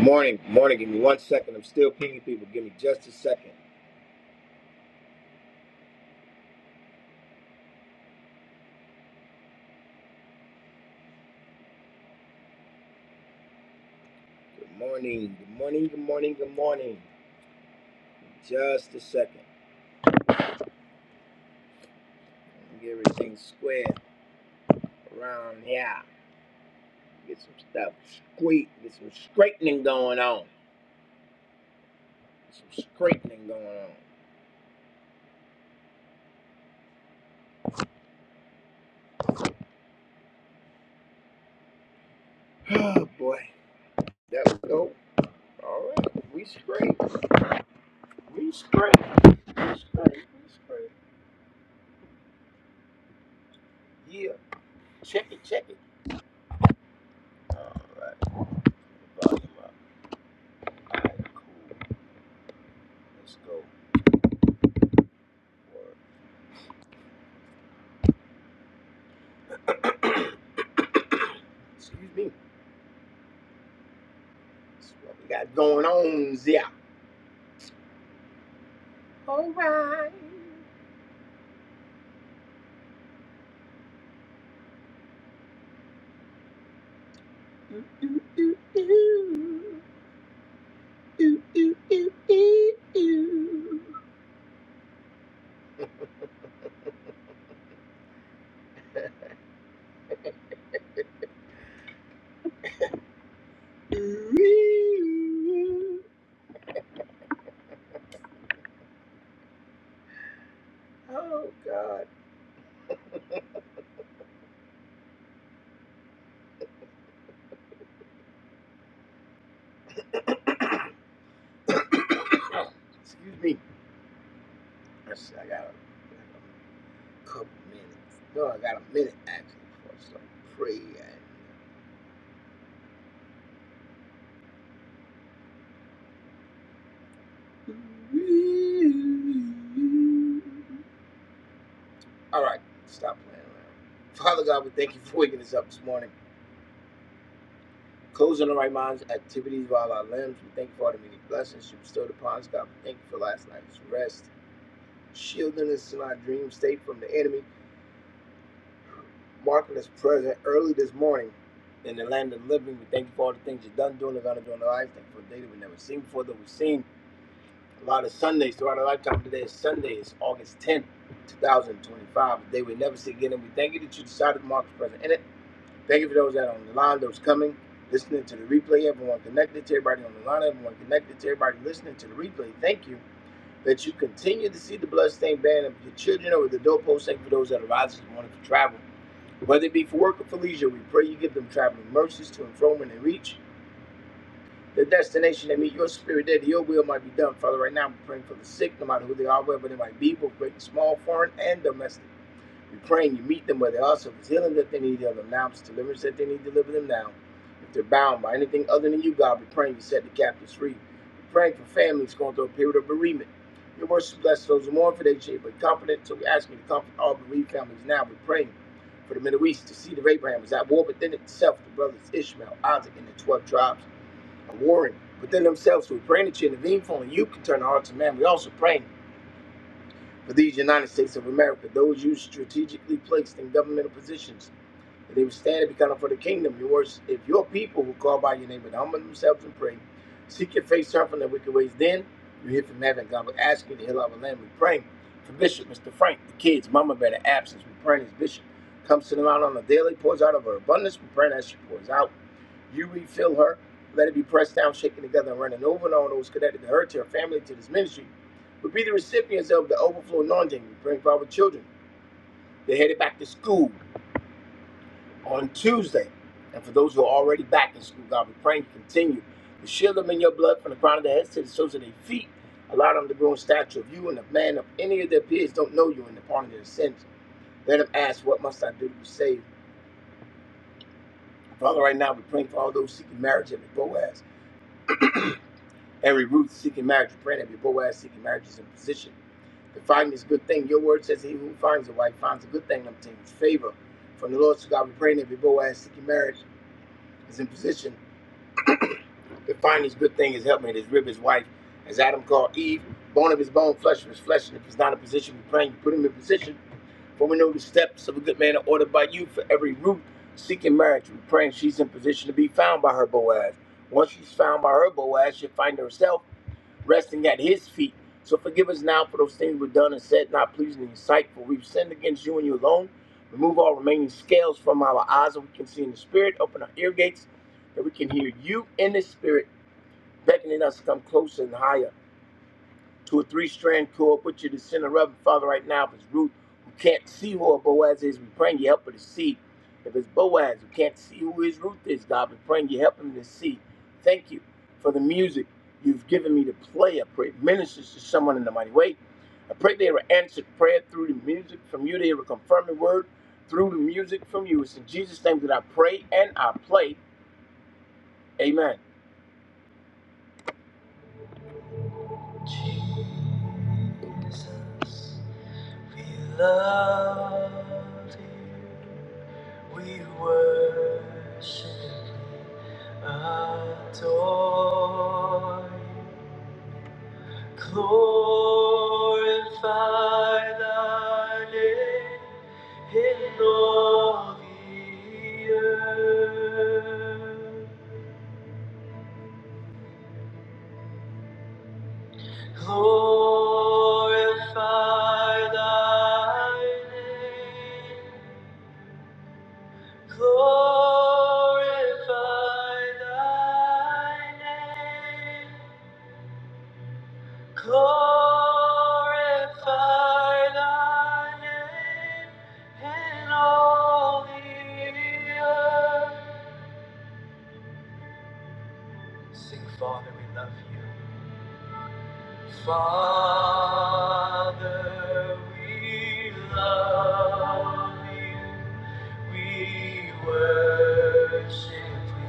Morning, morning. Give me one second. I'm still pinging people. Give me just a second. Good morning, good morning, good morning, good morning. Just a second. Get everything squared around here. Get some stuff squeak. Get some straightening going on. Some straightening going on. Oh boy. There we go. All right. We straight. We straight. We straight. We straight. Yeah. Check it. Check it. All right. Volume up. All right. Cool. Let's go. Word. Excuse me. That's what we got going on there. Oh. oh, ooh, ooh, ooh. Ooh, ooh, ooh, ooh, ooh. Oh, God. Excuse me. I s- I got a, I got a couple minutes. No, I got a minute actually before I start praying. All right, stop playing around. Father God, we thank you for waking us up this morning. Closing the right minds, activities while our limbs. We thank you for all the many blessings you bestowed upon us, God. We thank you for last night's rest, shielding us in our dream state from the enemy, marking us present early this morning in the land of the living. We thank you for all the things you've done, doing, and going to do in our lives. Thank you for a day that we've never seen before, that we've seen a lot of Sundays throughout our lifetime. Today is Sunday, it's August 10th, 2025, a day we never see again. And we thank you that you decided to mark us present. in it. Thank you for those that are on the line, those coming, listening to the replay, everyone connected to everybody on the line, everyone connected to everybody listening to the replay. Thank you that you continue to see the bloodstained band of your children over the doorpost. Thank you for those that are rising this morning for travel. Whether it be for work or for leisure, we pray you give them traveling mercies to and from when they reach the destination they meet your spirit there, that your will might be done. Father, right now we're praying for the sick, no matter who they are, wherever they might be, both great and small, foreign and domestic. You're praying, you meet them where they are. So if it's healing that they need, heal them now. If it's deliverance that they need, deliver them now. If they're bound by anything other than you, God, we're praying you set the captives free. We're praying for families going through a period of bereavement. Your words bless those who mourn for their shame, but competent. So we ask you to comfort all bereaved families now. We're praying for the Middle East. The seed of Abraham is at war within itself. The brothers Ishmael, Isaac, and the 12 tribes are warring within themselves. So we're praying that you intervene for only you can turn the hearts of man. We're also praying. For these United States of America, those you strategically placed in governmental positions, that they would stand and be counted for the kingdom. Your words, if your people who call by your name would humble themselves and pray, seek your face, turn from their wicked ways, then you hear from heaven. God will ask you to heal our land. We pray for Bishop, Mr. Frank, the kids, Mama Bear, the absence. We pray as Bishop comes to them out on a daily, pours out of her abundance. We pray that she pours out. You refill her. Let it be pressed down, shaken together, and running over and all those connected to her, to her family, to this ministry. But be the recipients of the overflow anointing. We pray for our children. They're headed back to school on Tuesday. And for those who are already back in school, God, we pray and continue to shield them in your blood from the crown of their heads to the soles of their feet. Allow them to grow in stature of you and the man of any of their peers don't know you and the pardon of their sins. Let them ask, What must I do to be saved? Father, right now we're praying for all those seeking marriage every Boaz. Every root seeking marriage, praying every Boaz seeking marriage is in position. The finding is a good thing. Your word says he who finds a wife finds a good thing and obtains favor. From the Lord, so God, we praying every Boaz seeking marriage is in position. The finding is a good thing, his helpmate, his rib, his wife, as Adam called Eve, bone of his bone, flesh of his flesh. And if he's not in position, we are praying you put him in position. For we know the steps of a good man are ordered by you. For every root seeking marriage, we are praying she's in position to be found by her Boaz. Once she's found by her Boaz, she'll find herself resting at his feet. So forgive us now for those things we've done and said not pleasing in your sight, for we've sinned against you and you alone. Remove all remaining scales from our eyes that we can see in the spirit. Open our ear gates that we can hear you in the spirit beckoning us to come closer and higher to a three strand cord. Put you to the center of it, Father, right now. If it's Ruth who can't see who her Boaz is, we praying you help her to see. If it's Boaz who can't see who his Ruth is, God, we praying you help him to see. Thank you for the music you've given me to play. I pray it ministers to someone in the mighty way. I pray they will answered prayer through the music from you. They will confirm the word through the music from you. It's in Jesus' name that I pray and I play. Amen. Jesus. We love you, we worship, adore you, glorify thy name in all the earth. Glorify thy name. Glorify thy name. Glorify thy name in all the earth. Sing, Father, we love you. Father, we love you. We worship we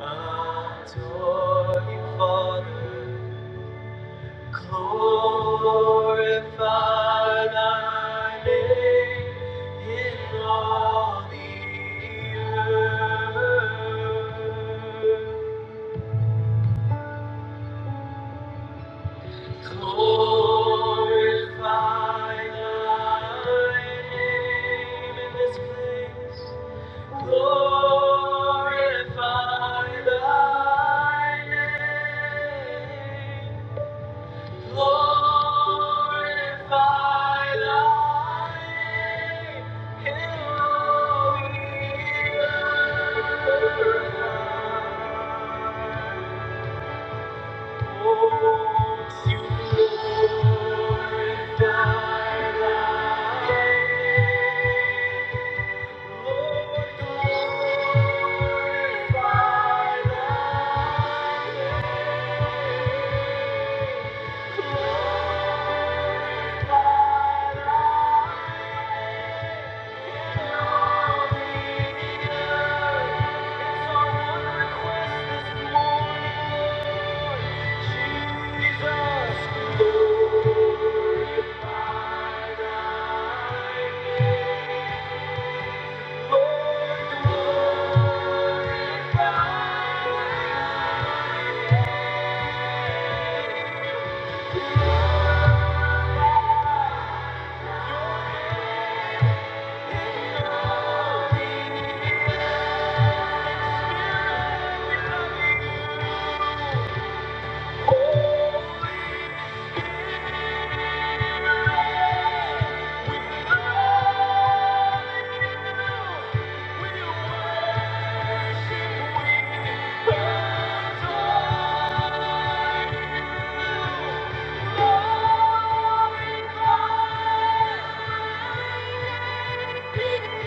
Adore you, Father. Glorify thy name in all the earth. Glorify thy name in this place. Glorify thy name. Glorify thy name. Hail, ye earth. Jesus, Lord, glorify your name. Thank you. Glorify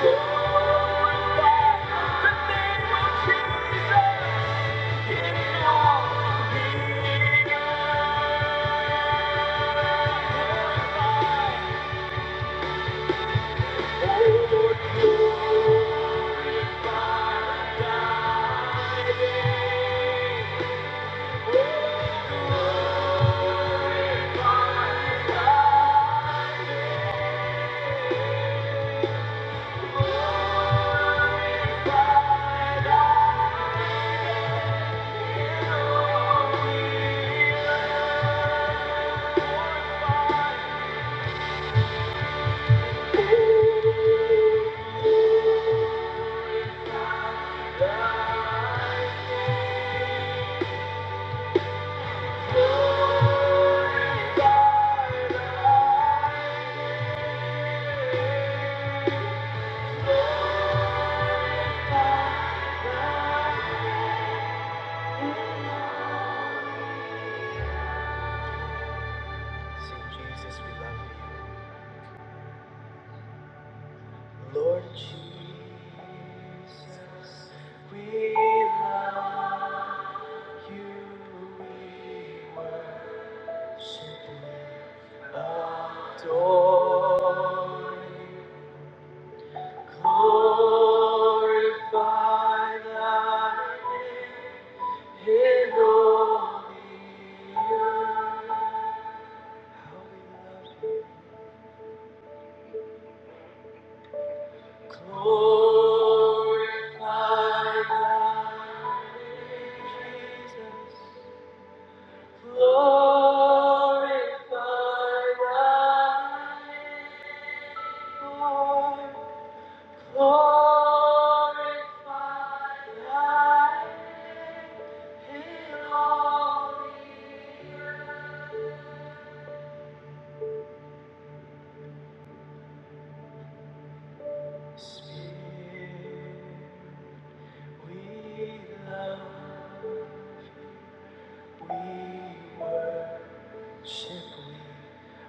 Lord Jesus, we love you. We worship. Adore, glorify thy name in all the earth. How we love you. Glorify thy name, Jesus. Glorify thy name.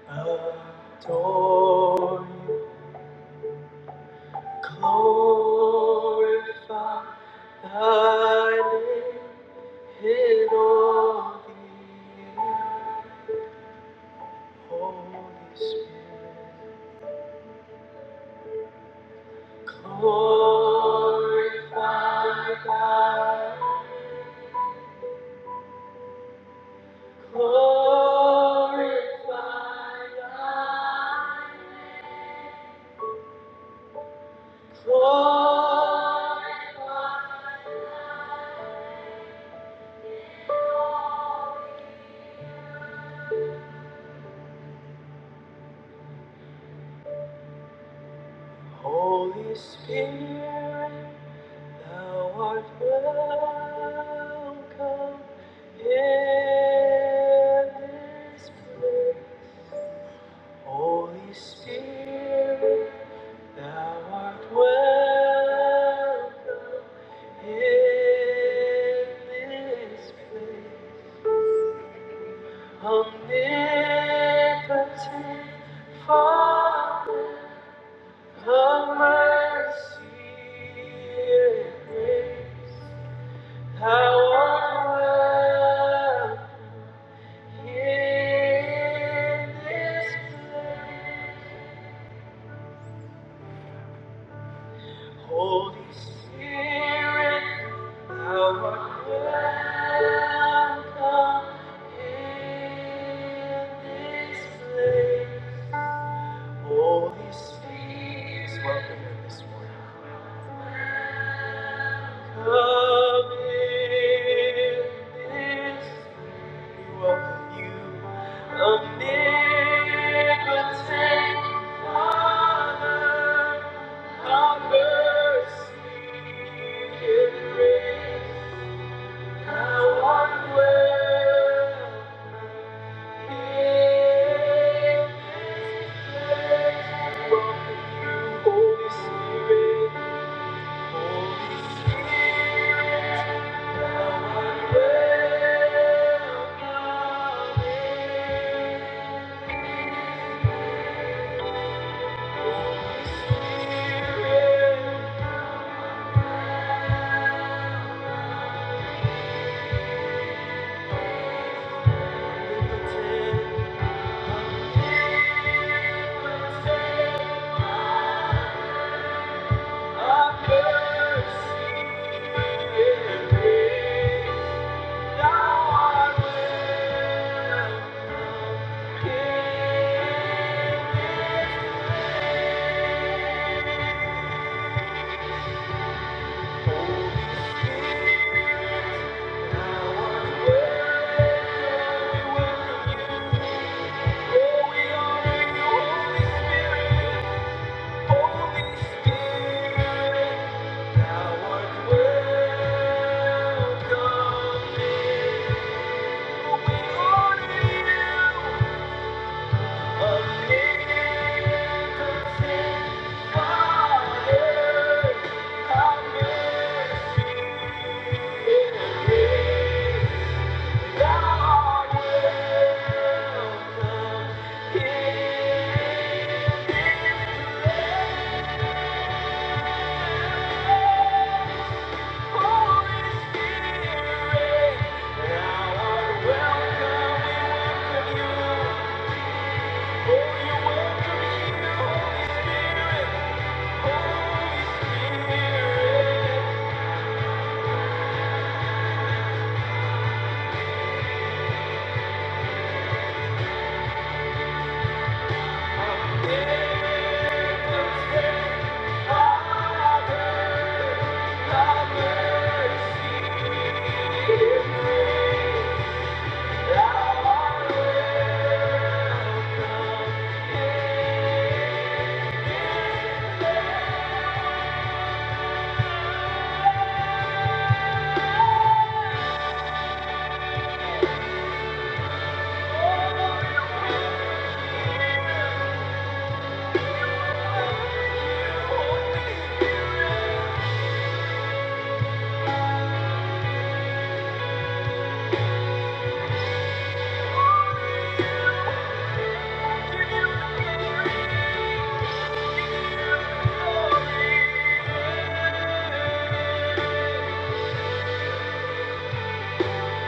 Adore you, glorify thy name. Holy Spirit, thou art welcome in this place. Holy Spirit, thou art welcome in this place. Omnipotent Father of mercy and grace, thou art welcome in this place. Holy Spirit, thou art welcome in this place. Holy Spirit is welcome here this morning. Come in this Holy Spirit, Holy Spirit. Thank you. Thank you. Holy Spirit, thou art welcome here. We honor you, omnipotent Father. Have mercy grace. Thou art welcome here. Thank you.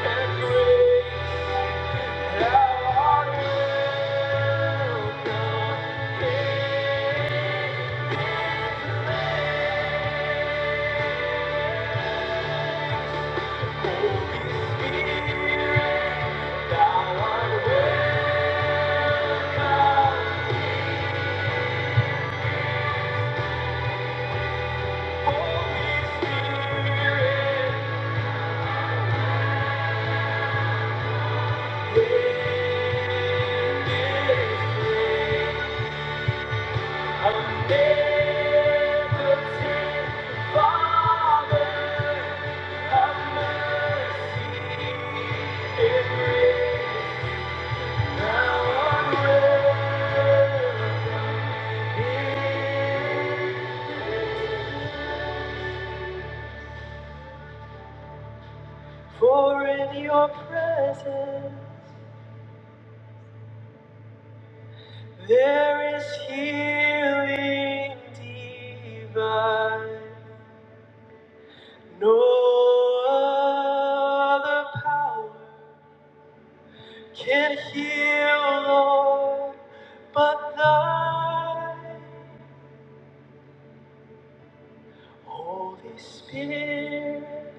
and grace. Thou art welcome. Hey, Holy Spirit, thou art welcome. Holy Spirit, reign this place. Omnipotent Father of mercy grace, thou art welcome. For in your presence there is healing divine. No other power can heal, Lord, but thy Holy Spirit.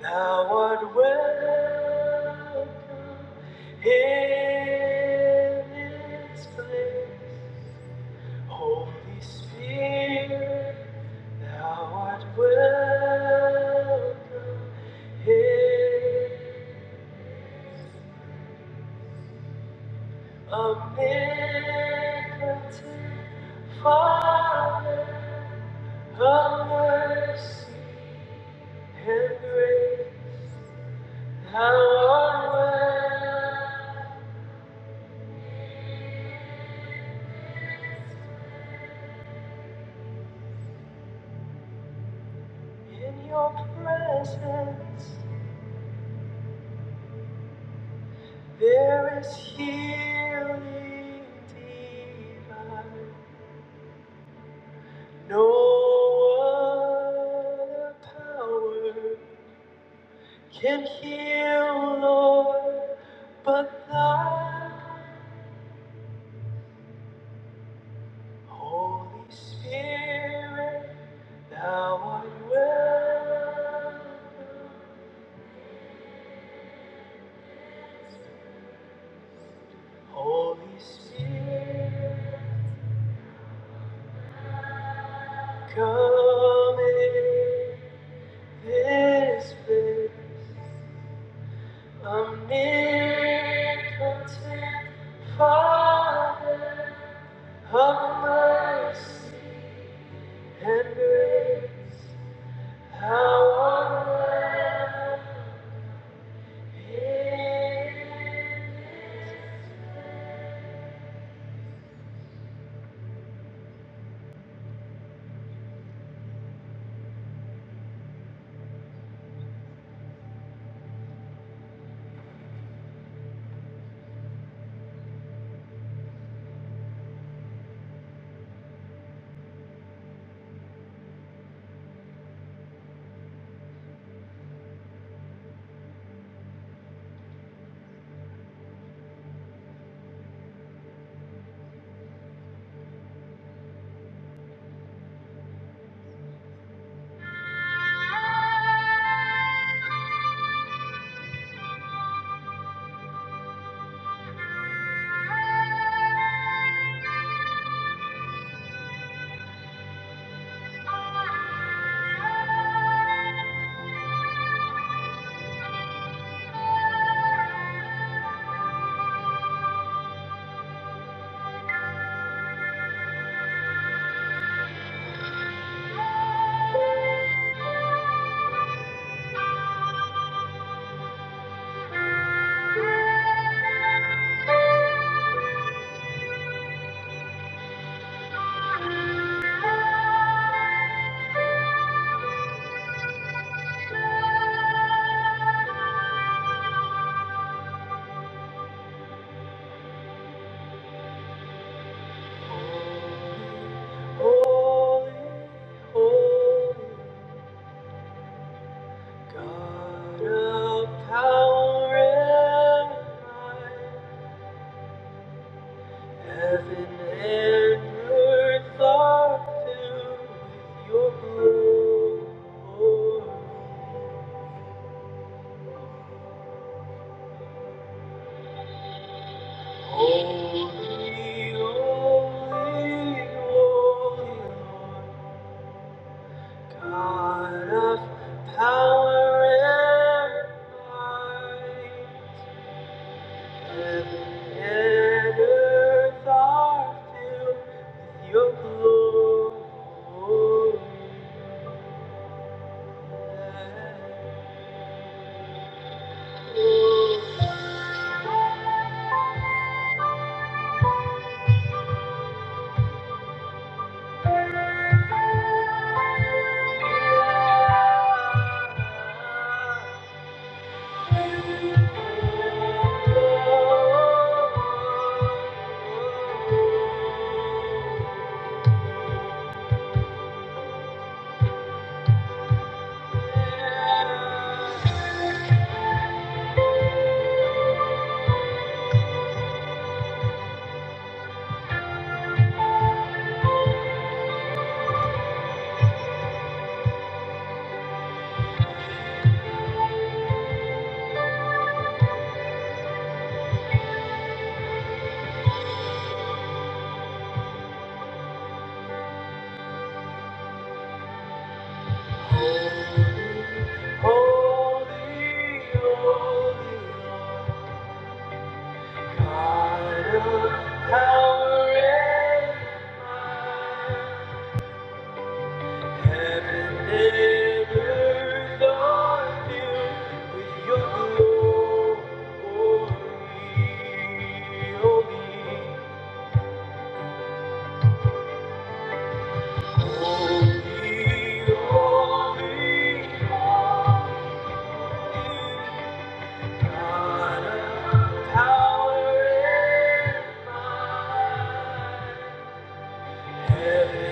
Thou art welcome in this place. Holy Spirit, thou art welcome here. A miracle, Father of mercy and grace, thou art welcome in your presence. There is healing divine. No other power can heal, Lord, but Thy Holy Spirit. Thou art welcome, Holy Spirit. Come in this place. I'm near, content, Father. Of mercy and grace, how unbounded. Holy, holy God of power and might. Heaven and earth are filled with your glory. Holy, holy, holy, God of power and might. Heaven and earth are filled with your glory. Holy, holy, holy, holy, Power and might. Hosanna!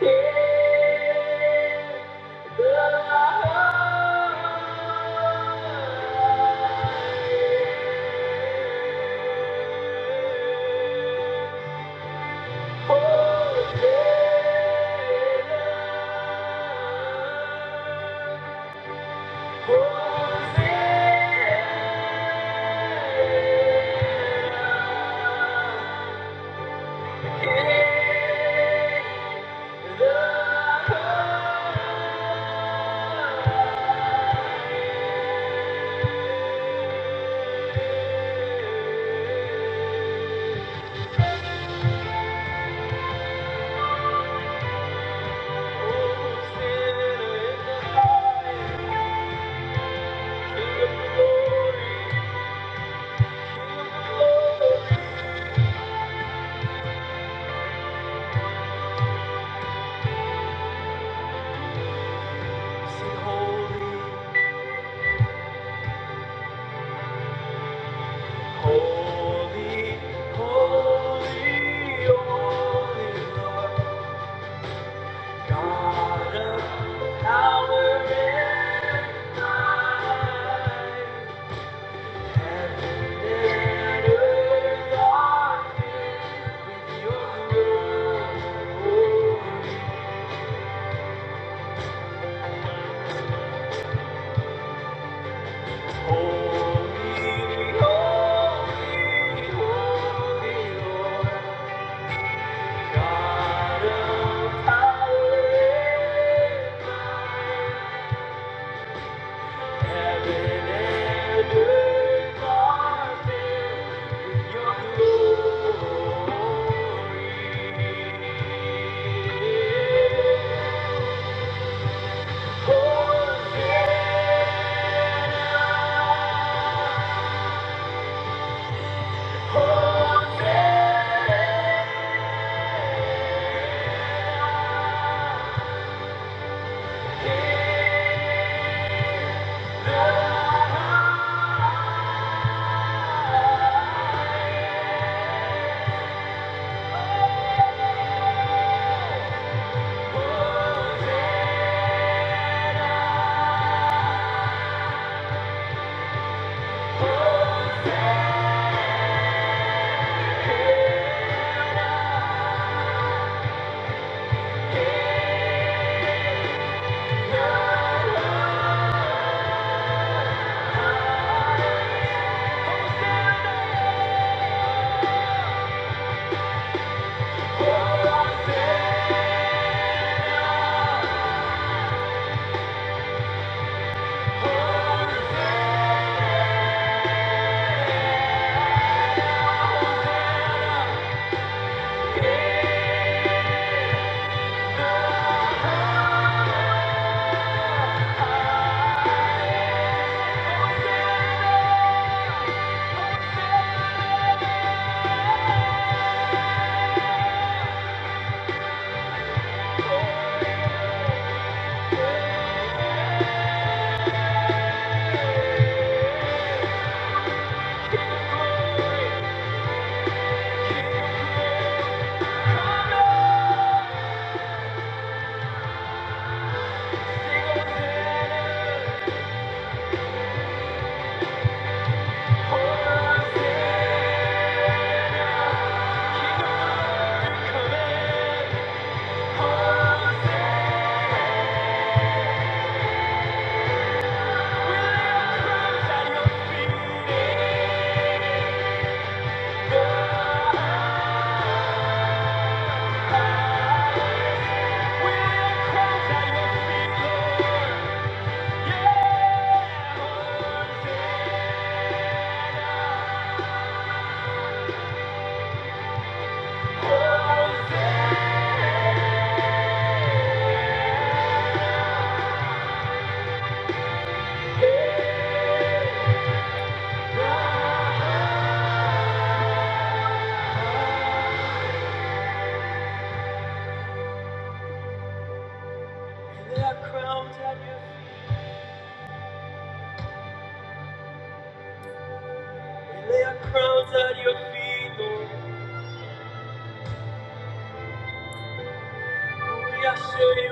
Sing holy. Holy, holy, holy Lord, God of Heaven and earth are filled with your glory. Holy, holy, holy Lord. God of power, heaven and earth are filled with your glory. Holy is the King of kings. Hosanna, Hosanna. we're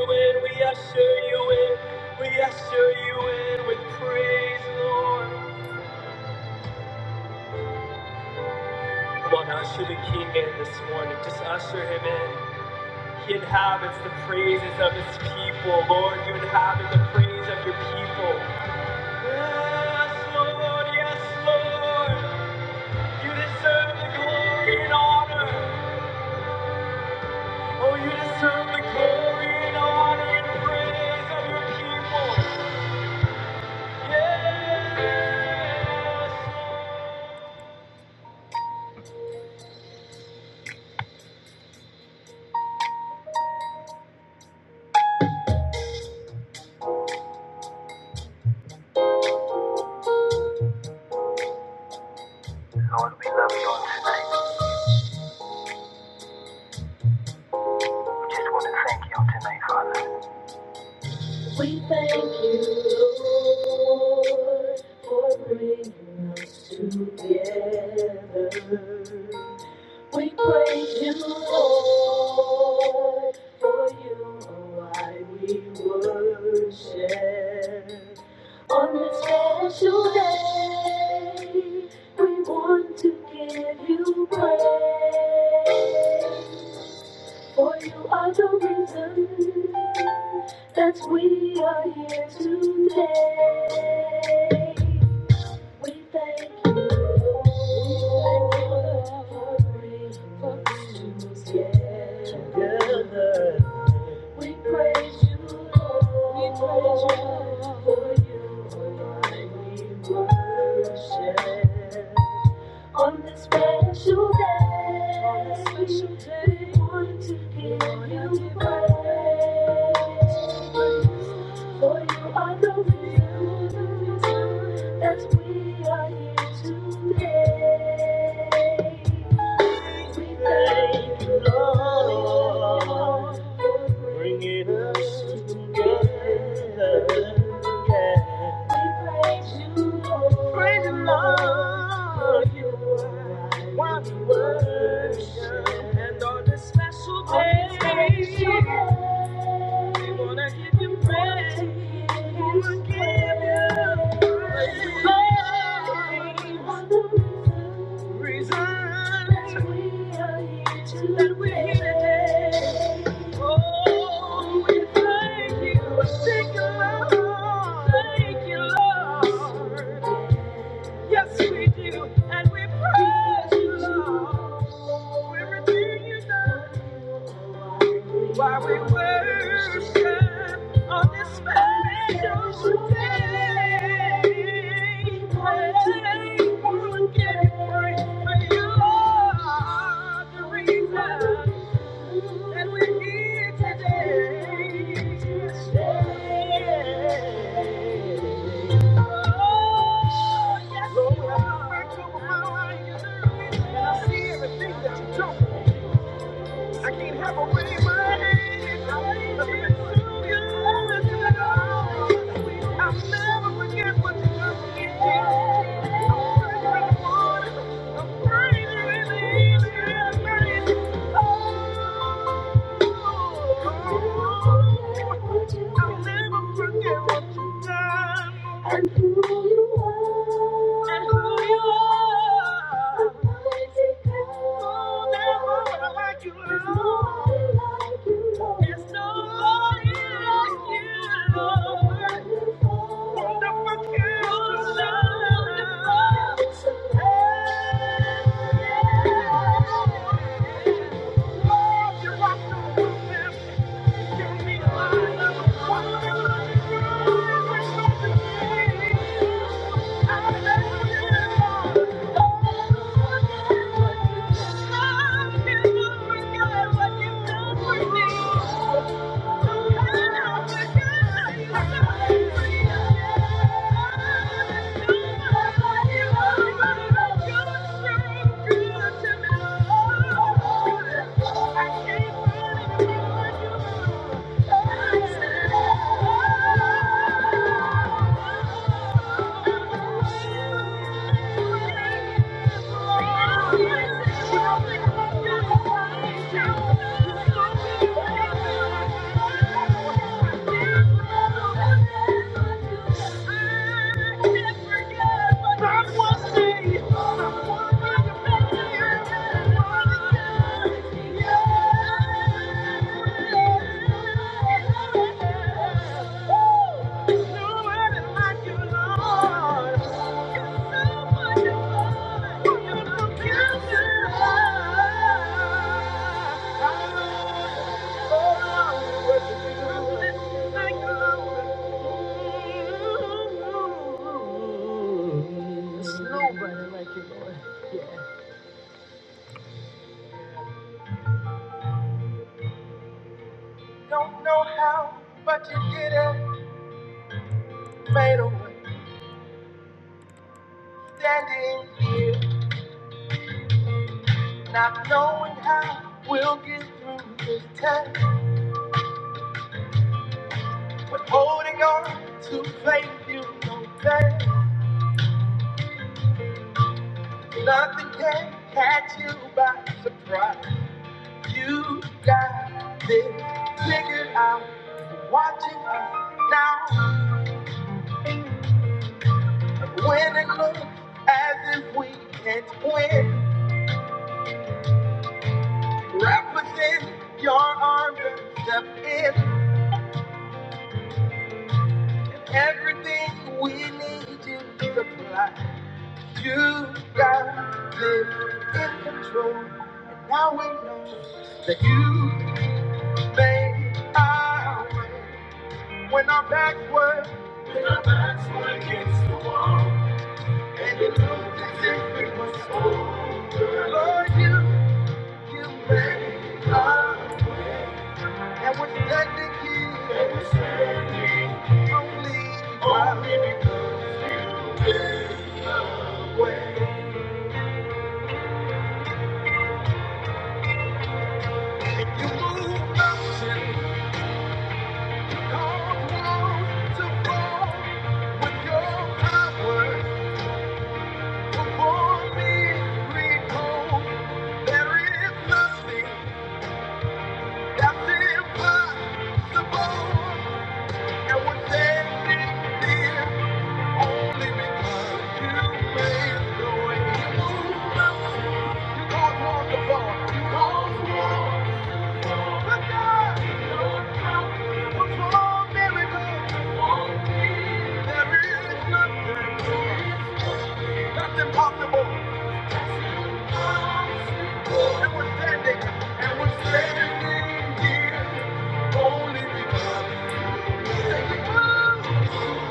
We We at Your feet, Lord. Lord. usher usher usher You You You in, in, in with praise, Lord. Come on, Usher the King in this morning. Just usher him in. He inhabits the praises of his people. Lord, you inhabit the praise of your people. Yes, Lord, yes, Lord. You deserve the glory and honor. Oh, you deserve the glory and honor and praise of your people. Yes. We thank you, Lord, for bringing us together. We praise you, Lord, for you are why we worship. On this special day, we want to give you praise. For you are the reason that we are here today. We thank you for being us, yeah. We praise you, Lord. We praise you, Lord. For you alone we worship. On this special day, on this special day, we want to give Lord, you I you praise. For you are the reason that we are here today. We thank you, Lord bringing us together. Yeah. We Praise you, Lord. Praise the Lord. You are what we worship. And on this special day, we wanna give you praise. We wanna give you praise. Lord, reason that we are here today. That we're here today. Oh, we thank you. Thank you, Lord. Thank you, Lord. Yes, we do. And we praise you, Lord. We redeem you, God. Why we worship on this special day. We'll give you praise, for you are the reason that we're here today. Oh, yes, you are. You are the reason. And I see everything that you do. I can't help a way my hands. I've been to you, listen to all. I'll never forget what you done to me. I'm sorry in the morning. I'm sorry in the evening. I'm sorry for I'll never forget what you done. And who you done and who you are. Oh, there's no one like you, Lord. There's no one like you, Lord. Wonderful counselor. Hey, yeah. Lord, you rock the world. Thank you. Thank you. Thank you. Don't know how, but you did it. Made a way. Standing here, not knowing how we'll get through this test. But holding on to faith, you know that nothing can catch you by surprise. You got this figured out. Watching us now. When it looks as if we can't win, wrap us in your arms and step in. And everything we need you to supply. You got this in control. And now we know that you made our way. When our backs were, when our backs were against the wall. And it looked as if it was over. Lord, you, you made our way. And when technically only twelve, you move the cause to fall with your power. Before me, recall there is nothing that's impossible. And when standing there, only because you made the way. You move mountains, you cause walls to fall, you cause walls.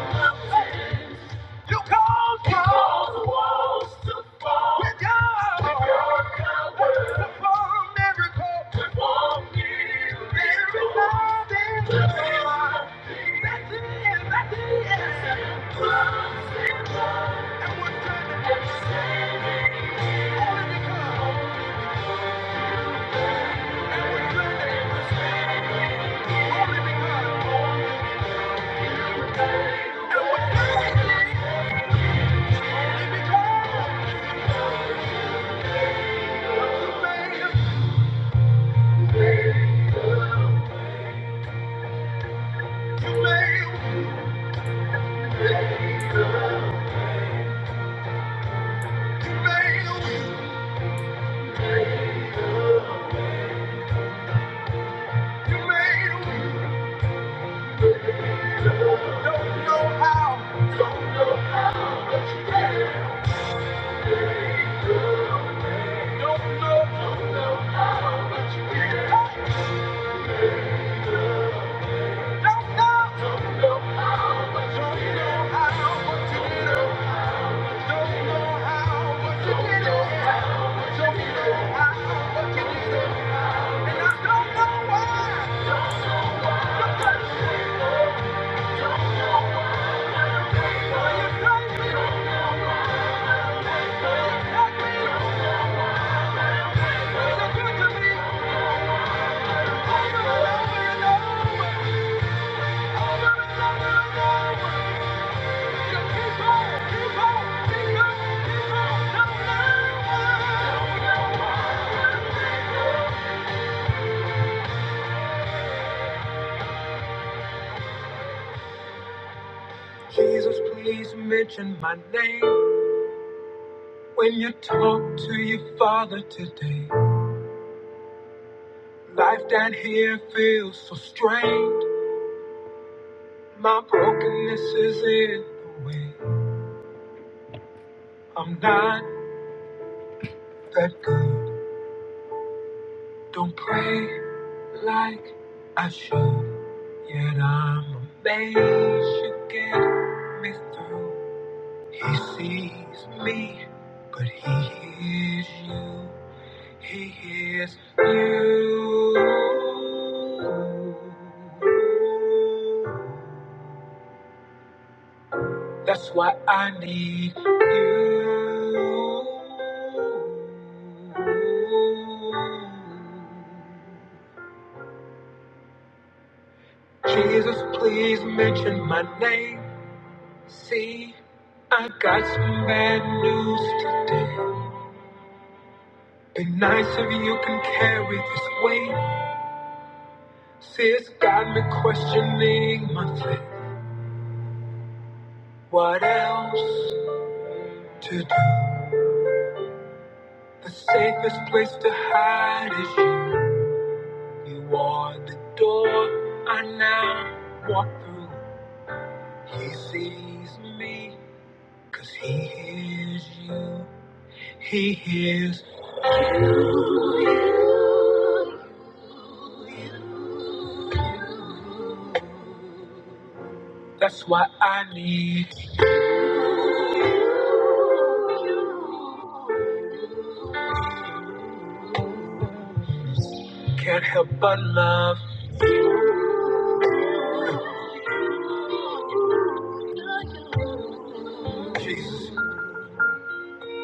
Thank you. You cause You cause the walls to fall. With your, with your power. Perform miracles. Perform miracles. every nothing That's it. That's it. Blood, sin, blood. And we're turning. And we're saving. Only because. And we're turning. And we're saving. Only because. And we're turning. and we're saving. Only because. Let me, you. Jesus, please mention my name when you talk to your father today. Life down here feels so strange. My brokenness is in the way. I'm not that good. Don't pray. like I should. Yet I'm amazed you get me through. He sees me, but he hears you. He hears you. That's why I need you. Jesus, please mention my name. See, I got some bad news today. Be nice if you can carry this weight. See, it's got me questioning my faith. What else to do? The safest place to hide is you. You are the door I now walk through. He sees me, cause he hears you. He hears, that's why I need. you. Can't help but love. Jesus.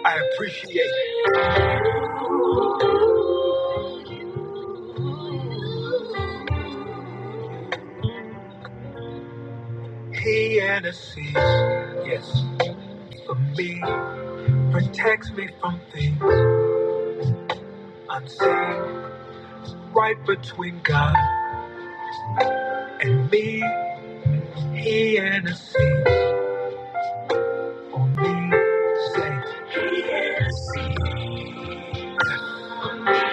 I appreciate he and his seas. Yes, for me, protects me from things unseen. Right between God and me, he and his seas. Me, say, he and his seas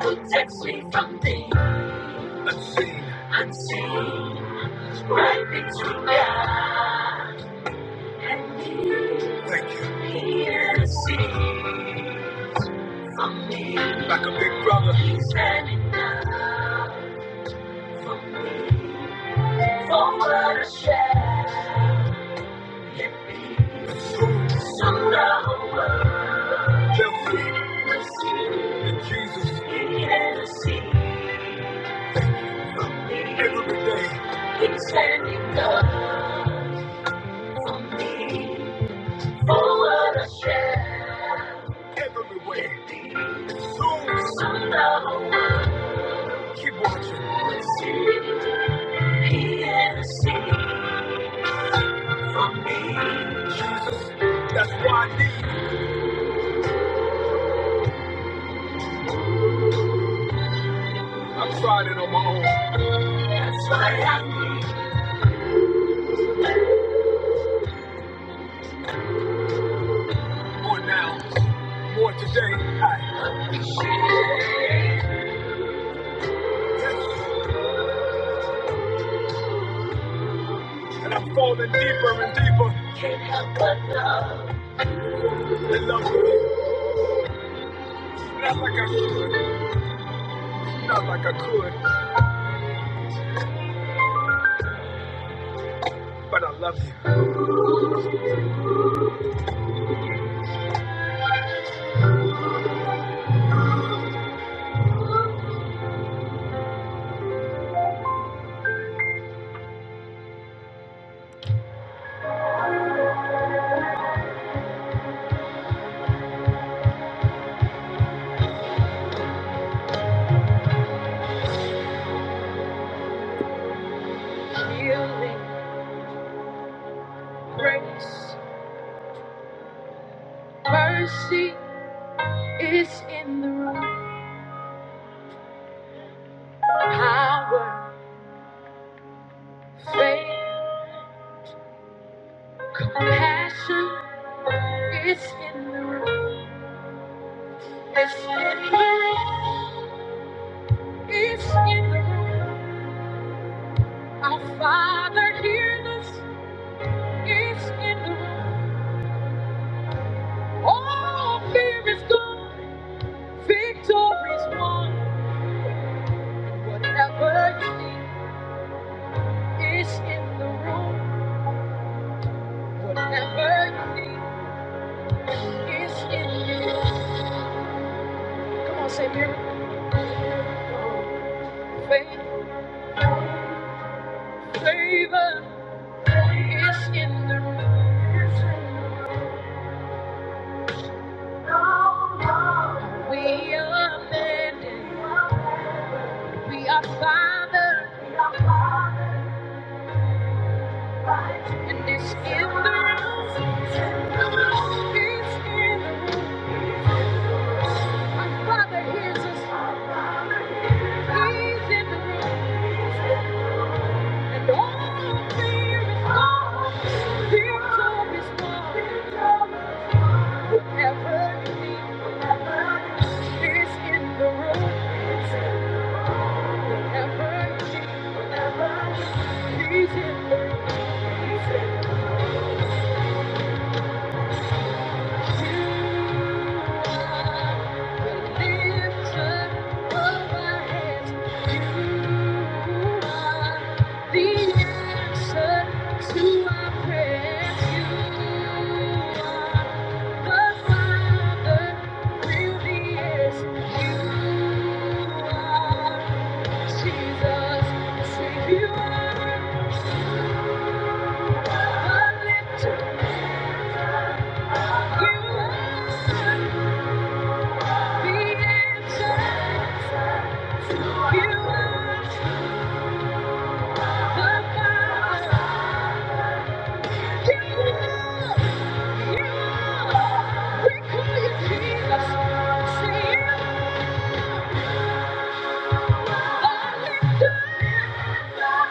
protects me from things unseen. Unseen, right between God and me. Thank you. He and his seas. Like a big brother. He's Standing up for me. For what I share. Sooner or later. They'll see. They'll see. That Jesus. He had Thank you for me. Every day. He's standing up for me. For what I share. Every way. Soon. Sooner or later. Keep watching. For me. Jesus. That's why I need. I tried it on my own. More now, more today. I, yes, and I'm falling deeper and deeper in love with you. Not like I should, not like I could, but I love you. Your grace, mercy is in the room. Power, faith, compassion is in the room. It's in the room. It's in the room. Our Father hears us. It's in the room. All fear is gone, victory's won. Whatever you need is in the room. Whatever you need is in the room. Come on, say miracle. Faith, favor is in the room. It's in the room. We are mended. We are Father. We are Father. And it's in the room. It's in the room. Our Father hears us. He's in the room. And all fear is gone. Fear of his love. Whoever in the room. Whoever he's in the room. You are the our heads. To our prayer, you are the Father, really are Jesus. See you are lifted, you are the answer. You are the Father, you you We call you Jesus. See you are lifted. Thank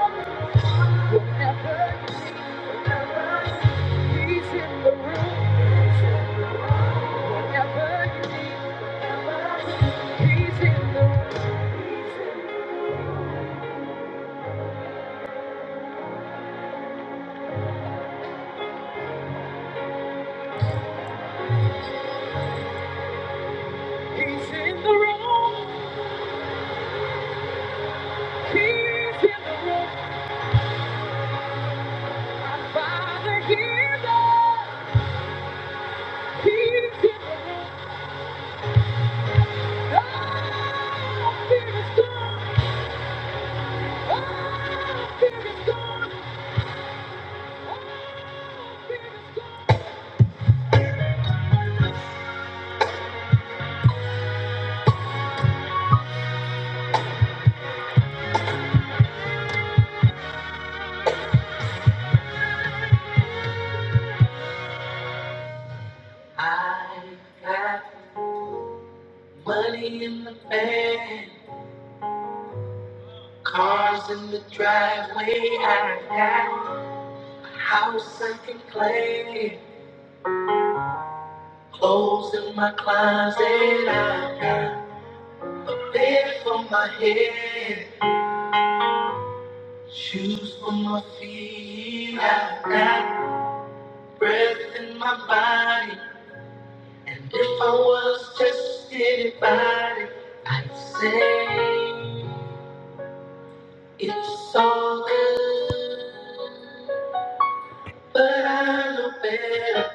you. I got money in the bank. Cars in the driveway, I got a house I can play. in. Clothes in my closet, I got a bed for my head. Shoes for my feet, I got breath in my body. And if I was just anybody, I'd say it's all good. But I know better.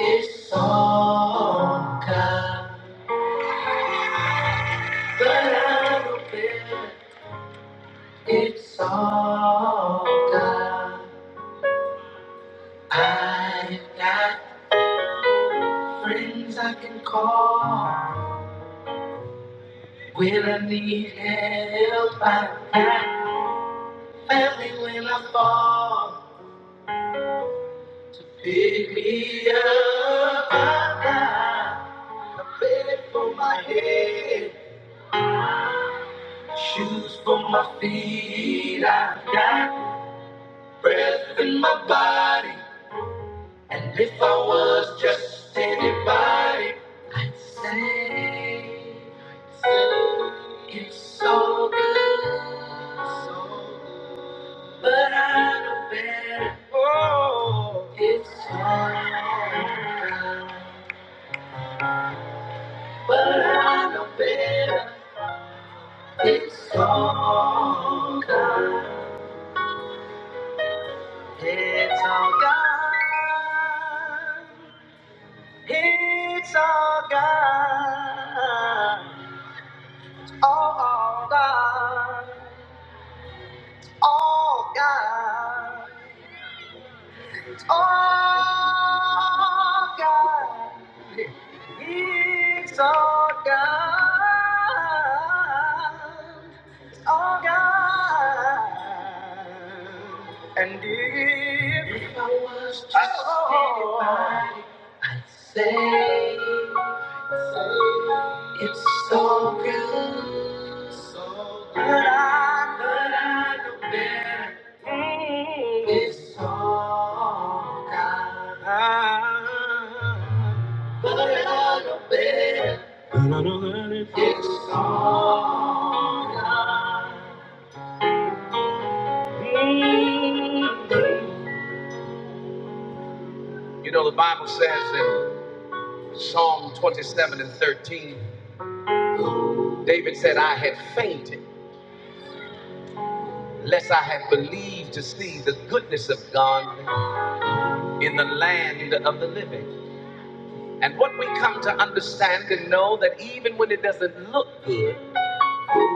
It's all God, but I don't care. It's all God. I've got friends I can call when I need help. I've got family when I fall. Pick me up, I've got a bed for my head, shoes for my feet. I've got. breath in my body. And if I was just anybody, I'd say, i it's so good. So good. But I know better. Oh, it's so good. But I know better. It's all God. It's all gone. It's all God, all, all God, all God, all God. It's all God, all God. And if, I was just oh, anybody, I'd say. It's so good, so good. But I, but I know better. It's all God. But I know better. It's all God. You know, the Bible says in Psalm 27 and 13, David said, I had fainted, lest I had believed to see the goodness of God in the land of the living. And what we come to understand and know that even when it doesn't look good,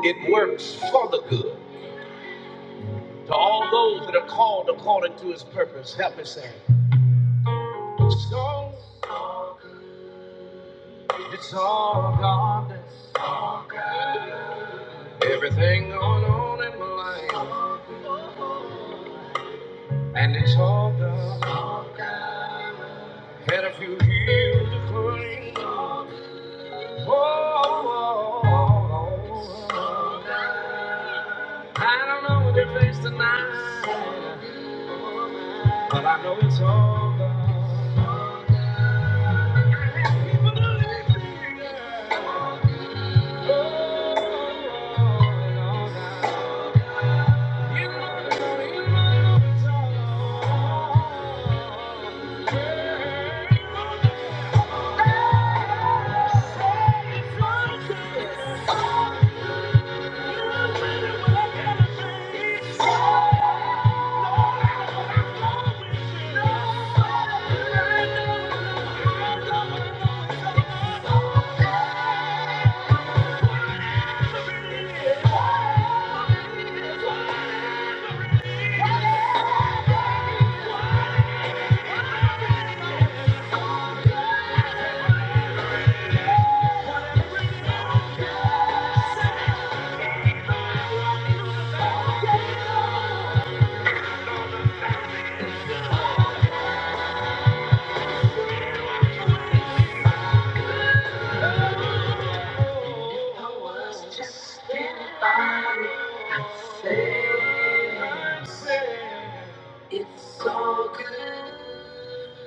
it works for the good. To all those that are called according to his purpose, help me say, So it's all God. Everything going on in my life, and it's all God. Had a few years to clean, your face the night.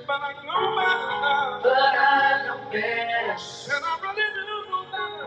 But I know my love, and I really do know my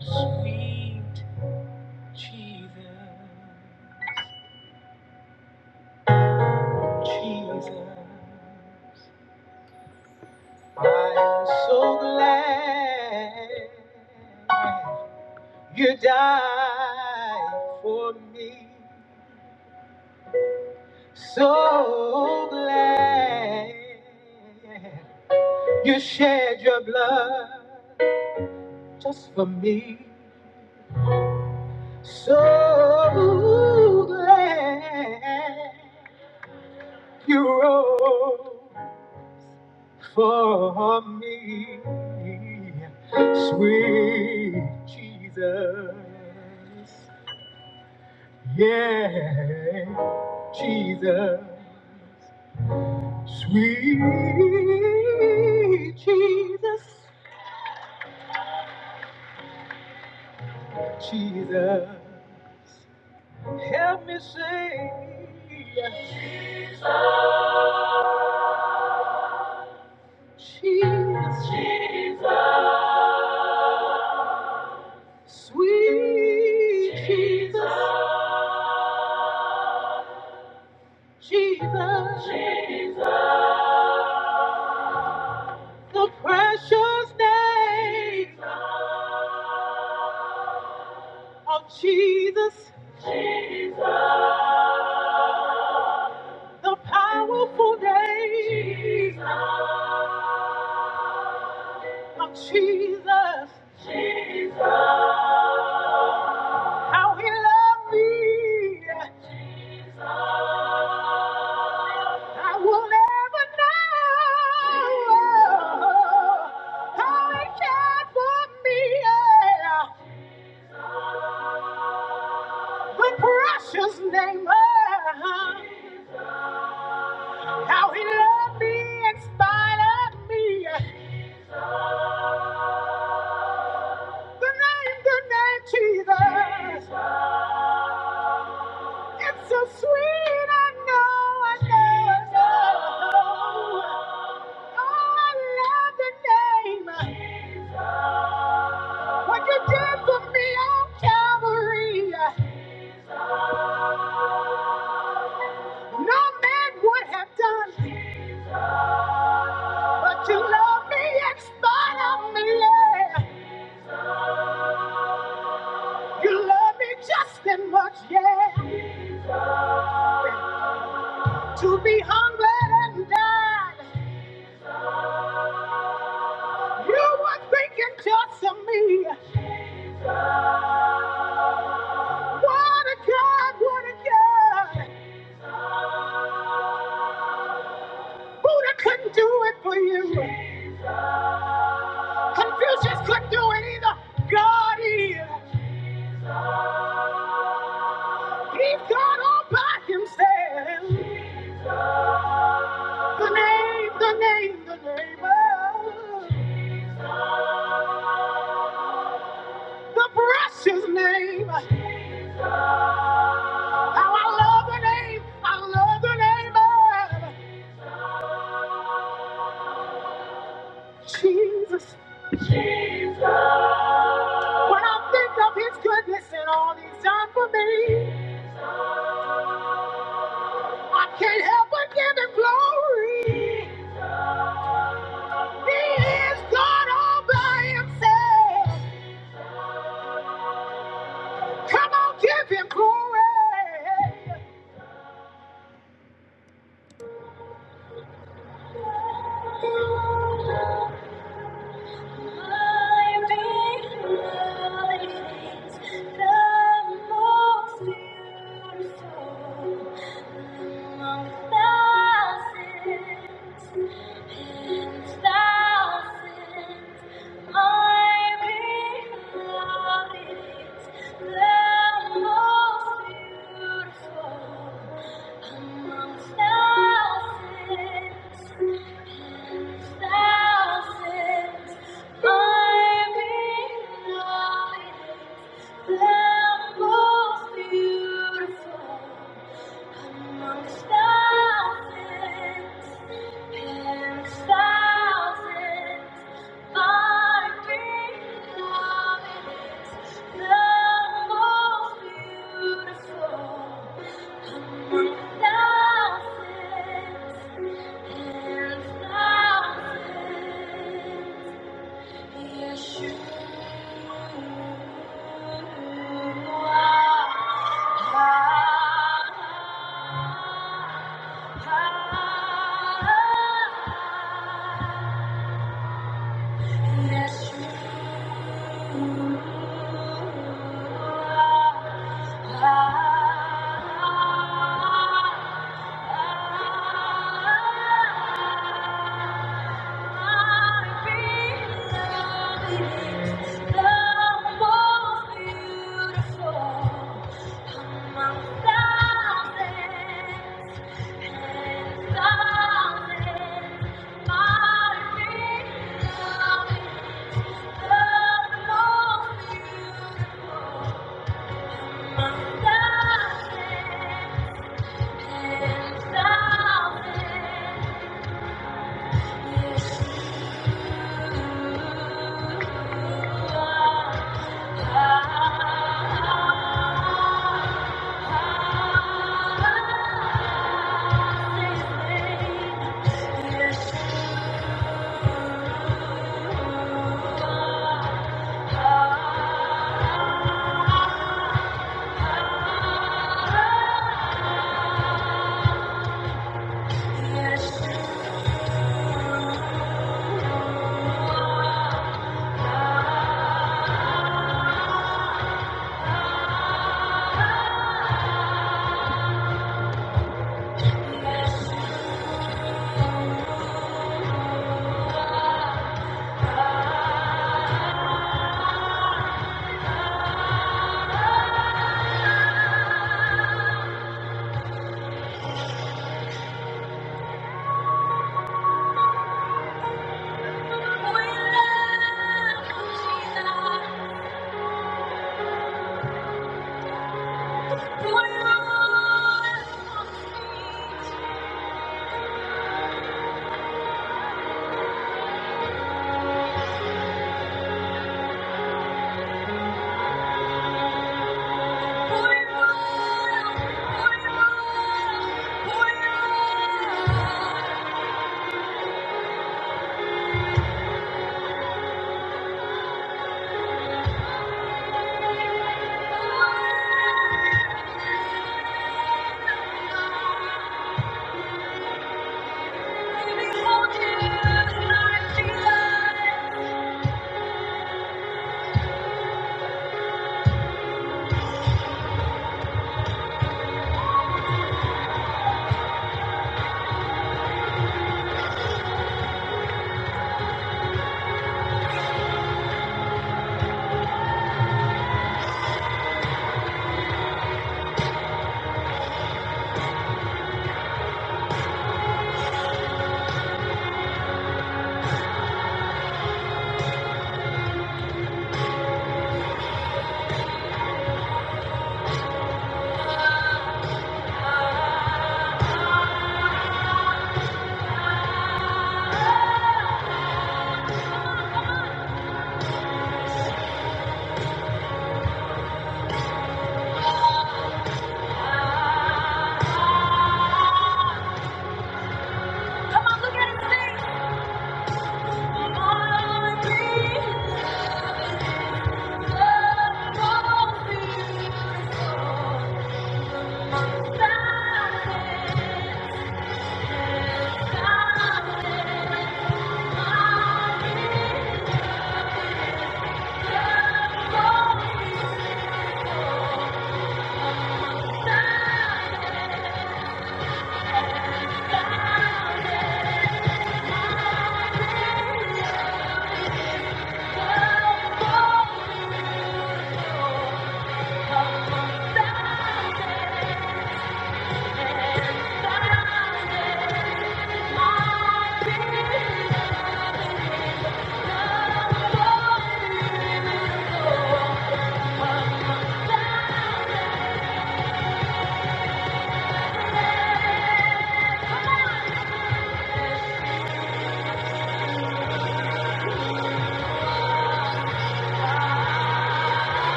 Sweet Jesus, you shed your blood just for me. So glad you rose for me, sweet Jesus. Yeah, Jesus. Sweet Jesus, Jesus, help me sing. Jesus, Jesus, sweet Jesus, Jesus, the precious name of Jesus, the powerful name of Jesus. How he loved me. I will never know how he cared for me. yeah. The precious name of how he loved me in spite of me. The name, the name Jesus. It's so sweet. I know, I know, I know. Oh, I love the name. What you did for me on Calvary, no man would have done. But you love me in spite of me, yeah. You love me just as much, yeah. To be humbled and died, you were thinking just of me. What a God, what a God. Buddha couldn't do it for you. Confucius couldn't do it either. God is. He's God all by himself. The name, the name, the name. Oh, the precious name. How I love the name. I love the name of Jesus. When I think of his goodness and all he's done for me, I can't help but give him glory. He is God all by himself. Come on, give him glory. Thousands. Thousands and thousands. Yes, you are. Yes, you Beautiful. Yes, Thank you.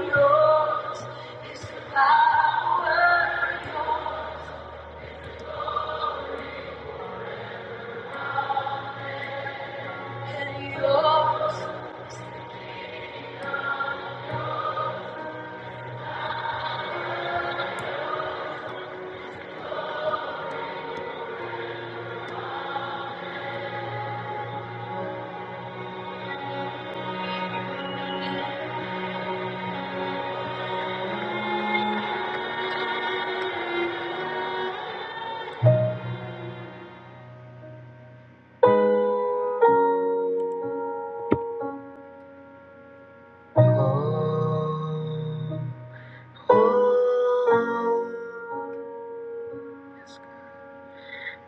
Yours is the power, yours and yours.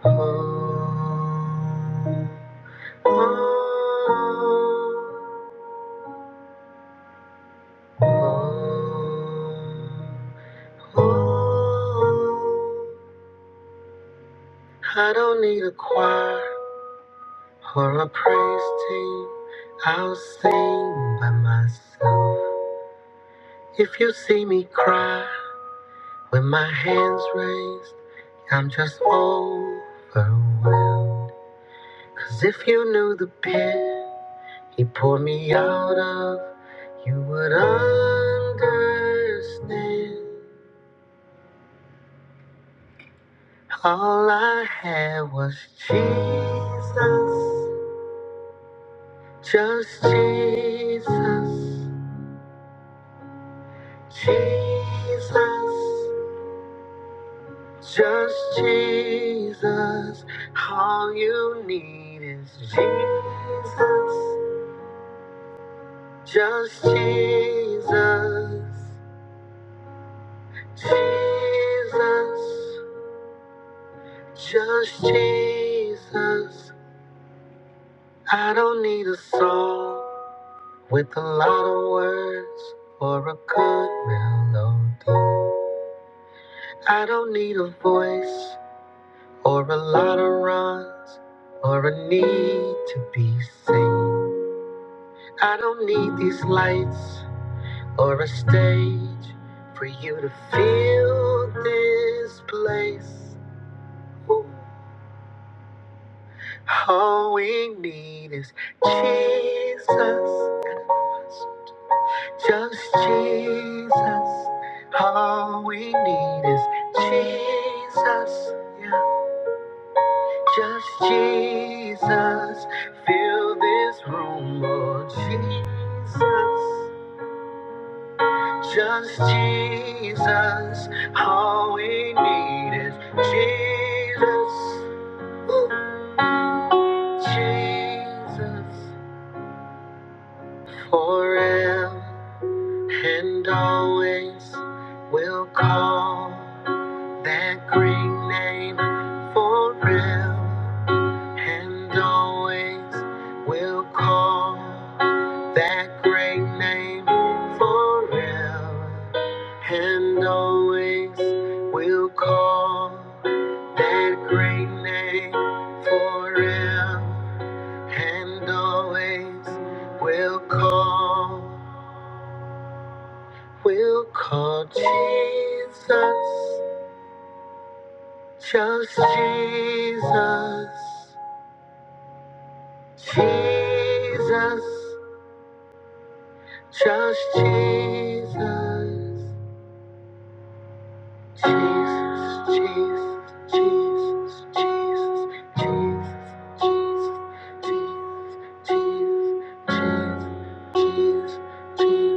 I don't need a choir or a praise team. I'll sing by myself. If you see me cry with my hands raised, I'm just overwhelmed. Cause if you knew the pit. He pulled me out of, you would understand. All I had was Jesus, just Jesus, Jesus, just Jesus. All you need is Jesus, just Jesus, Jesus. Just Jesus. I don't need a song with a lot of words or a good melody. I don't need a voice or a lot of runs or a need to be seen. I don't need these lights or a stage for you to feel this place. Ooh. All we need is Jesus, just Jesus. All we need is Jesus, yeah, just Jesus. Fill this room, Lord Jesus, just Jesus. All we need is Jesus, Jesus, forever. and always will call that great name for real, and always will call that great name for real, and always will call that great name for real, and always will call. We'll call Jesus, just Jesus, Jesus, just Jesus. Jesus, Jesus, Jesus, Jesus, Jesus, Jesus, Jesus, Jesus, Jesus,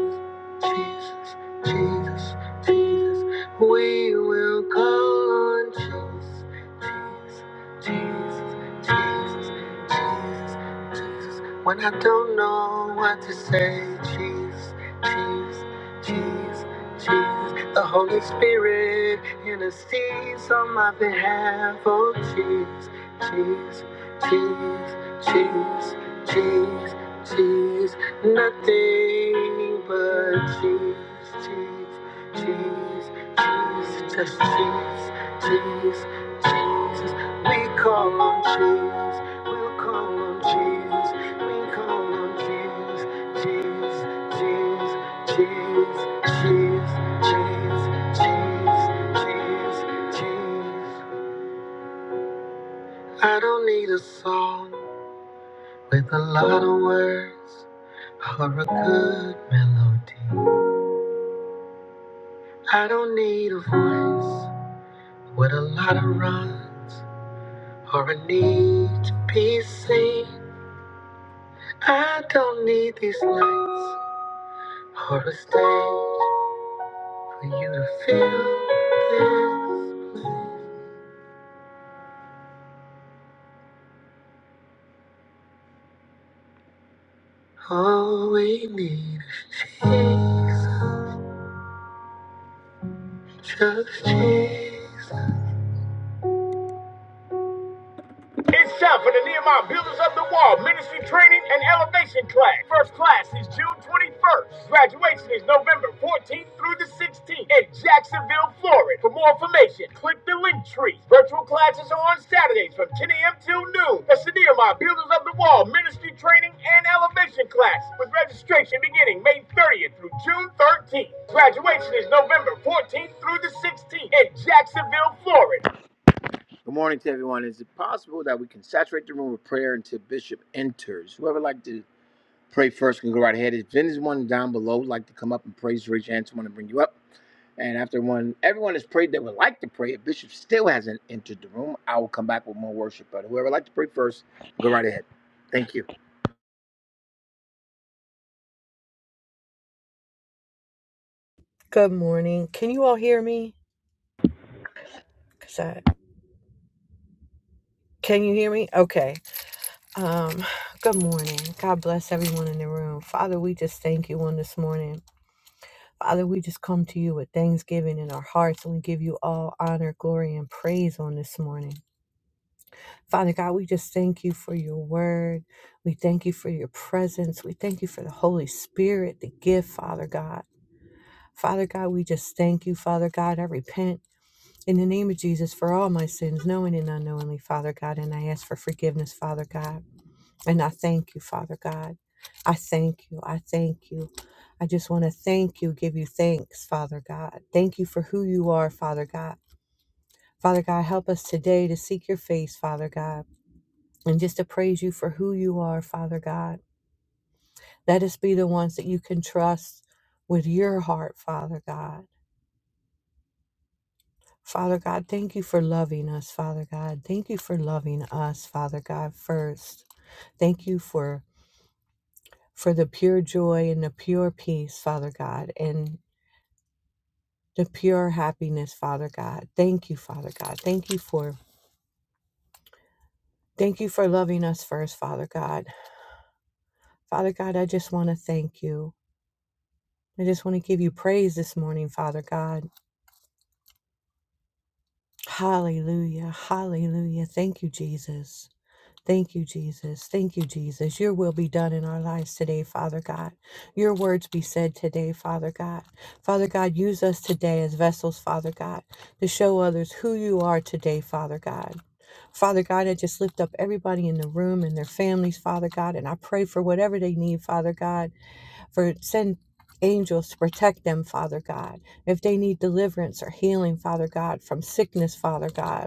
Jesus, Jesus, Jesus. We will call on Jesus, Jesus, Jesus, Jesus, Jesus, Jesus. When I don't know what to say, Jesus, Jesus, Jesus. Jesus, the Holy Spirit intercedes on my behalf. Oh, Jesus, Jesus, Jesus, Jesus, Jesus, Jesus, nothing but Jesus, Jesus, Jesus, Jesus, just Jesus, Jesus, Jesus. We call on Jesus, we'll call on Jesus, we call on Jesus, Jesus cheese, cheese, cheese, cheese, cheese, cheese, cheese. I don't need a song with a lot of words or a good melody. I don't need a voice with a lot of runs or a need to be seen. I don't need these lights or a stage for you to feel this. All we need is Jesus, just Jesus. It's time for the Nehemiah Builders of the Wall Ministry Training and Elevation Class. First class is June 21st. Graduation is November 14th through the 16th in Jacksonville, Florida. For more information, click the link tree. Virtual classes are on Saturdays from 10 a.m. till noon. That's the Nehemiah Builders of the Wall Ministry Training and Elevation Class with registration beginning May 30th through June 13th. Graduation is November 14th through the 16th in Jacksonville, Florida. Good morning to everyone. Is it possible that we can saturate the room with prayer until Bishop enters? Whoever would like to pray first can go right ahead. If anyone down below would like to come up and praise, raise your hand. Someone to bring you up. And after one, everyone has prayed that would like to pray. If Bishop still hasn't entered the room, I will come back with more worship. But whoever would like to pray first, go right ahead. Thank you. Good morning. Can you all hear me? 'Cause I- can you hear me? Okay. Um, good morning. God bless everyone in the room. Father, we just thank you on this morning. Father, we just come to you with thanksgiving in our hearts and we give you all honor, glory, and praise on this morning. Father God, we just thank you for your word. We thank you for your presence. We thank you for the Holy Spirit, the gift, Father God. Father God, we just thank you, Father God. I repent. In the name of Jesus, for all my sins, knowing and unknowingly, Father God, and I ask for forgiveness, Father God. And I thank you, Father God. I thank you. I thank you. I just want to thank you, give you thanks, Father God. Thank you for who you are, Father God. Father God, help us today to seek your face, Father God, and just to praise you for who you are, Father God. Let us be the ones that you can trust with your heart, Father God. Father God, thank you for loving us, Father God. Thank you for loving us, Father God, first. Thank you for for the pure joy and the pure peace, Father God, and the pure happiness, Father God. Thank you, Father God. Thank you for thank you for loving us first, Father God. Father God, I just want to thank you. I just want to give you praise this morning, Father God. Hallelujah. Hallelujah. Thank you, Jesus. Thank you, Jesus. Thank you, Jesus. Your will be done in our lives today, Father God. Your words be said today, Father God. Father God, use us today as vessels, Father God, to show others who you are today, Father God. Father God, I just lift up everybody in the room and their families, Father God, and I pray for whatever they need, Father God, for send angels to protect them, Father God. If they need deliverance or healing, Father God, from sickness, Father God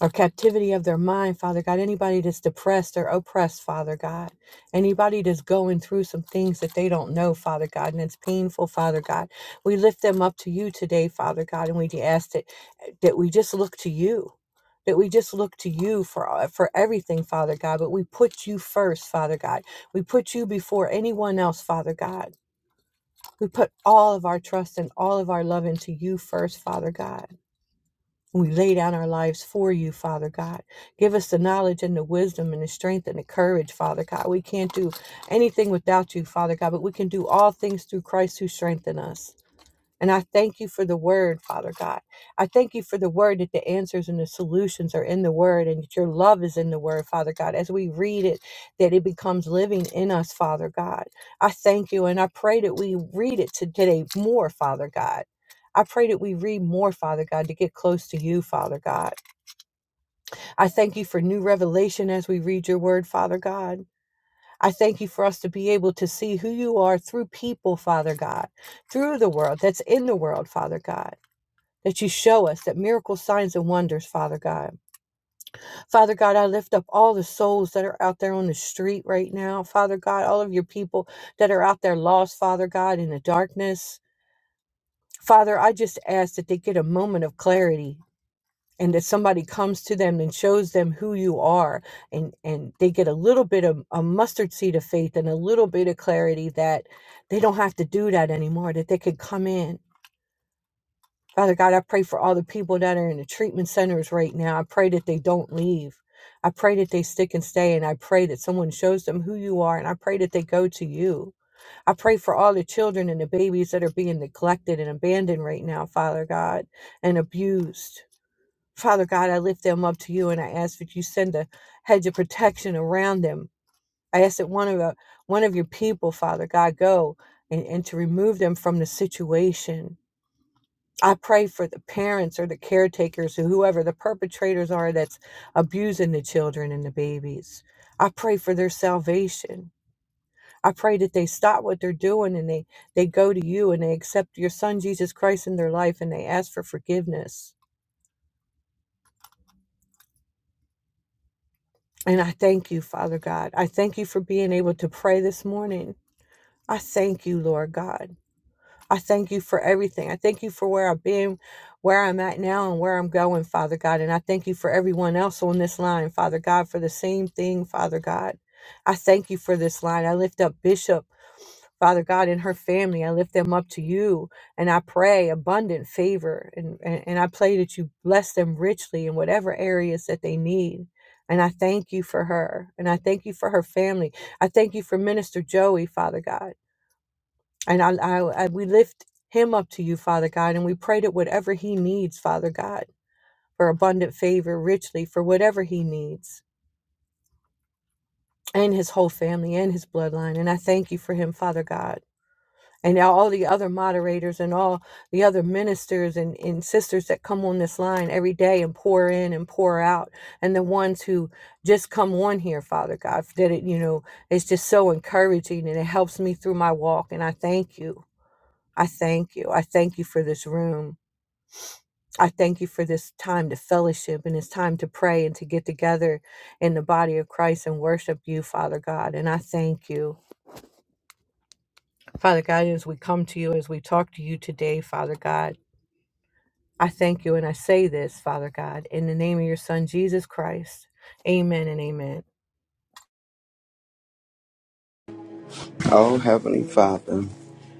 or captivity of their mind, Father God. Anybody that's depressed or oppressed, Father God. Anybody that's going through some things that they don't know, Father God, and it's painful, Father God. We lift them up to you today, Father God, and we ask that, that we just look to you. That we just look to you for uh, for everything, Father God, but we put you first, Father God. We put you before anyone else, Father God. We put all of our trust and all of our love into you first, Father God. We lay down our lives for you, Father God. Give us the knowledge and the wisdom and the strength and the courage, Father God. We can't do anything without you, Father God, but we can do all things through Christ who strengthens us. And I thank you for the word, Father God. I thank you for the word that the answers and the solutions are in the word and that your love is in the word, Father God. As we read it, that it becomes living in us, Father God. I thank you and I pray that we read it to- today more, Father God. I pray that we read more, Father God, to get close to you, Father God. I thank you for new revelation as we read your word, Father God. I thank you for us to be able to see who you are through people, Father God, through the world that's in the world, Father God that you show us that miracles, signs, and wonders, Father God. Father God, I lift up all the souls that are out there on the street right now. Father God, all of your people that are out there lost, Father God, in the darkness. Father, I just ask that they get a moment of clarity and that somebody comes to them and shows them who you are and and they get a little bit of a mustard seed of faith and a little bit of clarity that they don't have to do that anymore that they could come in Father God, I pray for all the people that are in the treatment centers right now. I pray that they don't leave. I pray that they stick and stay, and I pray that someone shows them who you are, and I pray that they go to you. I pray for all the children and the babies that are being neglected and abandoned right now, Father God, and abused. Father God, I lift them up to you, and I ask that you send a hedge of protection around them. I ask that one of the, one of your people, Father God, go and, and to remove them from the situation I pray for the parents or the caretakers or whoever the perpetrators are that's abusing the children and the babies. I pray for their salvation. I pray that they stop what they're doing and they, they go to you and they accept your son Jesus Christ in their life and they ask for forgiveness. And I thank you, Father God. I thank you for being able to pray this morning. I thank you, Lord God. I thank you for everything. I thank you for where I've been, where I'm at now, and where I'm going, Father God. And I thank you for everyone else on this line, Father God, for the same thing, Father God. I thank you for this line. I lift up Bishop. Father God, and her family, I lift them up to you and I pray abundant favor and, and, and I pray that you bless them richly in whatever areas that they need. And I thank you for her and I thank you for her family. I thank you for Minister Joey, Father God. And I, I, I, we lift him up to you, Father God, and we pray that whatever he needs, Father God, for abundant favor, richly, for whatever he needs, and his whole family and his bloodline. And I thank you for him, Father God. And all the other moderators and all the other ministers and, and sisters that come on this line every day and pour in and pour out, and the ones who just come on here, Father God, that it, you know, it's just so encouraging and it helps me through my walk. And I thank you. I thank you. I thank you for this room. I thank you for this time to fellowship and this time to pray and to get together in the body of Christ and worship you, Father God. And I thank you, Father God, as we come to you, as we talk to you today, Father God. I thank you and I say this, Father God, in the name of your Son, Jesus Christ. Amen and amen. Oh, Heavenly Father,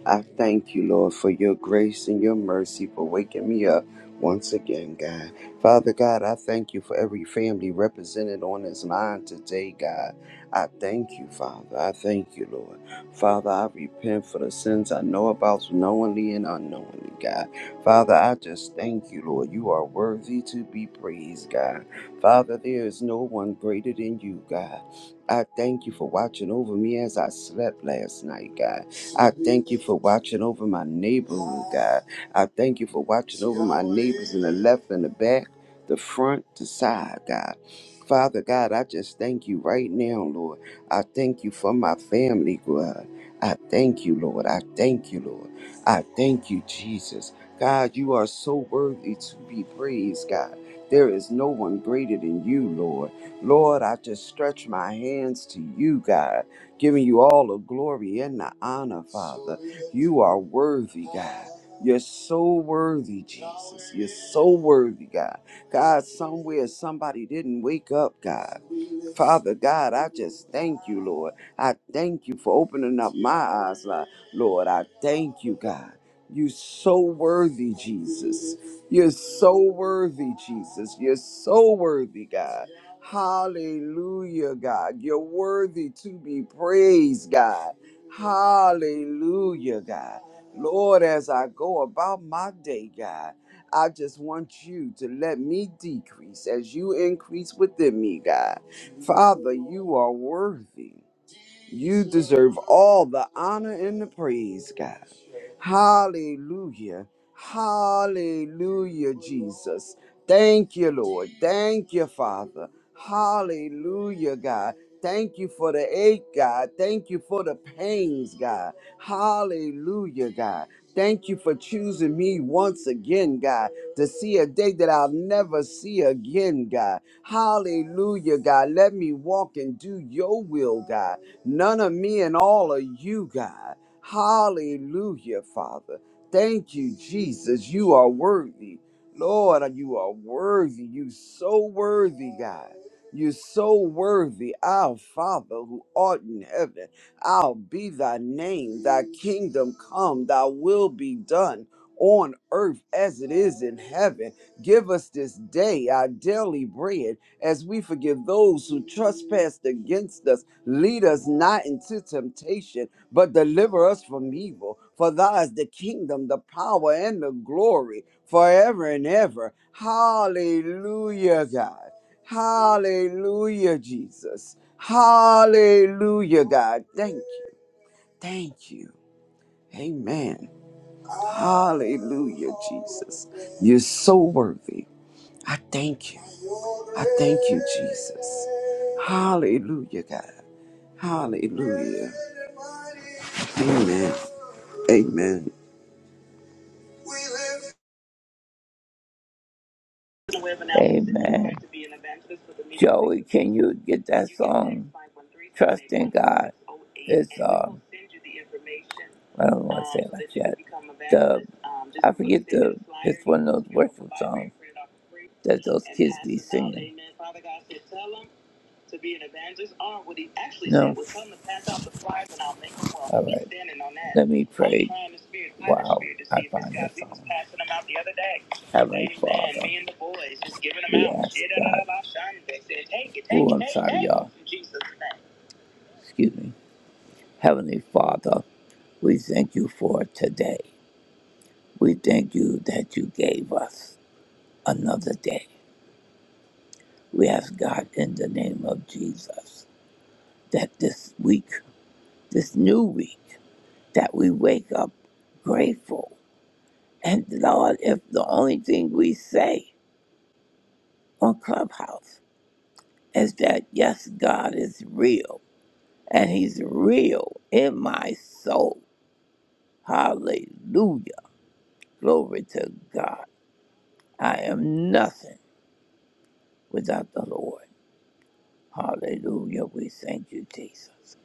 I thank you, Lord, for your grace and your mercy for waking me up once again, God. Father God, I thank you for every family represented on this line today, God. I thank you, Father. I thank you, Lord. Father, I repent for the sins I know about knowingly and unknowingly, God. Father, I just thank you, Lord. You are worthy to be praised, God. Father, there is no one greater than you, God. I thank you for watching over me as I slept last night, God. I thank you for watching over my neighborhood, God. I thank you for watching over my neighbors in the left and the back, the front, the side, God. Father God, I just thank you right now, Lord. I thank you for my family, God. I thank you, Lord. I thank you, Lord. I thank you, Jesus. God, you are so worthy to be praised, God. There is no one greater than you, Lord. Lord, I just stretch my hands to you, God, giving you all the glory and the honor, Father. You are worthy, God. You're so worthy, Jesus. You're so worthy, God. God, somewhere somebody didn't wake up, God. Father God, I just thank you, Lord. I thank you for opening up my eyes, Lord. Lord, I thank you, God. You're so worthy, Jesus. You're so worthy, Jesus. You're so worthy, God. Hallelujah, God. You're worthy to be praised, God. Hallelujah, God. Lord, as I go about my day, God, I just want you to let me decrease as you increase within me, God. Father, you are worthy. You deserve all the honor and the praise, God. Hallelujah. Hallelujah, Jesus. Thank you, Lord. Thank you, Father. Hallelujah, God. Thank you for the ache, God. Thank you for the pains, God. Hallelujah, God. Thank you for choosing me once again, God, to see a day that I'll never see again, God. Hallelujah, God. Let me walk and do your will, God none of me and all of you, God. Hallelujah, Father. Thank you, Jesus. You are worthy. Lord, you are worthy. You so worthy, God. You're so worthy, our Father who art in heaven. I'll be thy name, thy kingdom come, thy will be done on earth as it is in heaven. Give us this day our daily bread as we forgive those who trespass against us Lead us not into temptation, but deliver us from evil. For thou is the kingdom, the power, and the glory forever and ever. Hallelujah, God. Hallelujah, Jesus. Hallelujah, God. Thank you. Thank you. Amen. Hallelujah, Jesus. You're so worthy. I thank you. I thank you, Jesus. Hallelujah, God. Hallelujah. Amen. Amen. Amen. Joey, can you get that song? Trust in God. It's um. I don't want to say it like that. The I forget the. It's one of those worship songs that those kids be singing to be an evangelist or what he actually no. said was come to pass out the flies and I'll make them well. All Keep right. standing on that. Let me pray. I'm trying the spirit, trying the wow. spirit to see I see if it's find God. the We was that. passing them out the other day. Heavenly Amen. Father. Me and the boys just giving them we out. ask Shit, da, da, God. da, da, shine. They said, take it, take oh, it, I'm take it, sorry, take it," y'all. In Jesus' name. Excuse me. Heavenly Father, we thank you for today. We thank you that you gave us another day. We ask God in the name of Jesus that this week, this new week. that we wake up grateful. And Lord, if the only thing we say on Clubhouse is that, yes, God is real and He's real in my soul. Hallelujah. Glory to God. I am nothing without the Lord. Hallelujah. We thank you, Jesus,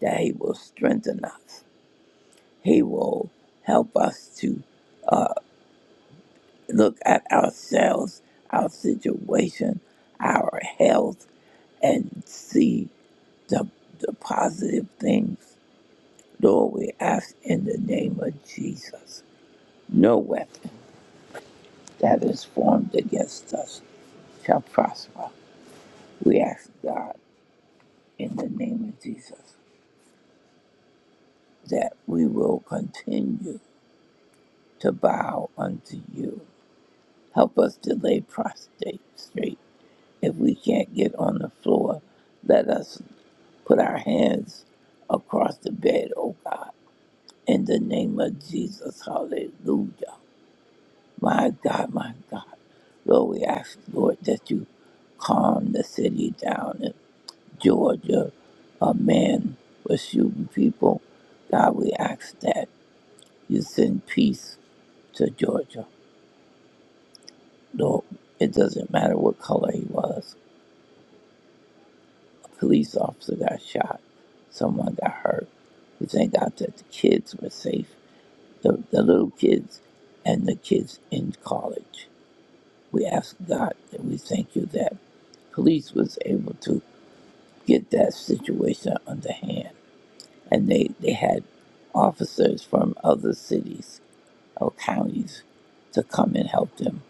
that He will strengthen us. He will help us to look at ourselves, our situation, our health and see the, the positive things. Lord, we ask in the name of Jesus. No weapon that is formed against us shall prosper. We ask God in the name of Jesus that we will continue to bow unto you. Help us to lay prostrate straight. If we can't get on the floor, let us put our hands across the bed, oh God. In the name of Jesus, hallelujah. My God, my God. Lord, we ask, Lord, that you calm the city down in Georgia, a man was shooting people. God, we ask that you send peace to Georgia. Lord, it doesn't matter what color he was. A police officer got shot. Someone got hurt. We thank God that the kids were safe, the, the little kids and the kids in college. We ask God that we thank you that police was able to get that situation under hand. And they, they had officers from other cities or counties to come and help them.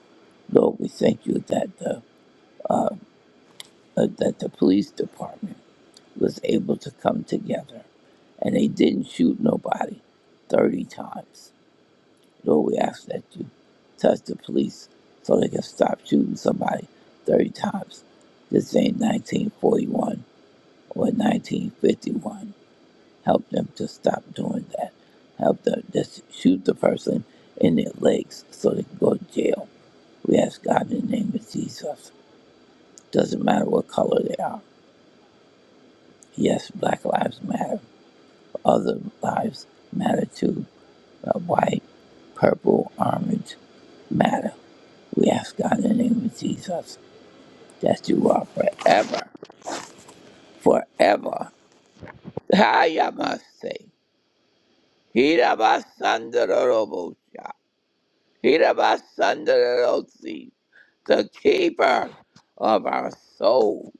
Lord, we thank you that the, uh, that the police department was able to come together and they didn't shoot nobody 30 times. Lord, we ask that you touch the police so they can stop shooting somebody 30 times. This ain't 1941 or 1951. Help them to stop doing that. Help them just shoot the person in their legs so they can go to jail. We ask God in the name of Jesus. Doesn't matter what color they are. Yes, black lives matter. Other lives matter too. Uh, white, purple, orange matter. We ask God in the name of Jesus that you are forever, forever. Hi, I must say. Hira Hirabasandarosi, the keeper of our soul,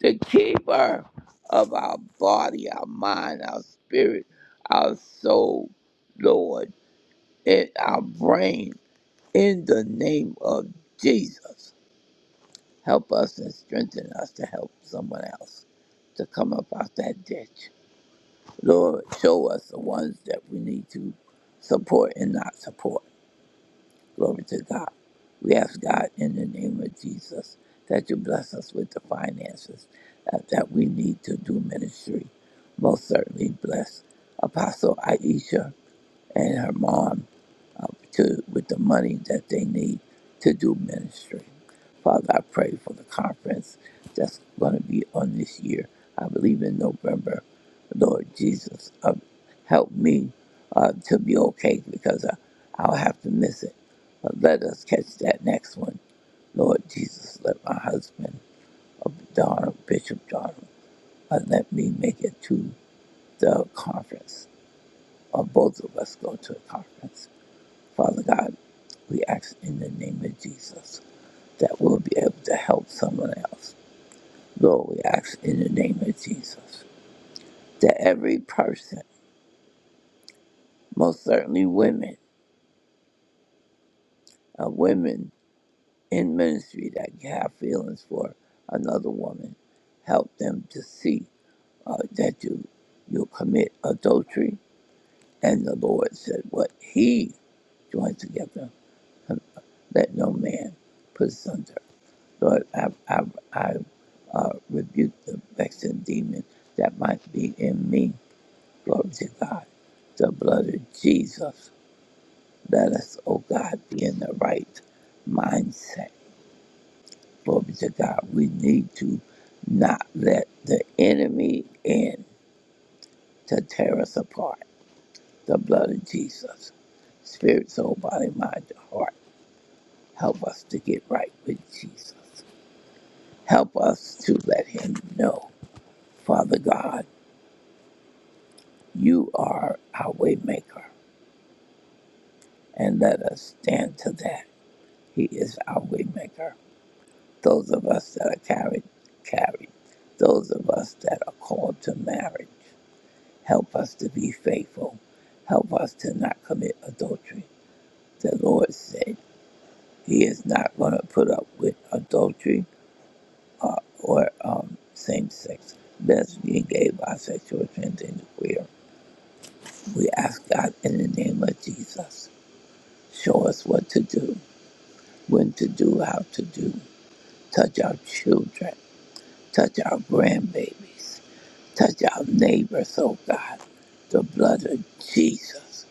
the keeper of our body, our mind, our spirit, our soul, Lord, and our brain. In the name of Jesus, help us and strengthen us to help someone else to come up out that ditch. Lord, show us the ones that we need to support and not support Glory to God. We ask God in the name of Jesus that you bless us with the finances uh, that we need to do ministry. Most certainly bless Apostle Aisha and her mom uh, to with the money that they need to do ministry. Father, I pray for the conference that's going to be on this year. I believe in November. Lord Jesus, uh, help me uh, to be okay because I, I'll have to miss it. But let us catch that next one. Lord Jesus, let my husband, uh, Donald, Bishop Donald, uh, let me make it to the conference, or both of us go to the conference. Father God, we ask in the name of Jesus that we'll be able to help someone else. Lord, we ask in the name of Jesus that every person, most certainly women, uh, women in ministry that have feelings for another woman, help them to see uh, that you you commit adultery. And the Lord said, "What He joined together, let no man put asunder." Lord, I, I, I uh, rebuke the vexing demon that might be in me. Glory to God. The blood of Jesus. Let us, oh God, be in the right mindset. Glory to God. We need to not let the enemy in to tear us apart. The blood of Jesus. Spirit, soul, body, mind, heart. Help us to get right with Jesus. Help us to let him know, Father God. You are our waymaker, and let us stand to that. He is our waymaker. Those of us that are carried, carried. Those of us that are called to marriage, help us to be faithful. Help us to not commit adultery. The Lord said He is not going to put up with adultery uh, or um, same-sex, lesbian, gay, bisexual, transgender, queer. We ask God in the name of Jesus, show us what to do when to do, how to do. Touch our children, touch our grandbabies, touch our neighbors, oh God. The blood of Jesus.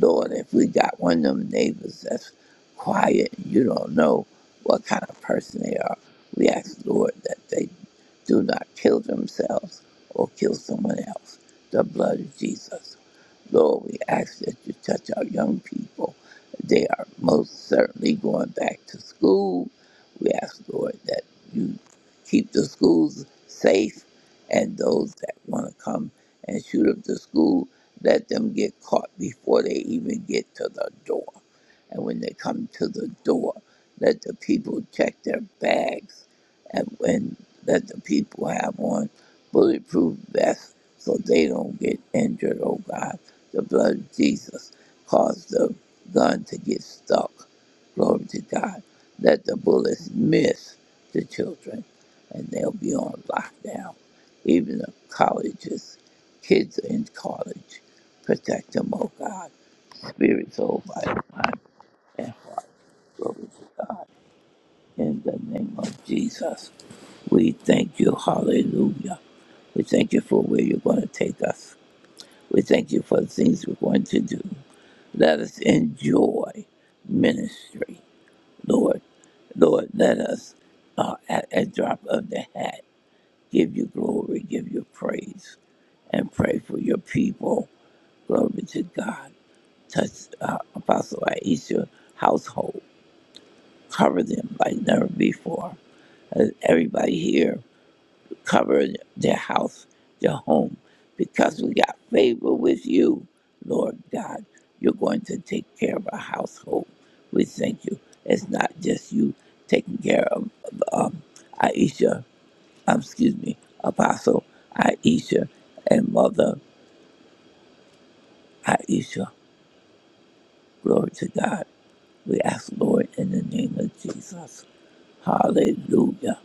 Lord, if we got one of them neighbors that's quiet and you don't know what kind of person they are, we ask, Lord, that they do not kill themselves or kill someone else. The blood of Jesus. Lord, we ask that you touch our young people. They are most certainly going back to school. We ask, Lord, that you keep the schools safe and those that want to come and shoot up the school, let them get caught before they even get to the door. And when they come to the door, let the people check their bags. And when that the people have on bulletproof vests so they don't get injured, oh God. The blood of Jesus caused the gun to get stuck. Glory to God. Let the bullets miss the children and they'll be on lockdown. Even the colleges, kids in college, protect them, oh God. Spirit, soul, body, mind, and glory to God. In the name of Jesus. We thank you, hallelujah. We thank you for where you're going to take us. We thank you for the things we're going to do. Let us enjoy ministry, Lord. Lord, let us, uh, at a drop of the hat, give you glory, give you praise, and pray for your people. Glory to God. Touch uh, Apostle Aisha household. Cover them like never before. Uh, Everybody here cover their house, their home, because we got favor with you, Lord God. You're going to take care of our household. We thank you. It's not just you taking care of um, Aisha, um, excuse me, Apostle Aisha and Mother Aisha. Glory to God. We ask, Lord, in the name of Jesus. Hallelujah.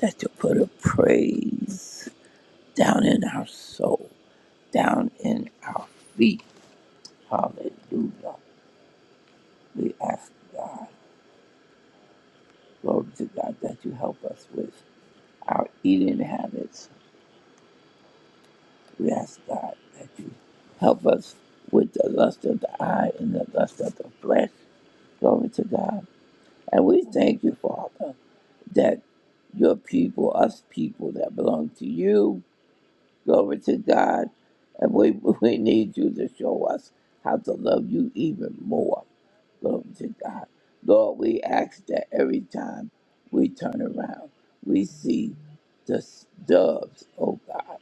That you put a praise down in our soul down in our feet. Hallelujah. We ask God, glory to God, that you help us with our eating habits. We ask God that you help us with the lust of the eye and the lust of the flesh. Glory to God. And we thank you, Father, that your people, us people that belong to you, glory to God. And we, we need you to show us how to love you even more. Glory to God. Lord, we ask that every time we turn around, we see the s- doves, oh God.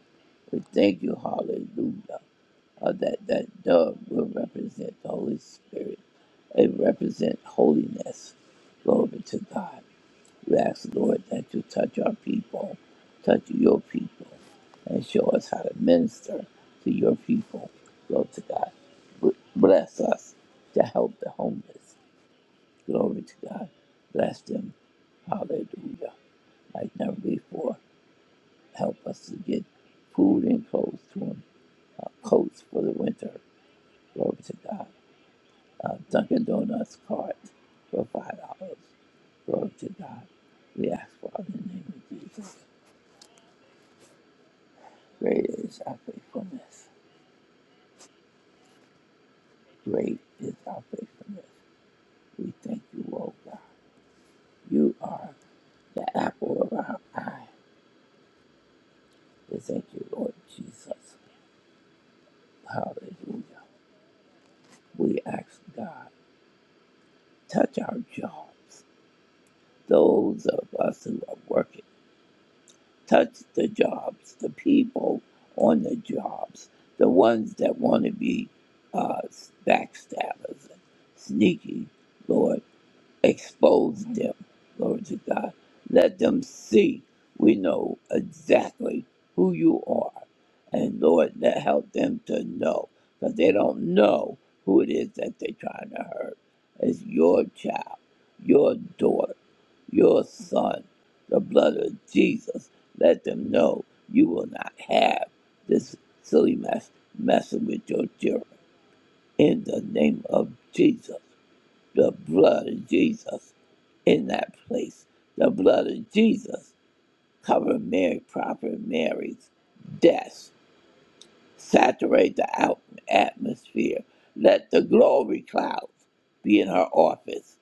We thank you, hallelujah, uh, that that dove will represent the Holy Spirit. It represents holiness. Glory to God. We ask, Lord, that you touch our people, touch your people, and show us how to minister to your people. Glory to God. B- Bless us to help the homeless. Glory to God. Bless them. Hallelujah. Like never before. Help us to get food and clothes to them. Uh, coats for the winter. Glory to God. Uh, Dunkin' Donuts cart for five dollars. Glory to God. We ask for it in the name of Jesus. Great is our faithfulness. Great is our faithfulness. We thank you, O God. You are the apple of our eye. We thank you, Lord Jesus. Hallelujah. We ask God, touch our jobs, those of us who are working, touch the jobs, the people on the jobs, the ones that want to be uh, backstabbers and sneaky, Lord, expose them, Lord to God. Let them see we know exactly who you are And Lord, that help them to know, because they don't know who it is that they're trying to hurt. It's your child, your daughter, your son, the blood of Jesus. Let them know you will not have this silly mess messing with your children. In the name of Jesus, the blood of Jesus in that place. The blood of Jesus cover Mary, proper Mary's death Saturate the out- atmosphere. Let the glory clouds be in her office.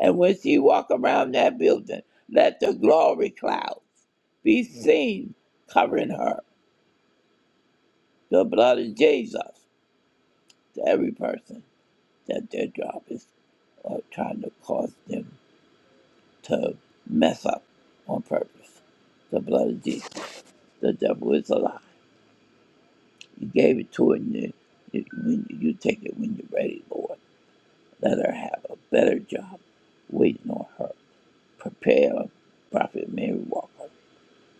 And when she walk around that building, let the glory clouds be seen covering her. The blood of Jesus to every person that their job is or trying to cause them to mess up on purpose. The blood of Jesus. The devil is a lie. You gave it to her and you, you, when you you take it when you're ready, Lord. Let her have a better job waiting on her. Prepare Prophet Mary Walker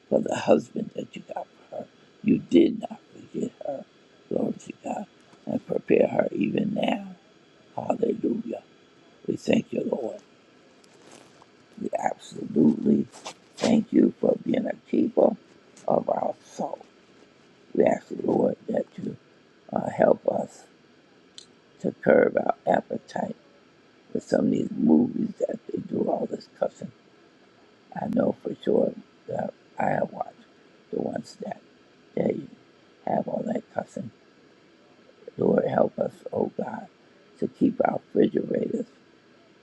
for the husband that you got for her. You did not forget her. Glory to God. And prepare her even now. Hallelujah. We thank you, Lord. We absolutely thank you for being a keeper of our soul. We ask the Lord that you uh, help us to curb our appetite with some of these movies that they do all this cussing I know for sure that I have watched the ones that they have on that cussing. Lord, help us, oh God, to keep our refrigerators,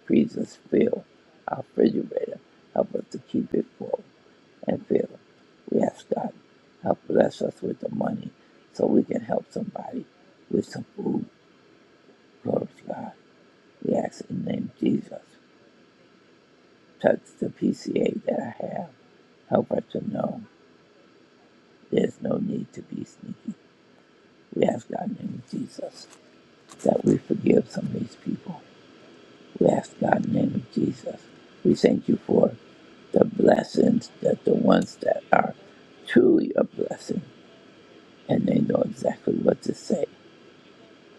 freezers filled. Our refrigerator, help us to keep it full and filled. We ask God, help bless us with the money so we can help somebody with some food. Glory to God. We ask in the name of Jesus. Touch the PCA that I have. Help her to know. There's no need to be sneaky. We ask God in the name of Jesus that we forgive some of these people. We ask God in the name of Jesus. We thank you for the blessings that the ones that are truly a blessing and they know exactly what to say,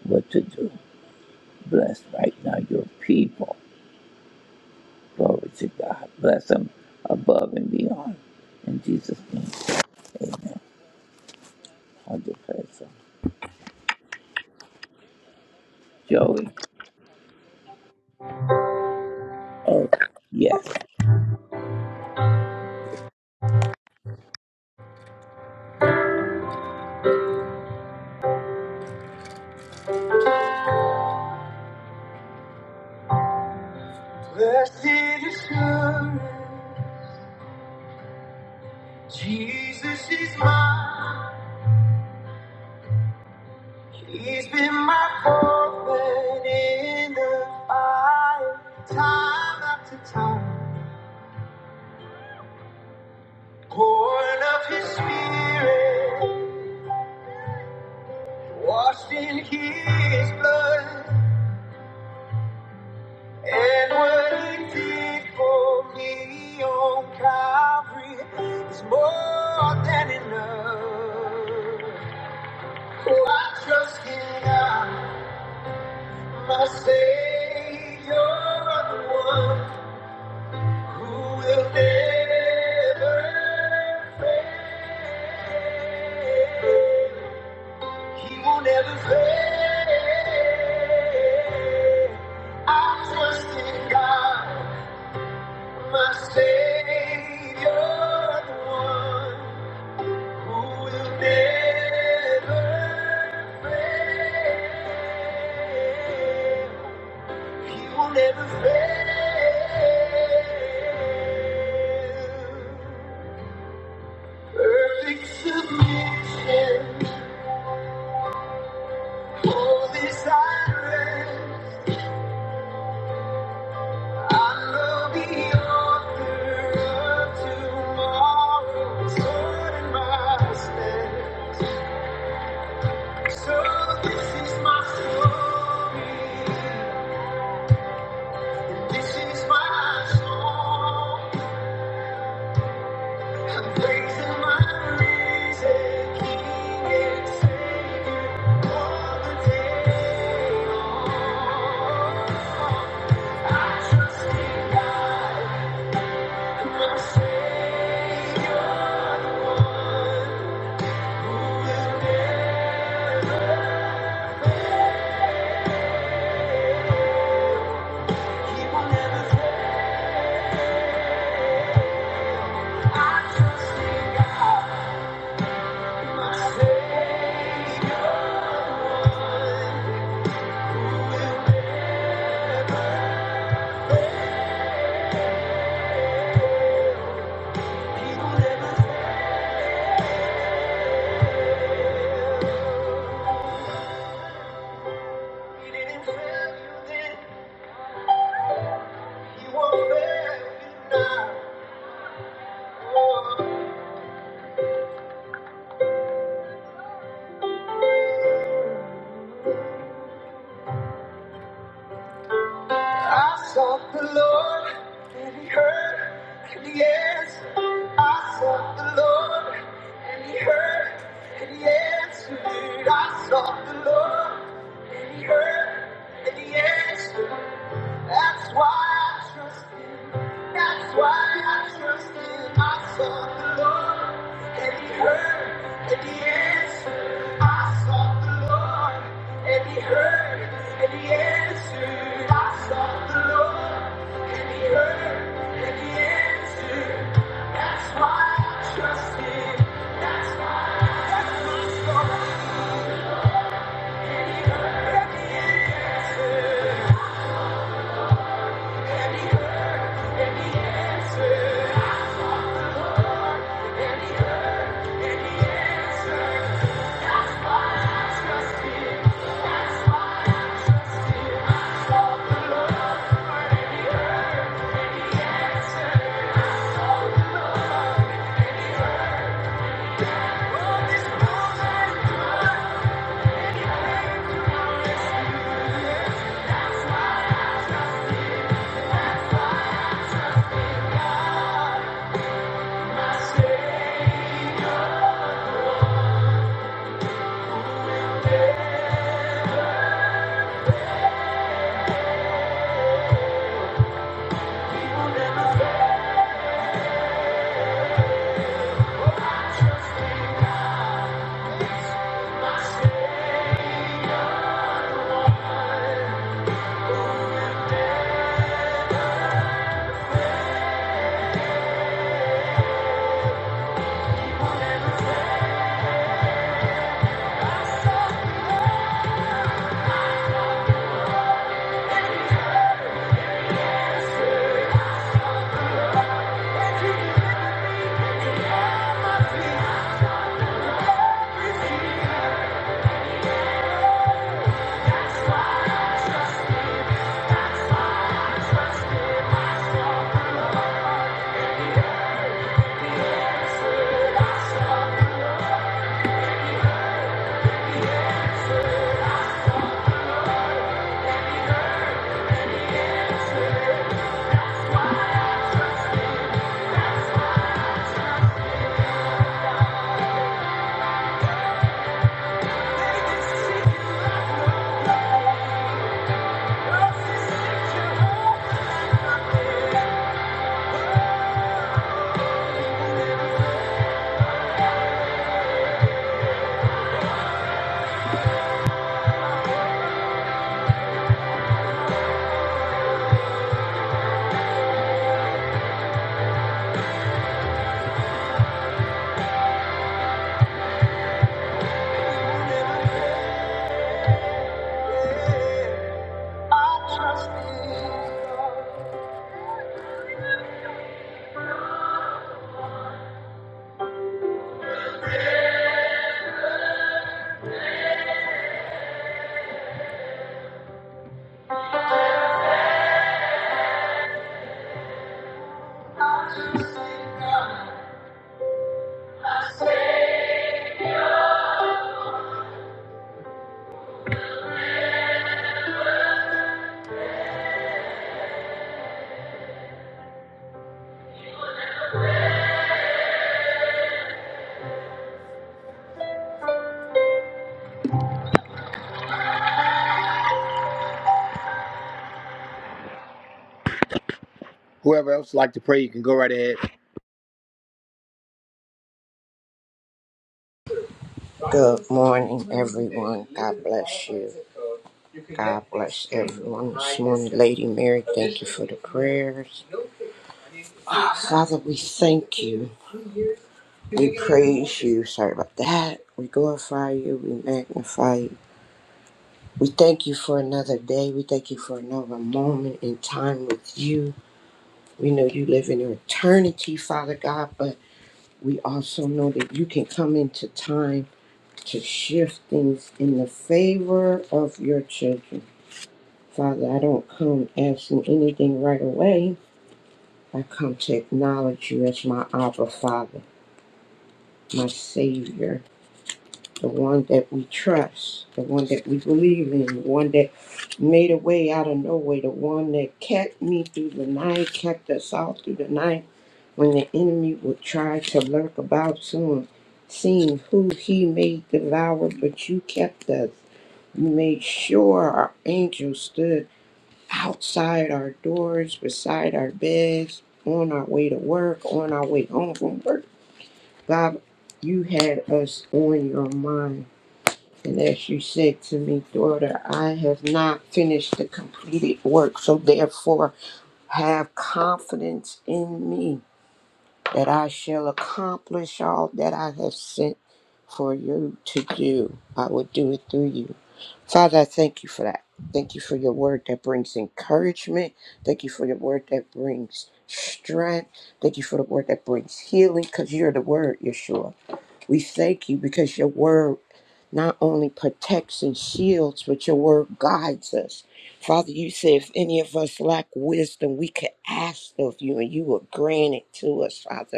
what to do. Bless right now your people. Glory to God. Bless them above and beyond. In Jesus' name, amen. I'll declare so. Joey, oh, yes. Blessed assurance, Jesus is mine. He's been my comfort in the fire, time after time. Born of his spirit, washed in his blood, and what he did for me on Calvary is more than enough. Oh, I trust in God, my Savior, the one who will never fail. He will never fail. I trust in God, my Savior, the one who will never fail. He will never fail. Perfect submission, holy silence. I love- Whoever else would like to pray, you can go right ahead. Good morning, everyone. God bless you. God bless everyone this morning. Lady Mary, thank you for the prayers. Father, we thank you. We praise you. Sorry about that. We glorify you. We magnify you. We thank you for another day. We thank you for another moment in time with you. We know you live in eternity, Father God, but we also know that you can come into time to shift things in the favor of your children. Father, I don't come asking anything right away. I come to acknowledge you as my Abba Father, my Savior, the one that we trust, the one that we believe in, the one that made a way out of no way, the one that kept me through the night, kept us all through the night when the enemy would try to lurk about soon, seeing who he may devour, but you kept us. You made sure our angels stood outside our doors, beside our beds, on our way to work, on our way home from work. God, you had us on your mind. And as you said to me, daughter, I have not finished the completed work, so therefore have confidence in me that I shall accomplish all that I have sent for you to do. I will do it through you. Father, I thank you for that. Thank you for your word that brings encouragement. Thank you for your word that brings strength. Thank you for the word that brings healing because you're the word, Yeshua. We thank you because your word not only protects and shields, but your word guides us. Father, you say if any of us lack wisdom, we can ask of you and you will grant it to us, Father.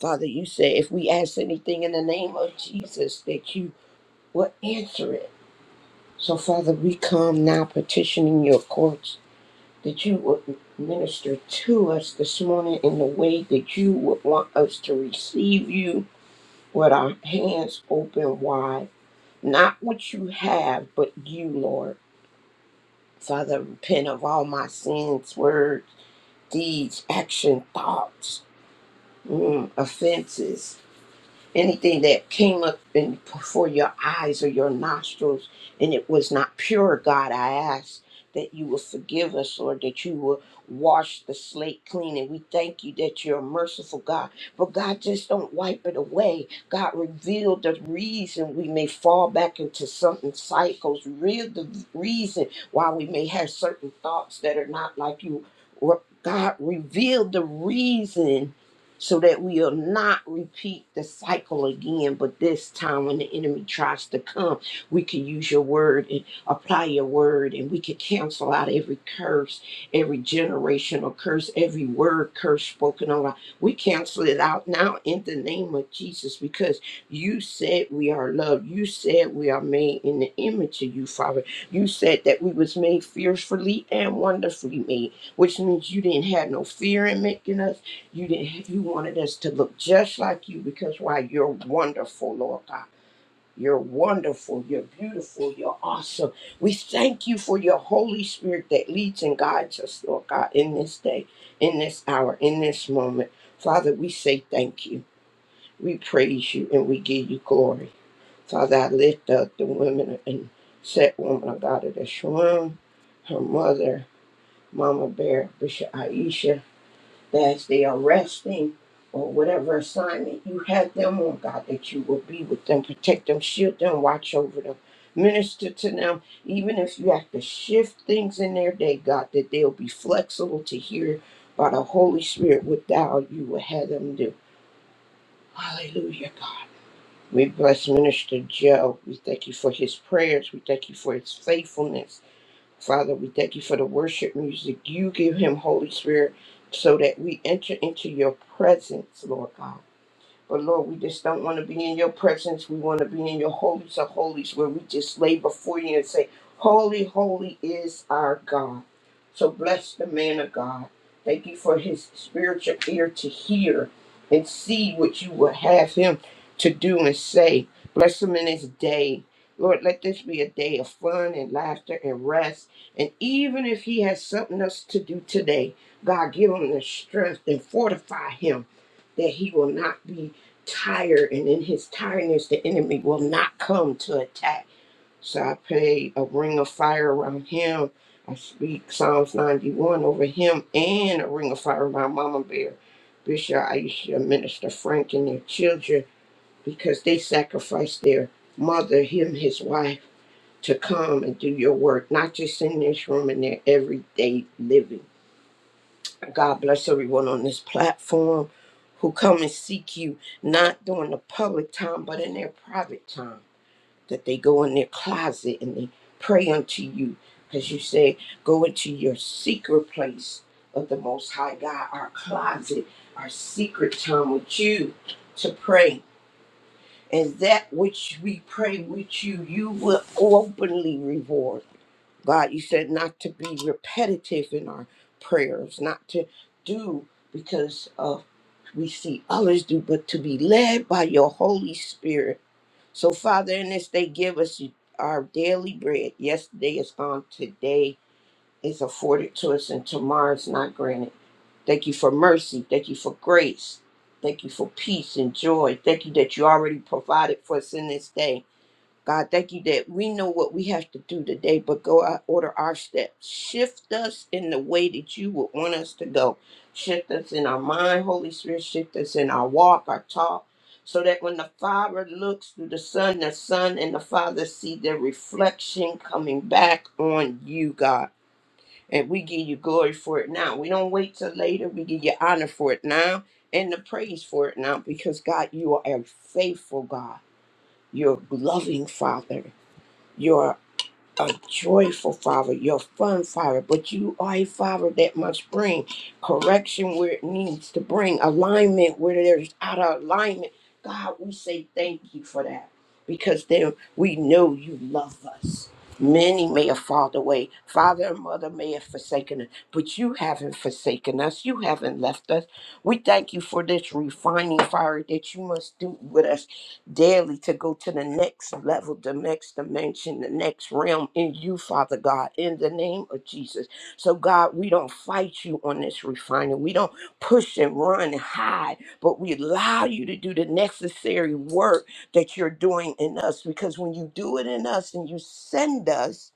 Father, you said if we ask anything in the name of Jesus, that you will answer it. So, Father, we come now petitioning your courts that you would minister to us this morning in the way that you would want us to receive you with our hands open wide. Not what you have, but you, Lord. Father, repent of all my sins, words, deeds, action, thoughts, mm, offenses anything that came up in, before your eyes or your nostrils and it was not pure, God, I ask that you will forgive us, Lord, that you will wash the slate clean. And we thank you that you're a merciful, God. But God, just don't wipe it away. God, reveal the reason we may fall back into certain cycles, reveal the reason why we may have certain thoughts that are not like you. Re- God, reveal the reason so that we'll not repeat the cycle again. But this time, when the enemy tries to come, we can use your word and apply your word, and we can cancel out every curse, every generational curse, every word curse spoken over. We cancel it out now in the name of Jesus because you said we are loved. You said we are made in the image of you, Father. You said that we was made fearfully and wonderfully made, which means you didn't have no fear in making us you didn't you wanted us to look just like you because why you're wonderful, Lord God. You're wonderful, you're beautiful, you're awesome. We thank you for your Holy Spirit that leads and guides us, Lord God, in this day, in this hour, in this moment. Father, we say thank you. We praise you and we give you glory. Father, I lift up the women and set woman of God of this room, her mother, Mama Bear, Bishop Aisha, that's the arresting or whatever assignment you had them on, God, that you will be with them, protect them, shield them, watch over them, minister to them. Even if you have to shift things in their day, God, that they'll be flexible to hear by the Holy Spirit what thou, you will have them do. Hallelujah, God. We bless Minister Joe. We thank you for his prayers. We thank you for his faithfulness. Father, we thank you for the worship music you give him, Holy Spirit, so that we enter into your presence, Lord God. But Lord, we just don't want to be in your presence. We want to be in your holies of holies where we just lay before you and say, Holy, holy is our God. So bless the man of God. Thank you for his spiritual ear to hear and see what you would have him to do and say. Bless him in his day. Lord, let this be a day of fun and laughter and rest. And even if he has something else to do today, God, give him the strength and fortify him that he will not be tired, and in his tiredness, the enemy will not come to attack. So I pray a ring of fire around him. I speak Psalms 91 over him and a ring of fire around Mama Bear, Bishop Aisha, Minister Frank, and their children because they sacrificed their mother, him, his wife, to come and do your work, not just in this room, in their everyday living. God bless everyone on this platform who come and seek you, not during the public time, but in their private time. That they go in their closet and they pray unto you. Because you say, go into your secret place of the Most High God, our closet, our secret time with you to pray. And that which we pray with you, you will openly reward. God, you said not to be repetitive in our prayers, not to do because of we see others do, but to be led by your Holy Spirit. So, Father, in this day, give us our daily bread. Yesterday is gone, today is afforded to us, and tomorrow is not granted. Thank you for mercy. Thank you for grace. Thank you for peace and joy. Thank you that you already provided for us in this day. God, thank you that we know what we have to do today, but go out, order our steps. Shift us in the way that you would want us to go. Shift us in our mind, Holy Spirit. Shift us in our walk, our talk, so that when the Father looks through the Son, the Son and the Father see their reflection coming back on you, God. And we give you glory for it now. We don't wait till later. We give you honor for it now and the praise for it now because, God, you are a faithful God. You're a loving Father you're a joyful father. You're a fun father, but you are a father that must bring correction where it needs to bring alignment where there's out of alignment. God, we say thank you for that because then we know you love us. Many may have fallen away. Father and mother may have forsaken us, but you haven't forsaken us. You haven't left us. We thank you for this refining fire that you must do with us daily to go to the next level, the next dimension, the next realm in you, Father God, in the name of Jesus. So, God, we don't fight you on this refining. We don't push and run and hide, but we allow you to do the necessary work that you're doing in us because when you do it in us and you send us,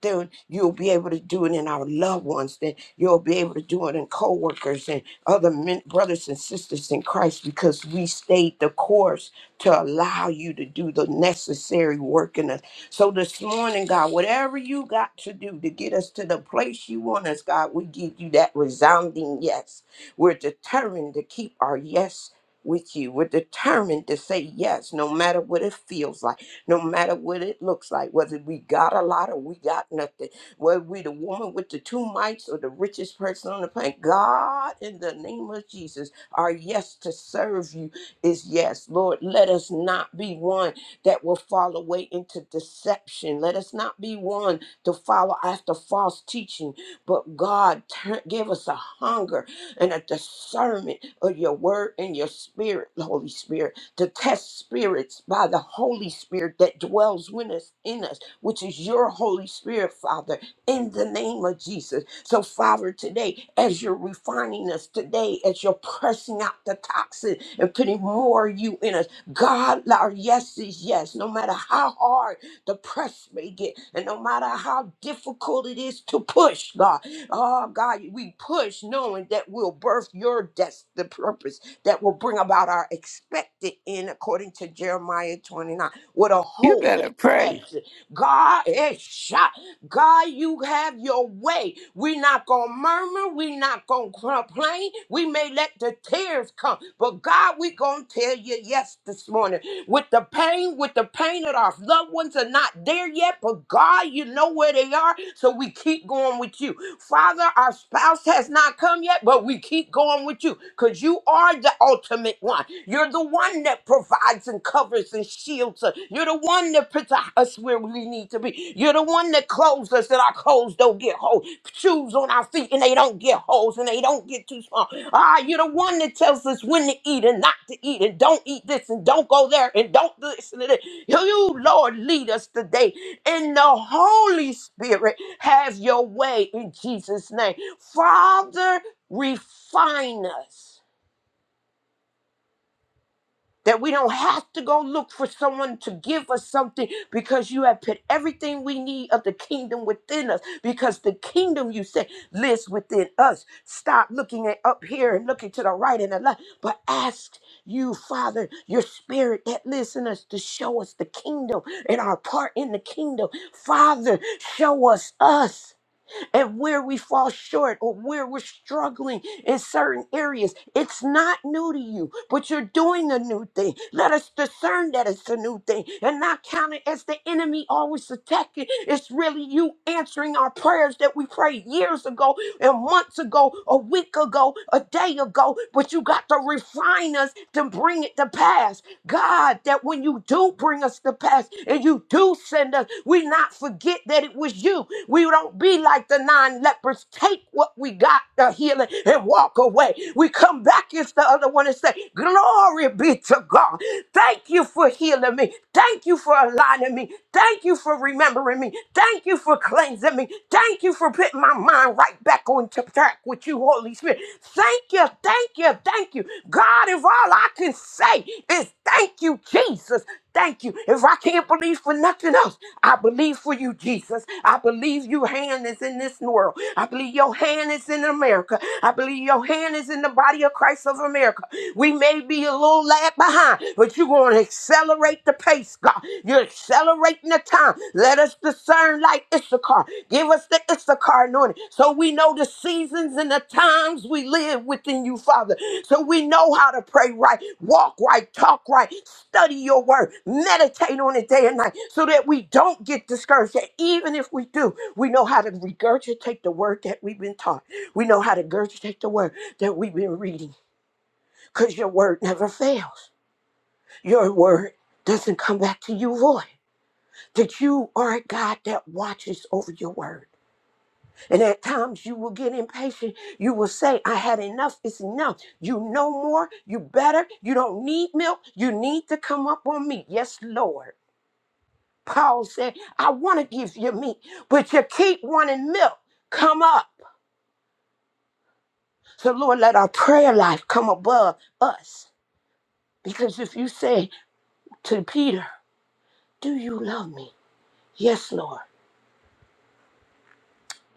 then you'll be able to do it in our loved ones. Then you'll be able to do it in coworkers and other men, brothers and sisters in Christ because we stayed the course to allow you to do the necessary work in us. So this morning, God, whatever you got to do to get us to the place you want us, God, we give you that resounding yes. We're determined to keep our yes with you. We're determined to say yes, no matter what it feels like no matter what it looks like, whether we got a lot or we got nothing, whether we the woman with the two mites or the richest person on the planet. God, in the name of Jesus, our yes to serve you is yes. Lord, let us not be one that will fall away into deception. Let us not be one to follow after false teaching. But God, turn, give us a hunger and a discernment of your word and your spirit, Holy Spirit to test spirits by the Holy Spirit that dwells with us in us, which is your Holy Spirit, Father, in the name of Jesus. So, Father, today, as you're refining us today, as you're pressing out the toxin and putting more of you in us, God, our yes is yes, no matter how hard the press may get, and no matter how difficult it is to push, God. Oh God, we push knowing that we'll birth your destiny purpose that will bring about our expected end according to Jeremiah 29 with a You hope and better pray. expected. God is shot. God, you have your way. We're not going to murmur. We're not going to complain. We may let the tears come, but God, we're going to tell you yes this morning. With the pain, with the pain that our loved ones are not there yet, but God, you know where they are, so we keep going with you. Father, our spouse has not come yet, but we keep going with you because you are the ultimate one. You're the one that provides and covers and shields us. You're the one that puts us where we need to be. You're the one that clothes us that our clothes don't get holes, shoes on our feet and they don't get holes and they don't get too small. Ah, you're the one that tells us when to eat and not to eat and don't eat this and don't go there and don't do this and that. You, Lord, lead us today and the Holy Spirit. Have your way in Jesus' name. Father, refine us that we don't have to go look for someone to give us something because you have put everything we need of the kingdom within us because the kingdom you say lives within us stop looking at up here and looking to the right and the left but ask you father your spirit that lives in us to show us the kingdom and our part in the kingdom father show us us and where we fall short or where we're struggling in certain areas. It's not new to you, but you're doing a new thing. Let us discern that it's a new thing and not count it as the enemy always attacking. It's really you answering our prayers that we prayed years ago and months ago, a week ago, a day ago, but you got to refine us to bring it to pass. God, that when you do bring us to pass and you do send us, we not forget that it was you. We don't be like the nine lepers, take what we got, the healing, and walk away. We come back as the other one and say, Glory be to God. Thank you for healing me. Thank you for aligning me. Thank you for remembering me. Thank you for cleansing me. Thank you for putting my mind right back on subtract with you, Holy Spirit. Thank you, thank you, thank you. God, if all I can say is thank you, Jesus. Thank you. If I can't believe for nothing else, I believe for you, Jesus. I believe your hand is in this world. I believe your hand is in America. I believe your hand is in the body of Christ of America. We may be a little lag behind, but you're going to accelerate the pace, God. You're accelerating the time. Let us discern like Issachar. Give us the Issachar anointing so we know the seasons and the times we live within you, Father. So we know how to pray right, walk right, talk right, study your word, meditate on it day and night so that we don't get discouraged. That even if we do, we know how to regurgitate the word that we've been taught. We know how to regurgitate the word that we've been reading because your word never fails. Your word doesn't come back to you void that you are a God that watches over your word. And at times you will get impatient. You will say, I had enough. It's enough. You know more. You better. You don't need milk. You need to come up on me. Yes, Lord. Paul said, I want to give you meat, but you keep wanting milk. Come up. So, Lord, let our prayer life come above us. Because if you say to Peter, Do you love me? Yes, Lord.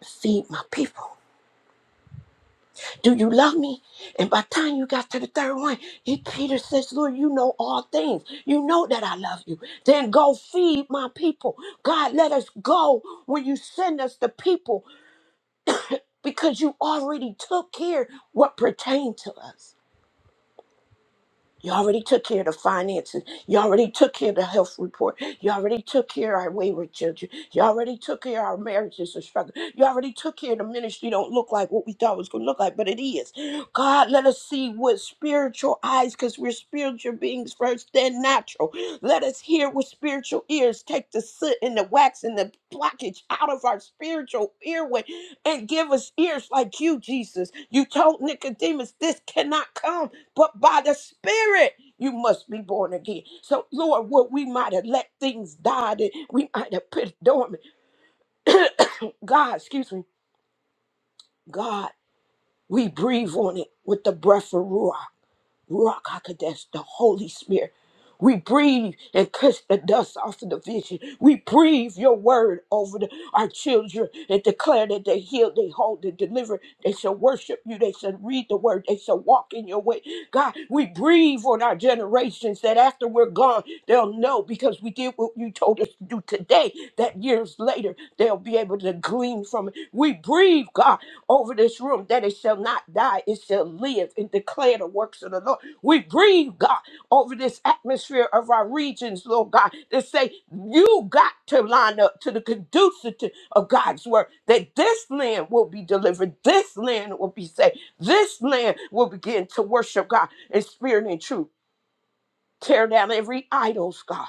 Feed my people. Do you love me? And by the time you got to the third one, he, Peter says, Lord, you know all things. You know that I love you. Then go feed my people. God, let us go when you send us the people because you already took care what pertained to us. You already took care of the finances. You already took care of the health report. You already took care of our wayward children. You already took care of our marriages and struggle. You already took care of the ministry don't look like what we thought it was going to look like, but it is. God, let us see with spiritual eyes because we're spiritual beings first, then natural. Let us hear with spiritual ears. Take the soot and the wax and the blockage out of our spiritual earway and give us ears like you, Jesus. You told Nicodemus, this cannot come but by the Spirit, you must be born again. So, Lord, what we might have let things die, that we might have put dormant. God, excuse me, God, we breathe on it with the breath of Ruah. Ruach HaKodesh, the Holy Spirit. We breathe and kiss the dust off of the vision. We breathe your word over the, our children and declare that they heal, they hold, they deliver. They shall worship you. They shall read the word. They shall walk in your way. God, we breathe on our generations that after we're gone, they'll know because we did what you told us to do today, that years later. They'll be able to glean from it. We breathe, God, over this room that it shall not die, it shall live and declare the works of the Lord. We breathe, God, over this atmosphere of our regions, Lord God, that say you got to line up to the conducive to- of God's word, that this land will be delivered, this land will be saved, this land will begin to worship God in spirit and truth. Tear down every idols, God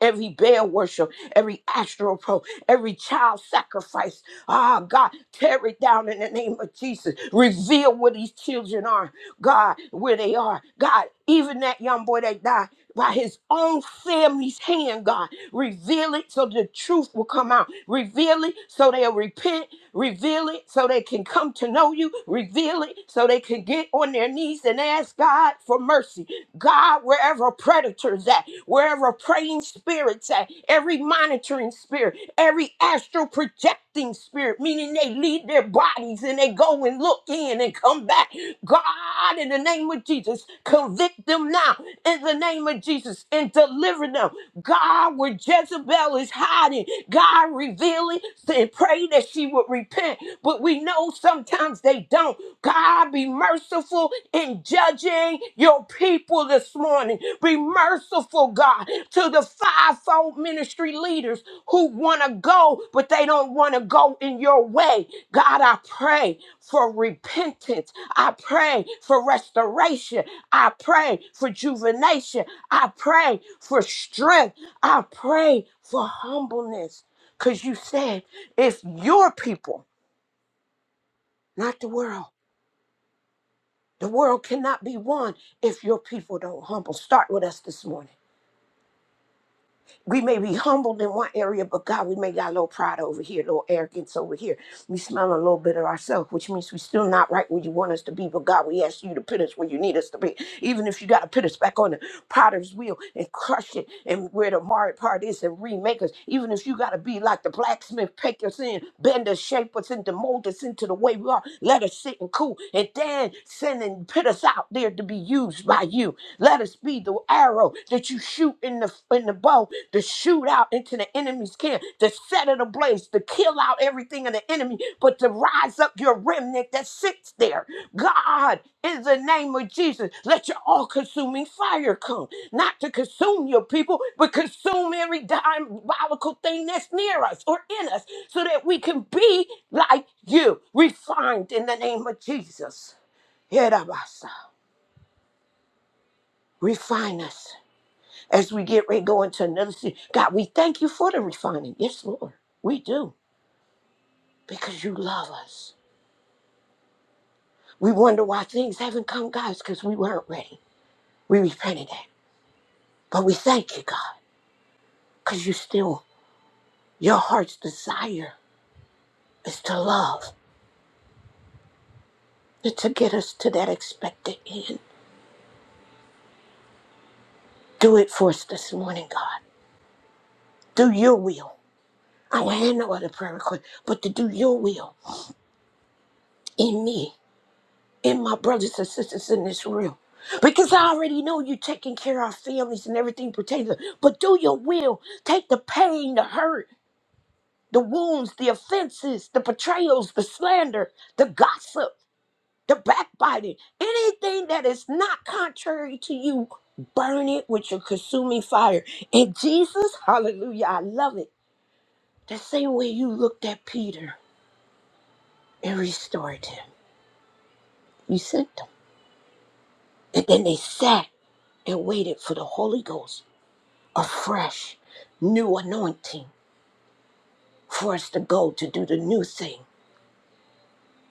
every Baal worship, every astral pro, every child sacrifice. Ah, God, tear it down in the name of Jesus. Reveal where these children are, God, where they are. God, even that young boy that died by his own family's hand, God, reveal it so the truth will come out. Reveal it so they'll repent. Reveal it so they can come to know you. Reveal it so they can get on their knees and ask God for mercy. God, wherever predators at, wherever praying spirits at, every monitoring spirit, every astral projecting spirit, meaning they leave their bodies and they go and look in and come back. God, in the name of Jesus, convict them now in the name of Jesus and deliver them. God, where Jezebel is hiding, God revealing and pray that she would repent. But we know sometimes they don't. God, be merciful in judging your people this morning. Be merciful, God, to the fivefold ministry leaders who want to go, but they don't want to go in your way. God, I pray for repentance. I pray for restoration. I pray for rejuvenation. I pray for strength. I pray for humbleness. Because you said, if your people, not the world, The world cannot be won if your people don't humble. Start with us this morning we may be humbled in one area, but God, we may got a little pride over here, a little arrogance over here. We smell a little bit of ourselves, which means we're still not right where you want us to be. But God, we ask you to put us where you need us to be. Even if you got to put us back on the potter's wheel and crush it and where the marred part is and remake us. Even if you got to be like the blacksmith, pick us in, bend us, shape us into, mold us into the way we are. Let us sit and cool and then send and put us out there to be used by you. Let us be the arrow that you shoot in the in the bow to shoot out into the enemy's camp, to set it ablaze, to kill out everything of the enemy, but to rise up your remnant that sits there. God, in the name of Jesus, let your all-consuming fire come, not to consume your people, but consume every diabolical thing that's near us or in us, so that we can be like you, refined in the name of Jesus. Herabasa, Refine us as we get ready to go into another season. God, we thank you for the refining. Yes, Lord, we do because you love us. We wonder why things haven't come, guys, because we weren't ready. We repented that. But we thank you, God, because you still, your heart's desire is to love and to get us to that expected end. Do it for us this morning, God. Do your will. I don't have no other prayer request, but to do your will in me and my brothers and sisters in this room. Because I already know you're taking care of our families and everything pertaining to But do your will. Take the pain, the hurt, the wounds, the offenses, the betrayals, the slander, the gossip, the backbiting, anything that is not contrary to you, burn it with your consuming fire. And Jesus, hallelujah, I love it. The same way you looked at Peter and restored him, you sent them. And then they sat and waited for the Holy Ghost a fresh, new anointing for us to go to do the new thing.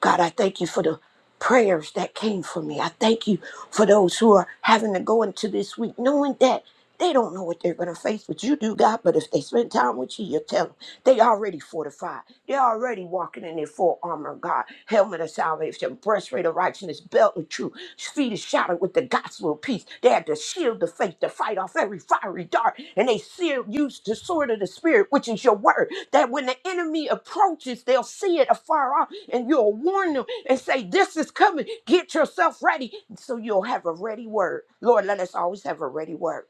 God, I thank you for the prayers that came for me. I thank you for those who are having to go into this week knowing that they don't know what they're going to face, but you do, God. But if they spend time with you, you tell them they already fortified. They're already walking in their full armor, God. Helmet of salvation, breastplate of righteousness, belt of truth, feet is shod with the gospel of peace. They had the shield of faith to fight off every fiery dart, and they seal, used the sword of the spirit, which is your word. That when the enemy approaches, they'll see it afar off, and you'll warn them and say, "This is coming. Get yourself ready." So you'll have a ready word. Lord, let us always have a ready word.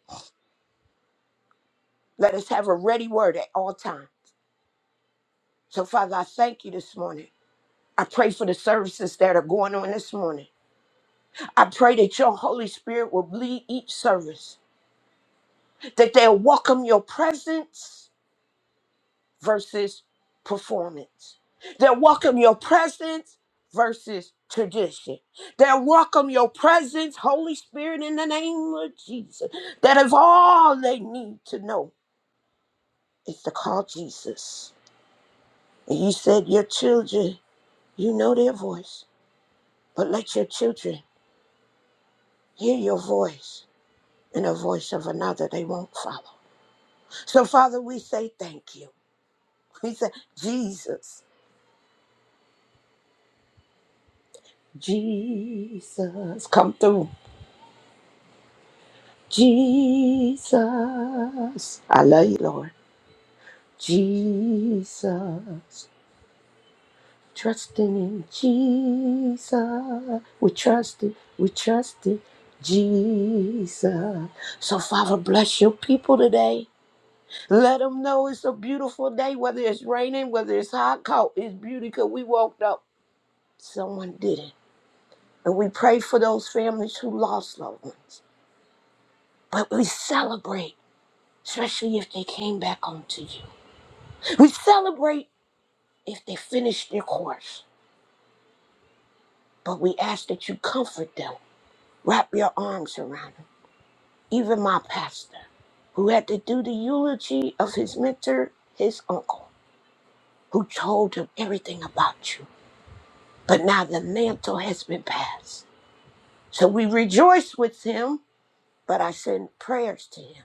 Let us have a ready word at all times. So, Father, I thank you this morning. I pray for the services that are going on this morning. I pray that your Holy Spirit will lead each service. that they'll welcome your presence versus performance. They'll welcome your presence versus tradition. They'll welcome your presence, Holy Spirit, in the name of Jesus. That is all they need to know is to call Jesus. And you said, Your children, you know their voice, but let your children hear your voice and the voice of another they won't follow. So, Father, we say thank you. We say, Jesus. Jesus, come through. Jesus, I love you, Lord. Jesus, trusting in Jesus. We trust it, we trust it, Jesus. So, Father, bless your people today. Let them know it's a beautiful day, whether it's raining, whether it's hot, cold, it's beauty because we woke up. Someone did it. And we pray for those families who lost loved ones. But we celebrate. especially if they came back onto you. We celebrate if they finish their course, but we ask that you comfort them, wrap your arms around them. Even my pastor, who had to do the eulogy of his mentor, his uncle, who told him everything about you. But now the mantle has been passed. So we rejoice with him, but I send prayers to him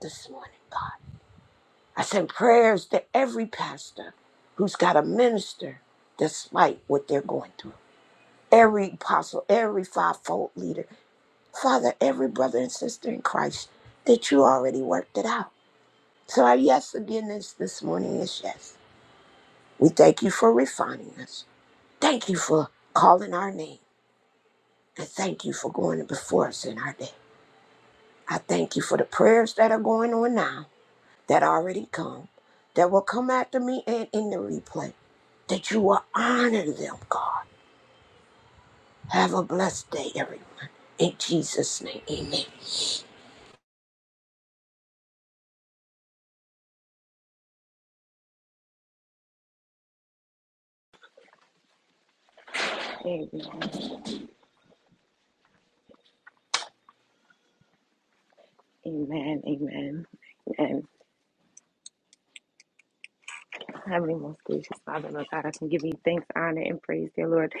this morning, God. I send prayers to every pastor who's got a minister despite what they're going through. Every apostle, every fivefold leader, Father, every brother and sister in Christ that you already worked it out. So our yes again this this morning is yes. We thank you for refining us. Thank you for calling our name. And thank you for going before us in our day. I thank you for the prayers that are going on now that already come, that will come after me and in the replay, that you will honor them, God. Have a blessed day, everyone. In Jesus' name, amen. Amen. Amen. Amen. Amen. Heavenly, most gracious Father, Lord God, I can give you thanks, honor, and praise, dear Lord.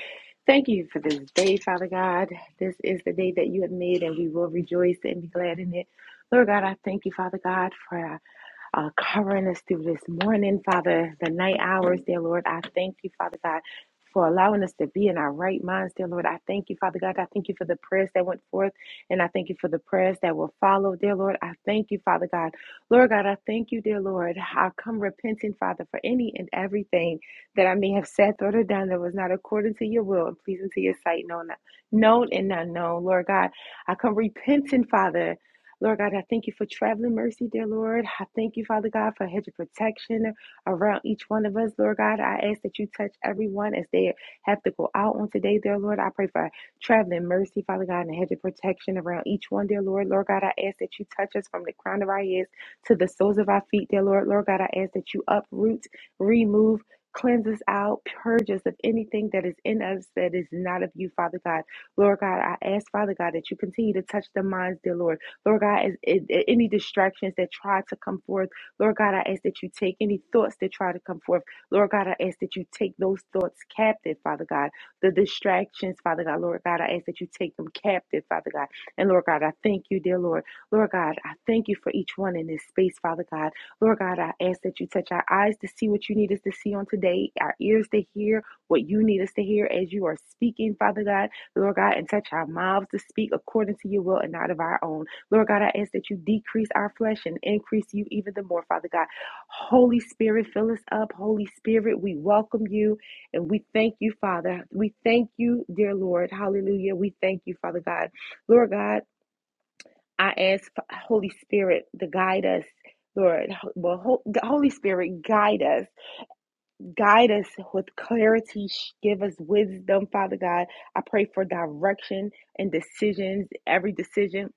Thank you for this day, Father God. This is the day that you have made, and we will rejoice and be glad in it. Lord God, I thank you, Father God, for our uh, covering us through this morning, Father, the night hours, dear Lord. I thank you, Father God, for allowing us to be in our right minds, dear Lord. I thank you, Father God. I thank you for the prayers that went forth, and I thank you for the prayers that will follow, dear Lord. I thank you, Father God. Lord God, I thank you, dear Lord. I come repenting, Father, for any and everything that I may have said, thought, or done that was not according to your will and pleasing to your sight, known, known and unknown. Lord God, I come repenting, Father. Lord God, I thank you for traveling mercy, dear Lord. I thank you, Father God, for a hedge of protection around each one of us, Lord God. I ask that you touch everyone as they have to go out on today, dear Lord. I pray for traveling mercy, Father God, and a hedge of protection around each one, dear Lord. Lord God, I ask that you touch us from the crown of our heads to the soles of our feet, dear Lord. Lord God, I ask that you uproot, remove, Cleanse us out, purge us of anything that is in us that is not of you, Father God. Lord God, I ask, Father God, that you continue to touch the minds, dear Lord. Lord God, as, a- a- any distractions that try to come forth, Lord God, I ask that you take any thoughts that try to come forth. Lord God, I ask that you take those thoughts captive, Father God. The distractions, Father God, Lord God, I ask that you take them captive, Father God. And Lord God, I thank you, dear Lord. Lord God, I thank you for each one in this space, Father God. Lord God, I ask that you touch our eyes to see what you need us to see on today, our ears to hear what you need us to hear as you are speaking, Father God. Lord God, and touch our mouths to speak according to your will and not of our own. Lord God, I ask that you decrease our flesh and increase you even the more, Father God. Holy Spirit, fill us up. Holy Spirit, we welcome you and we thank you, Father. We thank you, dear Lord. Hallelujah. We thank you, Father God. Lord God, I ask Holy Spirit to guide us. Lord, well, Holy Spirit, guide us. Guide us with clarity. Give us wisdom, Father God. I pray for direction and decisions, every decision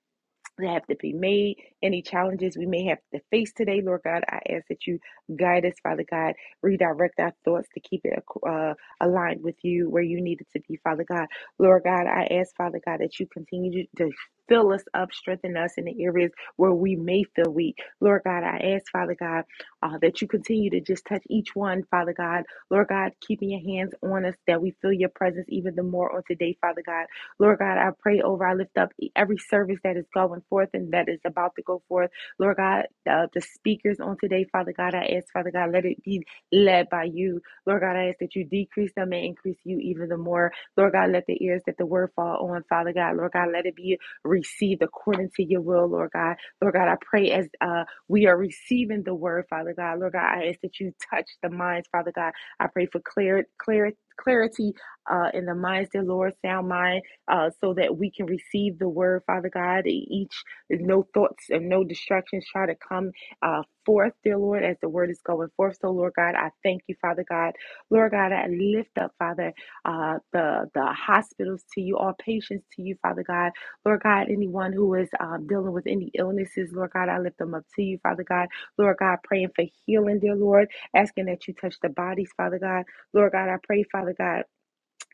that have to be made, any challenges we may have to face today, Lord God. I ask that you guide us, Father God, redirect our thoughts to keep it uh, aligned with you where you need it to be, Father God. Lord God, I ask, Father God, that you continue to fill us up, strengthen us in the areas where we may feel weak. Lord God, I ask, Father God, uh, that you continue to just touch each one, Father God. Lord God, keeping your hands on us that we feel your presence even the more on today, Father God. Lord God, I pray over, I lift up every service that is going forth and that is about to go forth. Lord God, uh, the speakers on today, Father God, I ask, Father God, let it be led by you. Lord God, I ask that you decrease them and increase you even the more. Lord God, let the ears that the word fall on, Father God. Lord God, let it be received according to your will, Lord God. Lord God, I pray as uh, we are receiving the word, Father God. Lord God, I ask that you touch the minds, Father God. I pray for clear, clear, clarity uh, in the minds, dear Lord, sound mind uh, so that we can receive the word, Father God. Each, no thoughts and no distractions try to come uh, forth, dear Lord, as the word is going forth. So, Lord God, I thank you, Father God. Lord God, I lift up, Father, uh, the, the hospitals to you, all patients to you, Father God. Lord God, anyone who is um, dealing with any illnesses, Lord God, I lift them up to you, Father God. Lord God, praying for healing, dear Lord, asking that you touch the bodies, Father God. Lord God, I pray, Father God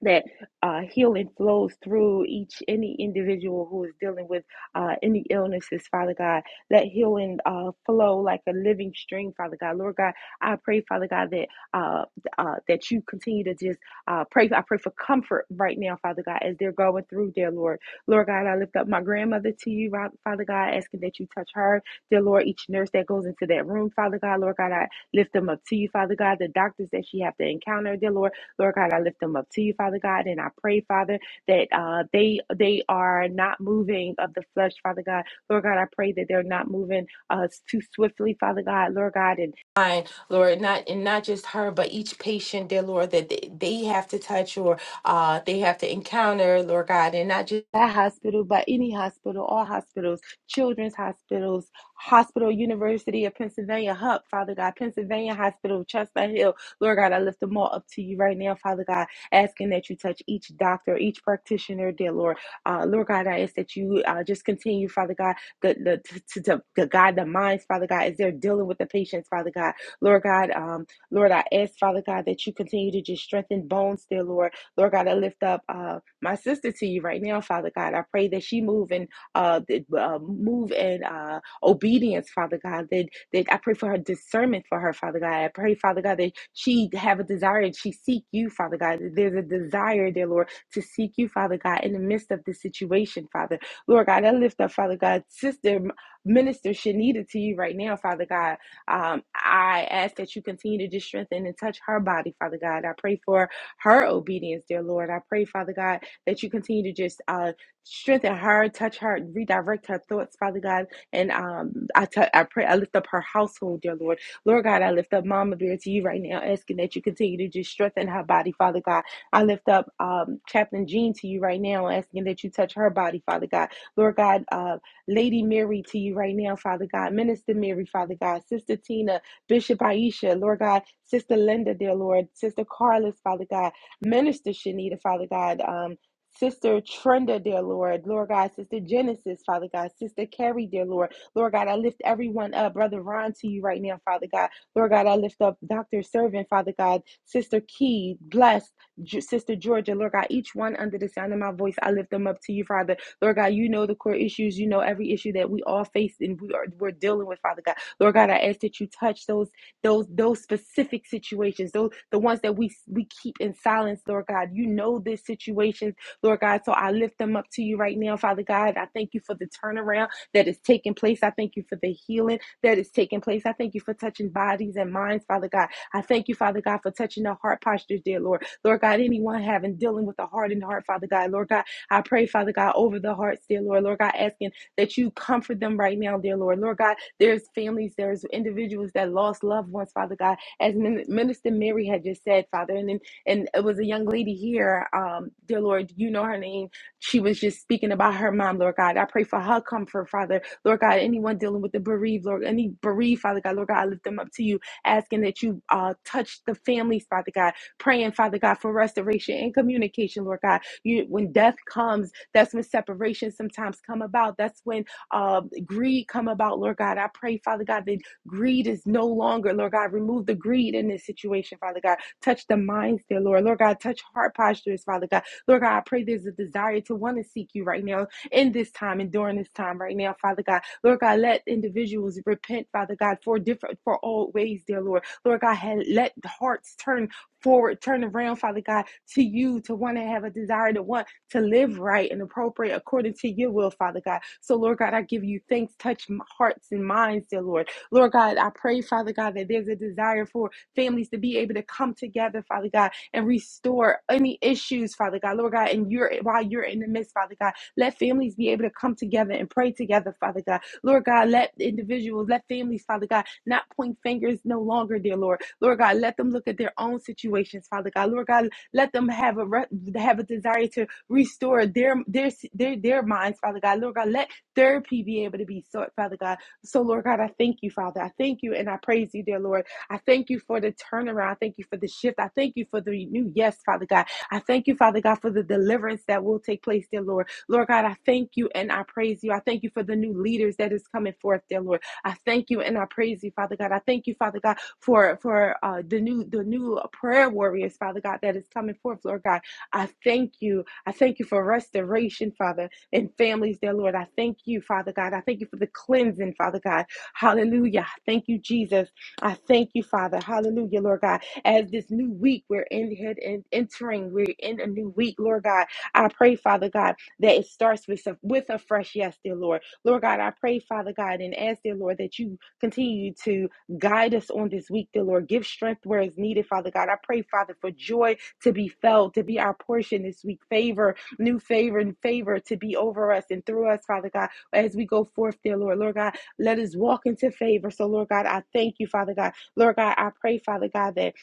that uh, healing flows through each any individual who is dealing with uh, any illnesses, Father God. Let healing uh, flow like a living stream, Father God. Lord God, I pray, Father God, that uh, uh, that you continue to just uh, pray. I pray for comfort right now, Father God, as they're going through, dear Lord. Lord God, I lift up my grandmother to you, Father God, asking that you touch her, dear Lord. Each nurse that goes into that room, Father God, Lord God, I lift them up to you, Father God. The doctors that she have to encounter, dear Lord. Lord God, I lift them up to you, Father God, and I pray, Father, that uh, they they are not moving of the flesh, Father God. Lord God, I pray that they're not moving uh, too swiftly, Father God, Lord God, and mind, Lord, not and not just her, but each patient, dear Lord, that they, they have to touch or uh, they have to encounter, Lord God, and not just that hospital, but any hospital, all hospitals, children's hospitals, Hospital University of Pennsylvania, HUP, Father God, Pennsylvania Hospital, Chestnut Hill. Lord God, I lift them all up to you right now, Father God, asking that you touch each doctor, each practitioner, dear Lord. Uh, Lord God, I ask that you uh, just continue, Father God, the, the, to, to, to guide the minds, Father God, as they're dealing with the patients, Father God. Lord God, um, Lord, I ask, Father God, that you continue to just strengthen bones, dear Lord. Lord God, I lift up uh, my sister to you right now, Father God. I pray that she move and uh, uh, move and uh, obedience, Father God, that, that I pray for her discernment for her, Father God. I pray, Father God, that she have a desire and she seek you, Father God. There's a desire, dear Lord, to seek you, Father God, in the midst of this situation, Father. Lord God, I lift up, Father God, Sister Minister Shanita to you right now, Father God. Um, I ask that you continue to just strengthen and touch her body, Father God. I pray for her obedience, dear Lord. I pray, Father God, that you continue to just uh, strengthen her, touch her, redirect her thoughts, Father God and um, I t- I pray, I lift up her household, dear Lord. Lord God, I lift up Mama Bear to you right now, asking that you continue to just strengthen her body, Father God. I lift up um, Chaplain Jean to you right now, asking that you touch her body, Father God. Lord God, uh, Lady Mary to you right now, Father God. Minister Mary, Father God. Sister Tina, Bishop Aisha, Lord God. Sister Linda, dear Lord. Sister Carlos, Father God. Minister Shanita, Father God. um. Sister Trenda, dear Lord. Lord God, Sister Genesis, Father God. Sister Carrie, dear Lord. Lord God, I lift everyone up. Brother Ron to you right now, Father God. Lord God, I lift up Dr. Servant, Father God. Sister Key, blessed. Sister Georgia, Lord God, each one under the sound of my voice, I lift them up to you, Father. Lord God, you know the core issues. You know every issue that we all face and we are we're dealing with, Father God. Lord God, I ask that you touch those those those specific situations, those the ones that we we keep in silence, Lord God. You know this situation Lord God. So I lift them up to you right now, Father God. I thank you for the turnaround that is taking place. I thank you for the healing that is taking place. I thank you for touching bodies and minds, Father God. I thank you, Father God, for touching the heart postures, dear Lord. Lord God, anyone having dealing with a hardened heart, Father God. Lord God, I pray, Father God, over the hearts, dear Lord. Lord God, asking that you comfort them right now, dear Lord. Lord God, there's families, there's individuals that lost loved ones, Father God. As Minister Mary had just said, Father, and then and it was a young lady here, um, dear Lord, you know her name. She was just speaking about her mom, Lord God. I pray for her comfort, Father. Lord God, anyone dealing with the bereaved, Lord, any bereaved, Father God, Lord God, I lift them up to you, asking that you uh, touch the families, Father God, praying, Father God, for restoration and communication, Lord God. You, when death comes, that's when separation sometimes come about. That's when uh, greed come about, Lord God. I pray, Father God, that greed is no longer, Lord God, remove the greed in this situation, Father God. Touch the minds there, Lord. Lord God, touch heart postures, Father God. Lord God, I pray there's a desire to want to seek you right now in this time and during this time right now, Father God. Lord God, let individuals repent, Father God, for different, for all ways, dear Lord. Lord God, let the hearts turn forward, turn around, Father God, to you, to want to have a desire to want to live right and appropriate according to your will, Father God. So, Lord God, I give you thanks. Touch m- hearts and minds, dear Lord. Lord God, I pray, Father God, that there's a desire for families to be able to come together, Father God, and restore any issues, Father God, Lord God, and you're while you're in the midst, Father God, let families be able to come together and pray together, Father God, Lord God, let individuals, let families, Father God, not point fingers no longer, dear Lord, Lord God, let them look at their own situations, Father God, Lord God, let them have a re- have a desire to restore their their their their minds, Father God, Lord God, let therapy be able to be sought, Father God. So, Lord God, I thank you, Father, I thank you and I praise you, dear Lord. I thank you for the turnaround. I thank you for the shift. I thank you for the new yes, Father God. I thank you, Father God, for the deliverance that will take place, dear Lord. Lord God, I thank you and I praise you. I thank you for the new leaders that is coming forth, dear Lord. I thank you and I praise you, Father God. I thank you, Father God, for for uh, the new the new prayer warriors, Father God, that is coming forth, Lord God. I thank you. I thank you for restoration, Father, and families, dear Lord. I thank you, Father God. I thank you for the cleansing, Father God. Hallelujah. Thank you, Jesus. I thank you, Father. Hallelujah, Lord God. As this new week we're in head and entering, we're in a new week, Lord God. I pray, Father God, that it starts with a, with a fresh yes, dear Lord. Lord God, I pray, Father God, and ask, dear Lord, that you continue to guide us on this week, dear Lord. Give strength where it's needed, Father God. I pray, Father, for joy to be felt, to be our portion this week. Favor, new favor, and favor to be over us and through us, Father God, as we go forth, dear Lord. Lord God, let us walk into favor. So, Lord God, I thank you, Father God. Lord God, I pray, Father God, that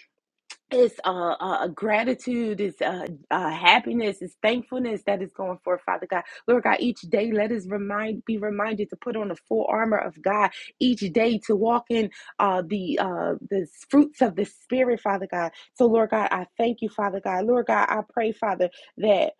it's uh, uh, gratitude, it's uh, uh, happiness, it's thankfulness that is going forth, Father God. Lord God, each day let us remind be reminded to put on the full armor of God each day to walk in uh, the uh, the fruits of the Spirit, Father God. So, Lord God, I thank you, Father God. Lord God, I pray, Father, that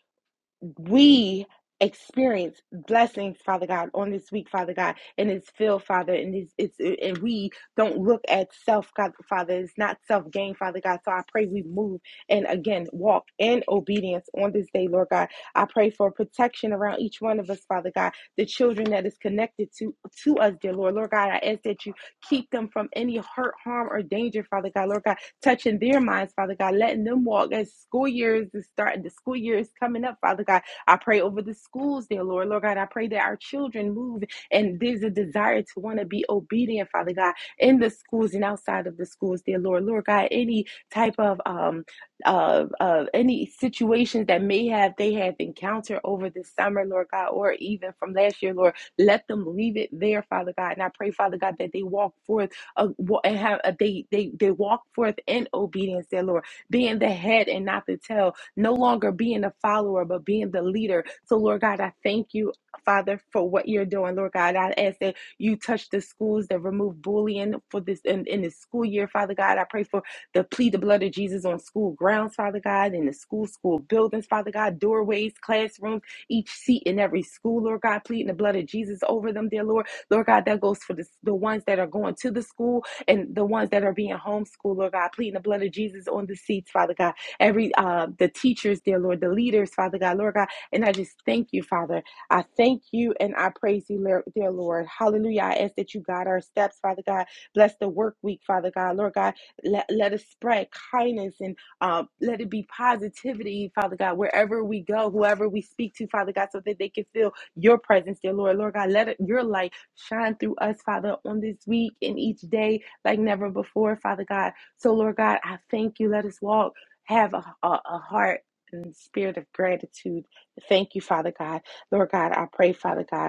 we experience blessings, Father God, on this week, Father God, and it's filled, Father, and it's, it's and we don't look at self, God, Father. It's not self gain, Father God. So I pray we move and again walk in obedience on this day, Lord God. I pray for protection around each one of us, Father God, the children that is connected to to us, dear Lord, Lord God. I ask that you keep them from any hurt, harm, or danger, Father God, Lord God, touching their minds, Father God, letting them walk as school years is starting, the school year is coming up, Father God. I pray over the schools dear Lord. Lord God, I pray that our children move and there's a desire to want to be obedient, Father God, in the schools and outside of the schools, dear Lord. Lord God, any type of um of of any situations that may have they have encountered over this summer, Lord God, or even from last year, Lord, let them leave it there, Father God. And I pray, Father God, that they walk forth uh, and have uh, they they they walk forth in obedience, dear Lord, being the head and not the tail, no longer being a follower, but being the leader. So, Lord God, I thank you, Father, for what you're doing. Lord God, I ask that you touch the schools that remove bullying for this in, in this school year, Father God. I pray for the plea, the blood of Jesus on school grounds, Father God, in the school, school buildings, Father God, doorways, classrooms, each seat in every school, Lord God, pleading the blood of Jesus over them, dear Lord. Lord God, that goes for the, the ones that are going to the school and the ones that are being homeschooled, Lord God, pleading the blood of Jesus on the seats, Father God every uh, the teachers, dear Lord, the leaders, Father God, Lord God, and I just thank you, Father. I thank you and I praise you, dear Lord. Hallelujah. I ask that you guide our steps, Father God. Bless the work week, Father God, Lord God. Let, let us spread kindness and uh, let it be positivity, Father God, wherever we go, whoever we speak to, Father God, so that they can feel your presence, dear Lord. Lord God, let it, your light shine through us, Father, on this week and each day like never before, Father God. So, Lord God, I thank you. Let us walk have a, a, a heart and spirit of gratitude. Thank you, Father God. Lord God, I pray, Father God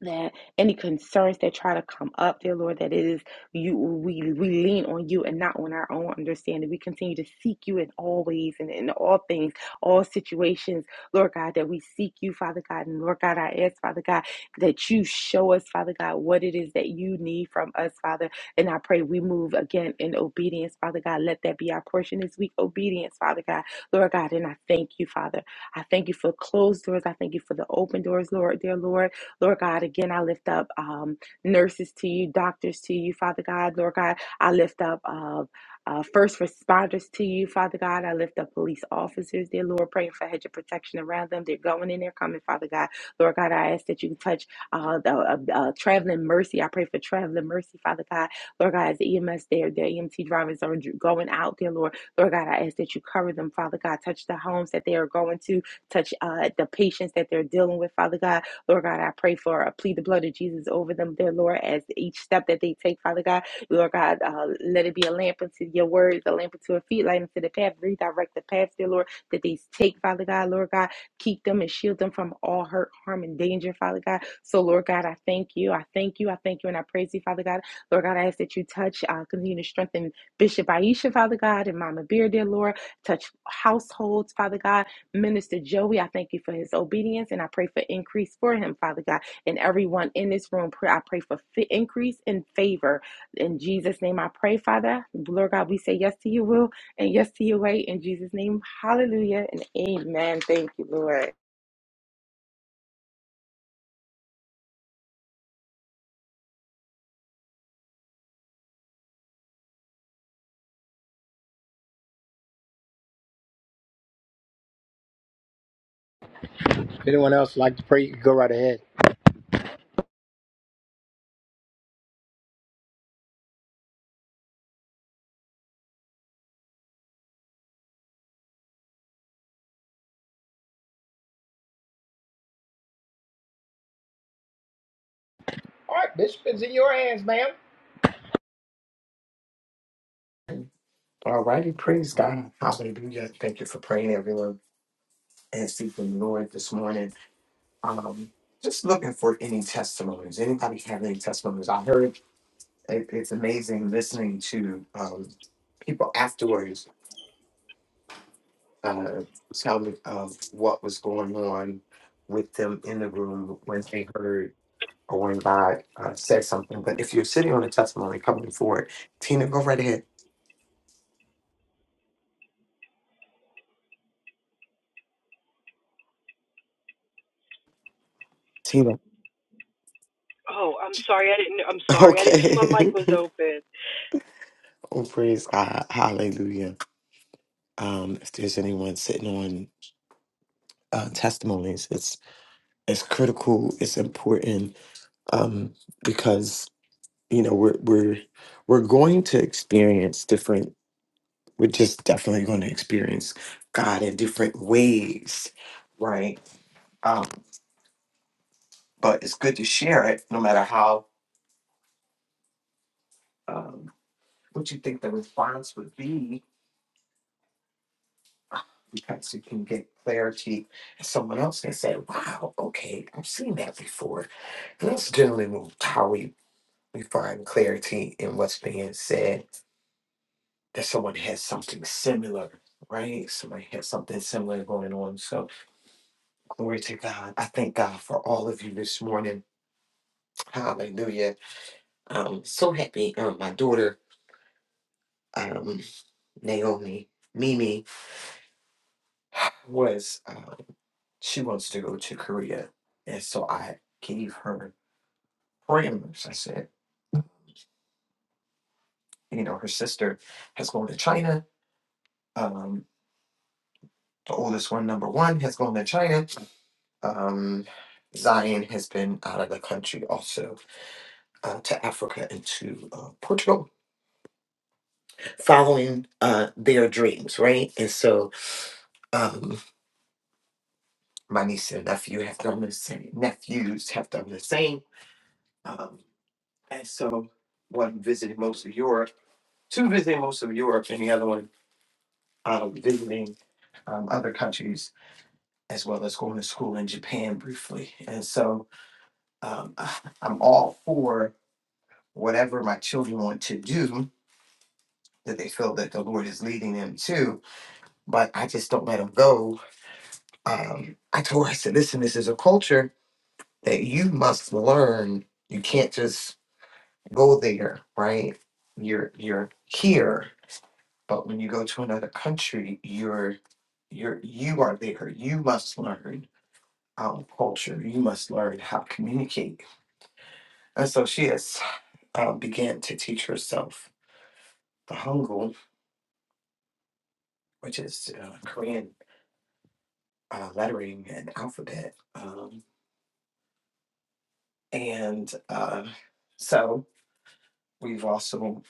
that any concerns that try to come up, dear Lord, that it is you we we lean on you and not on our own understanding. We continue to seek you in all ways and in all things, all situations, Lord God, that we seek you, Father God, and Lord God, I ask, Father God, that you show us, Father God, what it is that you need from us, Father. And I pray we move again in obedience, Father God. Let that be our portion this week. Obedience, Father God. Lord God, and I thank you, Father. I thank you for closed doors. I thank you for the open doors, Lord, dear Lord. Lord God, again, I lift up um, nurses to you, doctors to you, Father God. Lord God, I lift up uh, uh, first responders to you, Father God. I lift up police officers, dear Lord, praying for a hedge of protection around them. They're going in, they're coming, Father God. Lord God, I ask that you touch uh, the, uh, uh, traveling mercy. I pray for traveling mercy, Father God. Lord God, as the EMS there, the EMT drivers are going out, dear Lord. Lord God, I ask that you cover them, Father God. Touch the homes that they are going to, touch uh, the patients that they're dealing with, Father God. Lord God, I pray for, I plead the blood of Jesus over them, dear Lord, as each step that they take, Father God. Lord God, uh, let it be a lamp unto your words, a lamp unto our feet, light unto the path, redirect the path, dear Lord, that they take, Father God, Lord God, keep them and shield them from all hurt, harm, and danger, Father God. So, Lord God, I thank you, I thank you, I thank you, and I praise you, Father God. Lord God, I ask that you touch, uh, continue to strengthen Bishop Aisha, Father God, and Mama Beard, dear Lord, touch households, Father God. Minister Joey, I thank you for his obedience and I pray for increase for him, Father God. And everyone in this room, pray, I pray for fi- increase and favor. In Jesus' name, I pray, Father. Lord God, we say yes to your will and yes to your way. In Jesus' name, hallelujah and amen. Thank you, Lord. Anyone else like to pray? Go right ahead. All righty, praise God. Hallelujah. Thank you for praying, everyone, and seeking the Lord this morning. Um, just looking for any testimonies. Anybody have any testimonies? I heard it, it's amazing listening to um, people afterwards uh, tell me of what was going on with them in the room when they heard or when God uh, said something. But if you're sitting on a testimony, coming forward, Tina, go right ahead. Tina. Oh, I'm sorry. I didn't. I'm sorry. I didn't know my Okay. mic was open. Oh, praise God. Hallelujah. Um, if there's anyone sitting on uh, testimonies, it's it's critical, it's important, um, because you know, we're we're we're going to experience different we're just definitely going to experience God in different ways, right? Um, but it's good to share it no matter how um what you think the response would be because you can get clarity. Someone else can say, Wow, okay, I've seen that before And That's generally how we, we find clarity in what's being said, that someone has something similar, right? Somebody has something similar going on. So, glory to God. I thank God for all of you this morning. Hallelujah. I'm so happy. Um, my daughter, um, Naomi, Mimi, was, uh, she wants to go to Korea. And so I gave her parameters. I said, you know, her sister has gone to China. Um, The oldest one, number one, has gone to China. Um, Zion has been out of the country also uh, to Africa and to uh, Portugal, following uh, their dreams, right? And so um, my niece and nephew have done the same. Nephews have done the same. Um, and so one visited most of Europe, two visiting most of Europe, and the other one um, visiting um, other countries as well as going to school in Japan briefly. And so um, I'm all for whatever my children want to do that they feel that the Lord is leading them to, but I just don't let them go. Um, I told her, I said, listen, this is a culture that you must learn. You can't just go there, right? You're you're here, but when you go to another country, you're you're you are there. You must learn um, culture. You must learn how to communicate. And so she has uh, began to teach herself the Hangul, which is uh, Korean uh, lettering and alphabet. Um, and uh, so we've also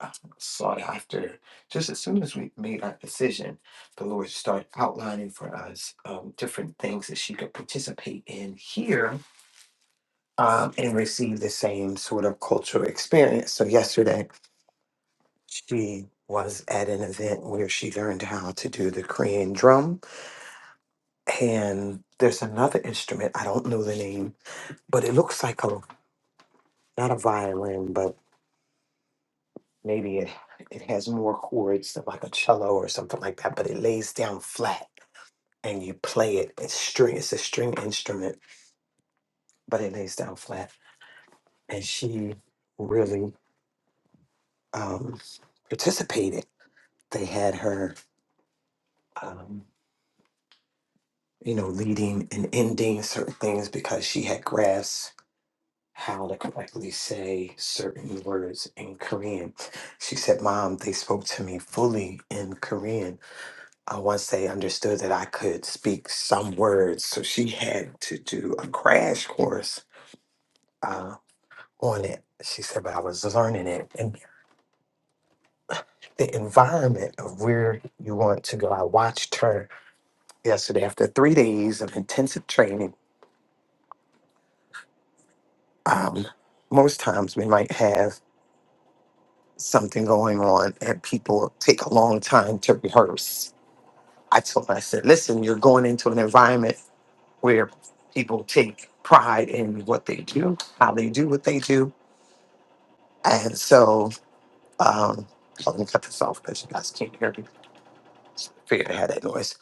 uh, sought after, just as soon as we made our decision, the Lord started outlining for us um, different things that she could participate in here um, and receive the same sort of cultural experience. So yesterday, she was at an event where she learned how to do the Korean drum. And there's another instrument, I don't know the name, but it looks like a not a violin, but maybe it, it has more chords than like a cello or something like that, but it lays down flat and you play it. It's string, it's a string instrument, but it lays down flat. And she really um, participated. They had her, um, you know, leading and ending certain things because she had grasped how to correctly say certain words in Korean. She said, Mom, they spoke to me fully in Korean uh, once they understood that I could speak some words, so she had to do a crash course uh, on it. She said, but I was learning it. And the environment of where you want to go, I watched her yesterday after three days of intensive training. Um, most times we might have something going on and people take a long time to rehearse. I told her, I said, listen, you're going into an environment where people take pride in what they do, how they do what they do. And so, um, I'm gonna cut this off because you guys can't hear me. Figured I had that noise.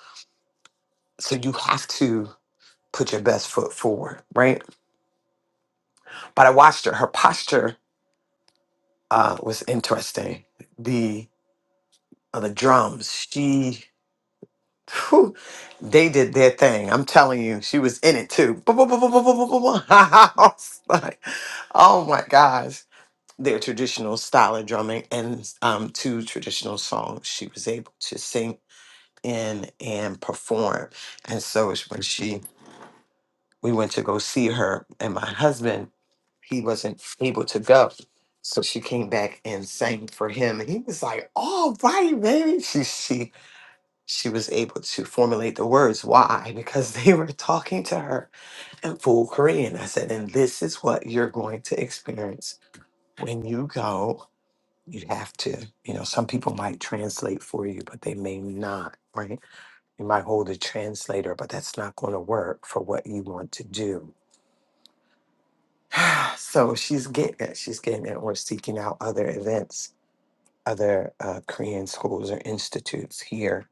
So you have to put your best foot forward, right? But I watched her. Her posture uh, was interesting. The uh, the drums, she, whew, they did their thing. I'm telling you, she was in it too. I was like, oh my gosh their traditional style of drumming and um, two traditional songs she was able to sing in and perform. And so it's when she we went to go see her and my husband, he wasn't able to go. So she came back and sang for him. And he was like, all right, baby. She she she was able to formulate the words. Why? Because they were talking to her in full Korean. I said, and this is what you're going to experience when you go you have to you know some people might translate for you but they may not right you might hold a translator but that's not going to work for what you want to do so she's getting it she's getting it we're seeking out other events other uh, korean schools or institutes here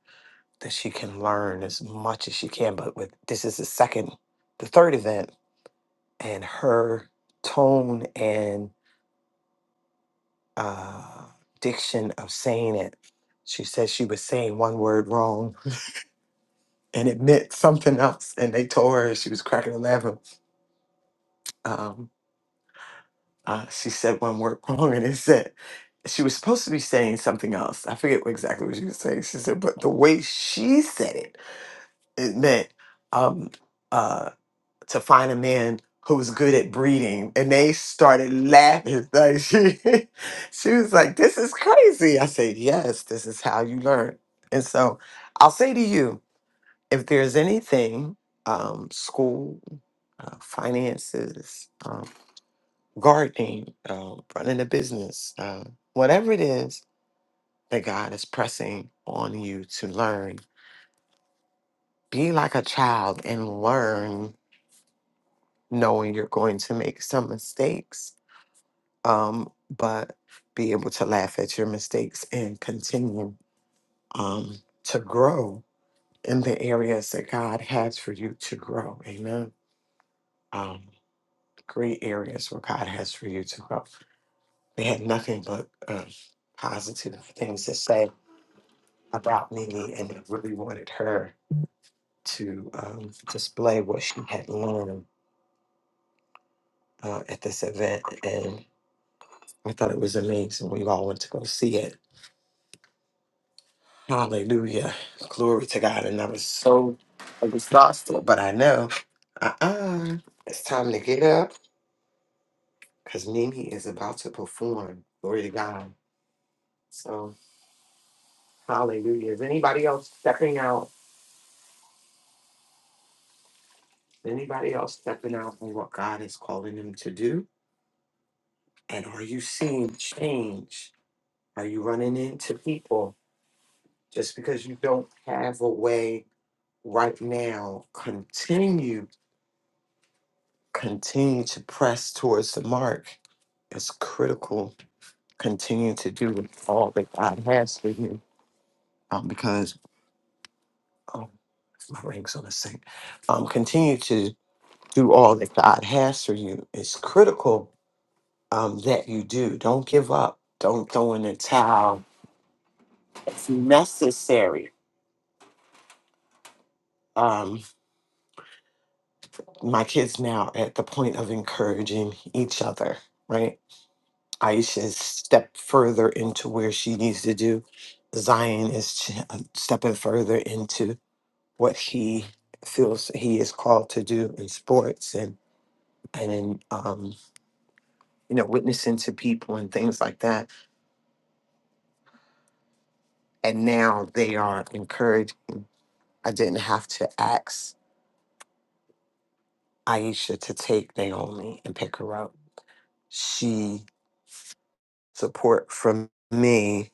that she can learn as much as she can but with this is the second the third event and her tone and uh, diction of saying it she says she was saying one word wrong and it meant something else. And they told her she was cracking 11. Um, uh, she said one word wrong, and it said she was supposed to be saying something else. I forget what exactly what she was saying. She said, but the way she said it, it meant um, uh, to find a man who was good at breeding. And they started laughing. Like she, she was like, this is crazy. I said, yes, this is how you learn. And so I'll say to you, if there's anything, um, school, uh, finances, um, gardening, um, running a business, uh, whatever it is that God is pressing on you to learn, be like a child and learn, knowing you're going to make some mistakes, um, but be able to laugh at your mistakes and continue um, to grow in the areas that God has for you to grow. Amen. Um, great areas where God has for you to grow. They had nothing but um, positive things to say about Nene, and they really wanted her to um, display what she had learned uh, at this event. And I thought it was amazing. We all went to go see it. Hallelujah. Glory to God. And I was so exhausted, but I know uh uh it's time to get up because Nene is about to perform. Glory to God. So. Hallelujah. Is anybody else stepping out? Anybody else stepping out on what God is calling them to do? And are you seeing change? Are you running into people just because you don't have a way right now? Continue, continue to press towards the mark. It's critical. Continue to do all that God has for you. Um, because oh, my ring's on the sink. Um, continue to do all that God has for you. It's critical um, that you do. Don't give up. Don't throw in the towel. It's necessary. Um, my kids now at the point of encouraging each other, right? Aisha's stepped further into where she needs to do. Zion is ch- uh, stepping further into what he feels he is called to do in sports and and in um, you know witnessing to people and things like that. And now they are encouraged. I didn't have to ask Aisha to take Naomi and pick her up. She support from me,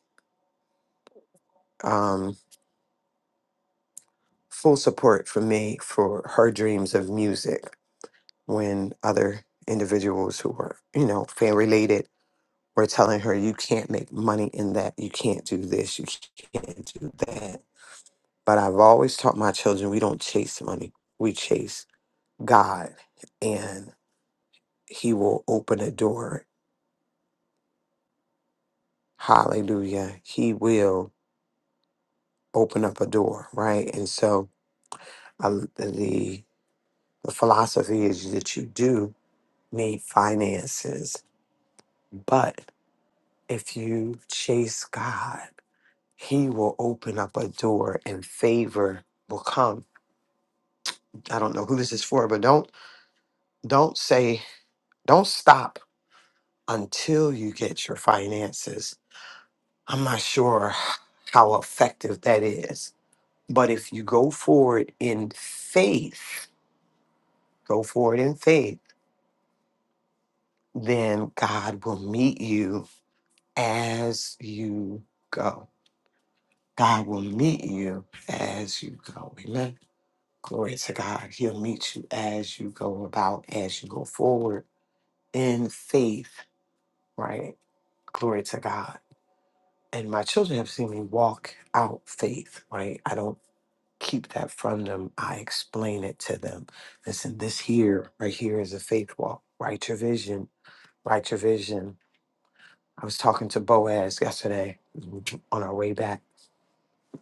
um, full support from me for her dreams of music when other individuals who were, you know, fan related were telling her, you can't make money in that, you can't do this, you can't do that. But I've always taught my children we don't chase money, we chase God, and He will open a door. Hallelujah. He will. open up a door, right? And so I, the the philosophy is that you do need finances, but if you chase God, He will open up a door and favor will come. I don't know who this is for, but don't don't say don't stop until you get your finances. I'm not sure how effective that is, but if you go forward in faith, go forward in faith then God will meet you as you go. God will meet you as you go. Amen. Glory to God. He'll meet you as you go about, as you go forward in faith, right? Glory to God. And my children have seen me walk out faith, right? I don't keep that from them. I explain it to them. Listen, this here, right here is a faith walk. Write your vision. Write your vision I was talking to Boaz yesterday on our way back.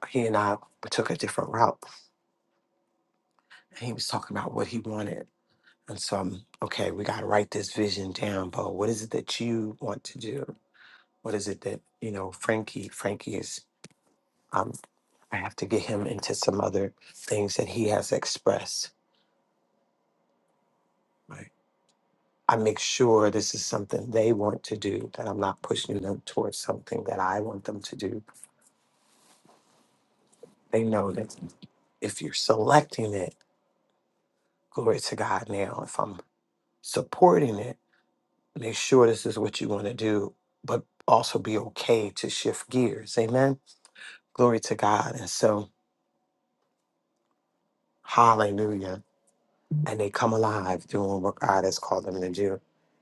He and I took a different route, and he was talking about what he wanted. And so, I'm, okay, we got to write this vision down, Bo. What is it that you want to do? What is it that you know, Frankie? Frankie is. Um, I have to get him into some other things that he has expressed. Right. I make sure this is something they want to do. That I'm not pushing them towards something that I want them to do. They know that if you're selecting it glory to God now. If I'm supporting it, make sure this is what you want to do, but also be okay to shift gears. Amen. Glory to God. And so, hallelujah. And they come alive doing what God has called them to do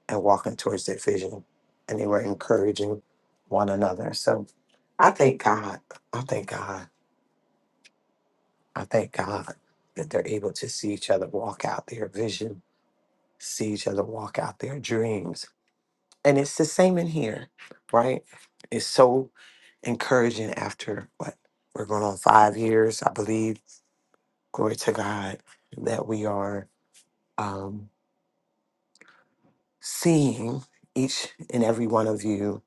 and walking towards their vision. And they were encouraging one another. So I thank God. I thank God. I thank God that they're able to see each other walk out their vision, see each other walk out their dreams And it's the same in here, right? It's so encouraging after what we're going on five years, I believe. Glory to God that we are um, seeing each and every one of you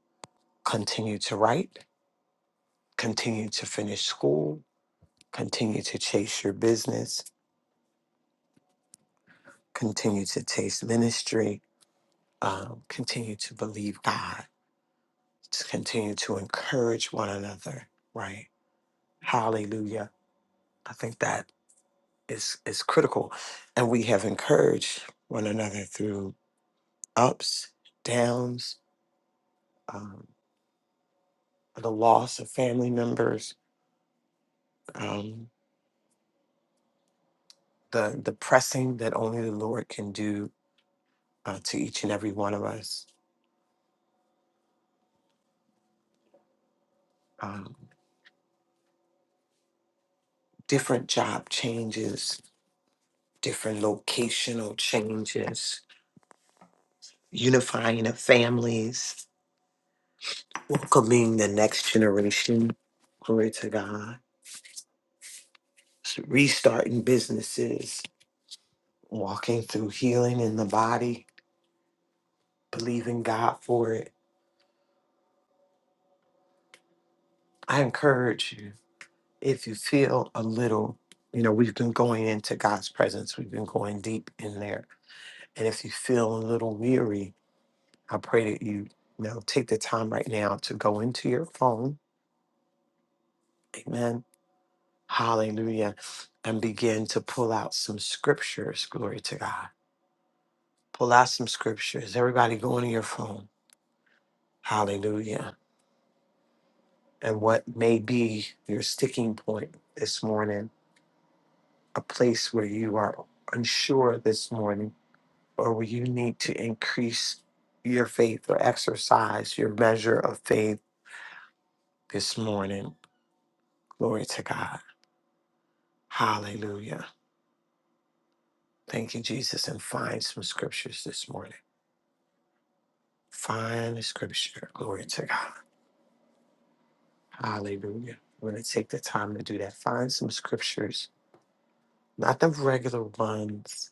continue to write, continue to finish school, continue to chase your business, continue to chase ministry, um, continue to believe God, to continue to encourage one another, right? Hallelujah. I think that. is is critical and we have encouraged one another through ups downs um, the loss of family members um, the the pressing that only the lord can do uh, to each and every one of us um, different job changes different locational changes unifying of families welcoming the next generation glory to god restarting businesses walking through healing in the body, believing God for it. I encourage you, if you feel a little, you know, we've been going into God's presence, we've been going deep in there. And if you feel a little weary, I pray that you, you know, take the time right now to go into your phone. Amen. Hallelujah. And begin to pull out some scriptures. Glory to God. Pull out some scriptures. Everybody go into your phone. Hallelujah. and what may be your sticking point this morning, a place where you are unsure this morning, or where you need to increase your faith or exercise your measure of faith this morning. Glory to God. Hallelujah. Thank you, Jesus. And find some scriptures this morning. Find a scripture. Glory to God. Hallelujah. We're going to take the time to do that. Find some scriptures, not the regular ones,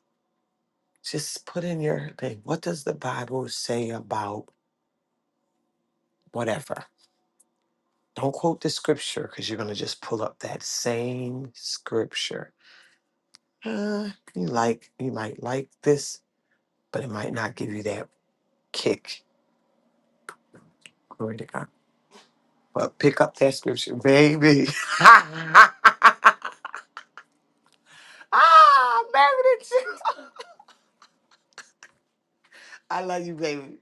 Just put in your thing. What does the Bible say about whatever? Don't quote the scripture because you're gonna just pull up that same scripture. Uh, you like you might like this, but it might not give you that kick. Glory to God. But pick up that scripture, baby. ah, baby, the Jesus. I love you, baby.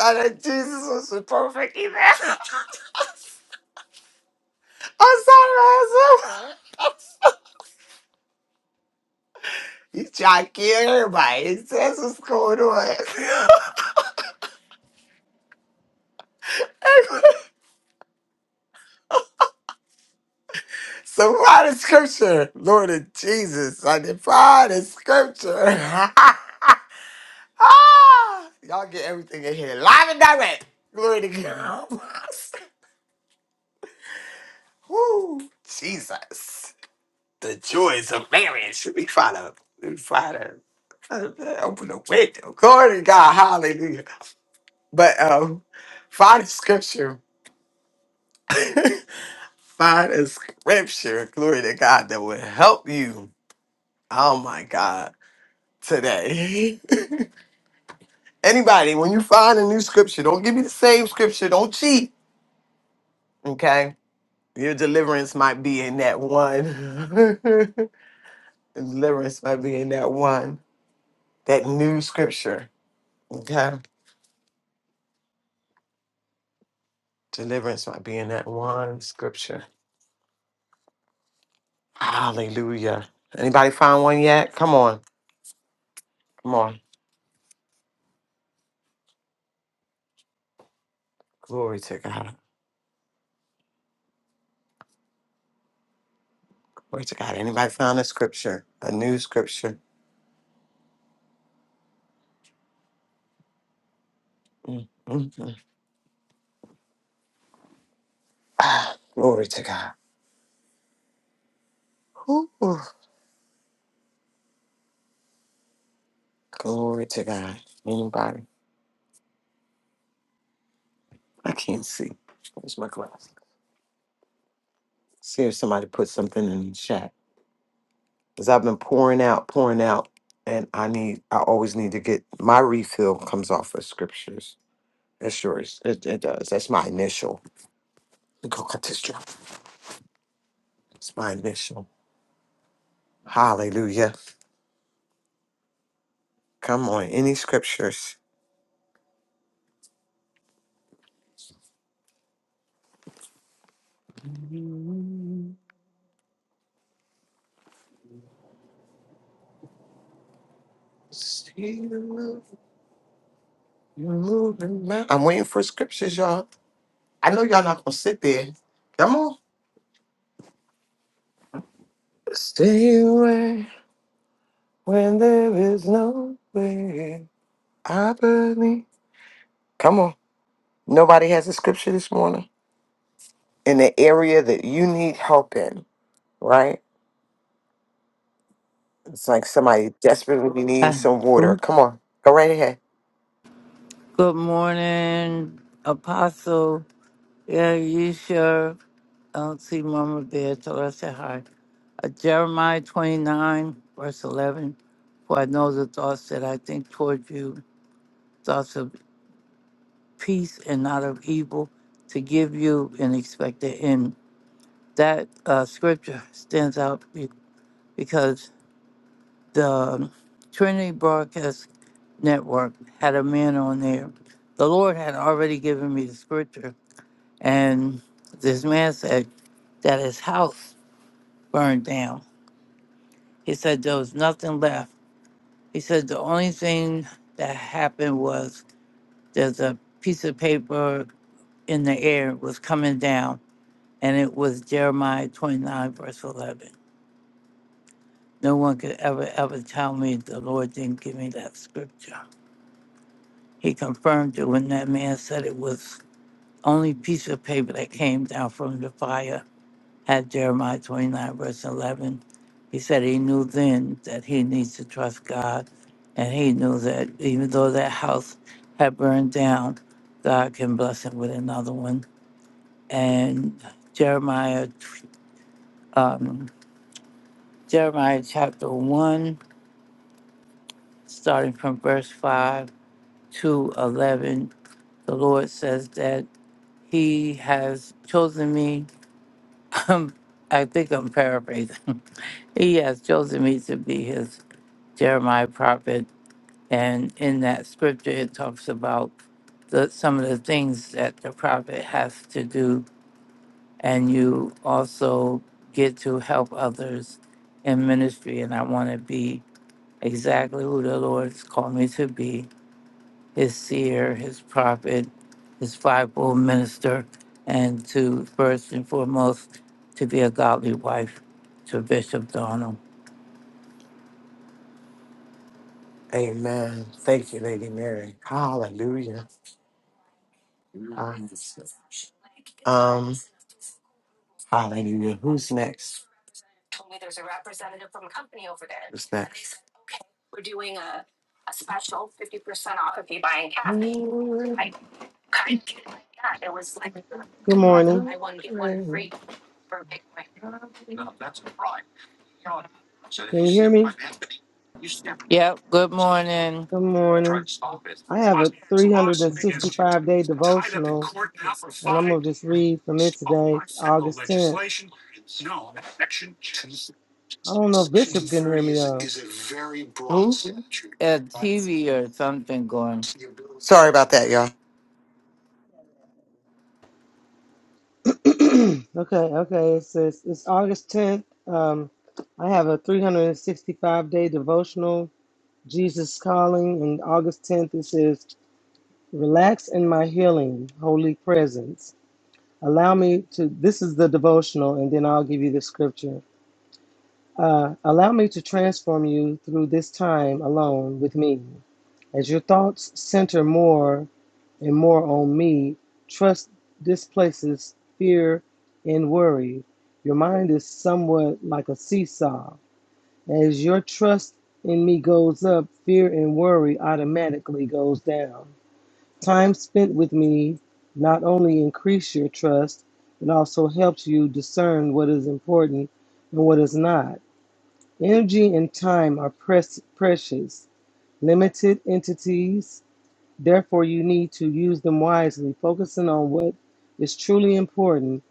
I know Jesus was the perfect event. I'm sorry, Isaac. He's trying to kill everybody. He says what's going on. so why the scripture, Lord of Jesus, I defy the scripture. Ah, Y'all get everything in here live and direct. Glory to God. Woo, Jesus. The joys of marriage. Let me try to, let me try to, try to open the window. Glory to God. Hallelujah. But um, find the scripture. Find a scripture, glory to God, that will help you. Oh my God, today. Anybody, when you find a new scripture, don't give me the same scripture. Don't cheat, okay? Your deliverance might be in that one. deliverance might be in that one, that new scripture, okay? Deliverance might be in that one scripture. Hallelujah. Anybody find one yet? Come on. Come on. Glory to God. Glory to God. Anybody found a scripture? A new scripture? Mm, mm, mm. Ah, glory to God. Ooh, ooh. glory to God. Anybody? I can't see. Where's my glass? See if somebody put something in the chat. Because I've been pouring out, pouring out, and I need, I always need to get, my refill comes off of scriptures. That's yours. It, it does. That's my initial. Let me go cut this drop. It's my initial. Hallelujah. Come on. Any scriptures? See you move- you moving now. I'm waiting for scriptures, y'all. I know y'all not gonna sit there. Come on. Stay away when there is no way. I believe. Come on. Nobody has a scripture this morning in the area that you need help in, right? It's like somebody desperately Uh, needs some water. ooh. Come on. Go right ahead. Good morning, Apostle. Yeah, you sure. I don't see Mama there, so I said hi. Uh, Jeremiah 29, verse 11. For I know the thoughts that I think toward you, thoughts of peace and not of evil, to give you an expected end. That uh, scripture stands out be- because the Trinity broadcast network had a man on there. The Lord had already given me the scripture, and this man said that his house burned down. He said there was nothing left. He said the only thing that happened was there's a piece of paper in the air was coming down, and it was Jeremiah 29, verse 11. No one could ever, ever tell me the Lord didn't give me that scripture. He confirmed it when that man said it was Only piece of paper that came down from the fire had Jeremiah 29, verse 11. He said he knew then that he needs to trust God. And he knew that even though that house had burned down, God can bless him with another one. And Jeremiah, um, Jeremiah chapter 1, starting from verse 5 to 11, the Lord says that he has chosen me. I think I'm paraphrasing. Yes, Joseph needs to be his Jeremiah prophet. And in that scripture, it talks about the, some of the things that the prophet has to do. And you also get to help others in ministry. And I want to be exactly who the Lord's called me to be his seer, his prophet, his fivefold minister, and to first and foremost, to be a godly wife to Bishop Donald. Amen. Thank you, Lady Mary. Hallelujah. Um, hallelujah. Who's next? What's next? Good morning. Can you hear me? Yep, good morning. Good morning. I have a 365 day devotional, and I'm going to just read from it today, August 10th. I don't know if Bishop can hear me though. Hmm? a TV or something going, Sorry about that, y'all. okay, okay. It says it's August 10th. Um, I have a 365 day devotional, Jesus Calling, and August 10th it says, Relax in my healing, holy presence. Allow me to, this is the devotional, and then I'll give you the scripture. Uh, allow me to transform you through this time alone with me. As your thoughts center more and more on me, trust displaces fear and worry. Your mind is somewhat like a seesaw. As your trust in me goes up, fear and worry automatically goes down. Time spent with me not only increase your trust, it also helps you discern what is important and what is not. Energy and time are precious, limited entities. Therefore, you need to use them wisely, focusing on what is truly important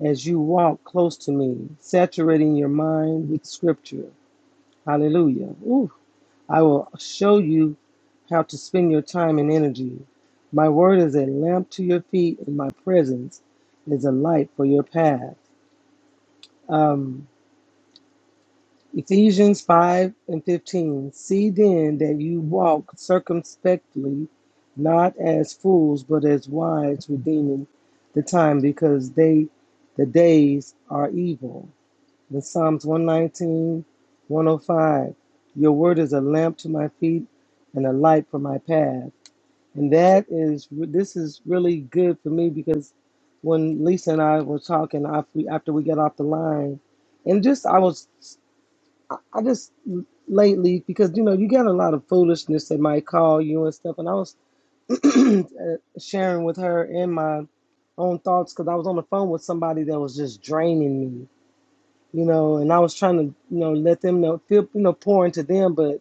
as you walk close to me, saturating your mind with scripture. Hallelujah. Ooh, I will show you how to spend your time and energy. My word is a lamp to your feet, and my presence is a light for your path. Um, Ephesians 5 and 15. See then that you walk circumspectly, not as fools, but as wise, redeeming the time, because they the days are evil. The Psalms 119, 105. Your word is a lamp to my feet and a light for my path. And that is, this is really good for me because when Lisa and I were talking after we, after we got off the line, and just I was I, I just lately because you know you got a lot of foolishness that might call you and stuff, and I was uh, sharing with her and my own thoughts because I was on the phone with somebody that was just draining me, you know, and I was trying to you know let them know feel you know pour into them, but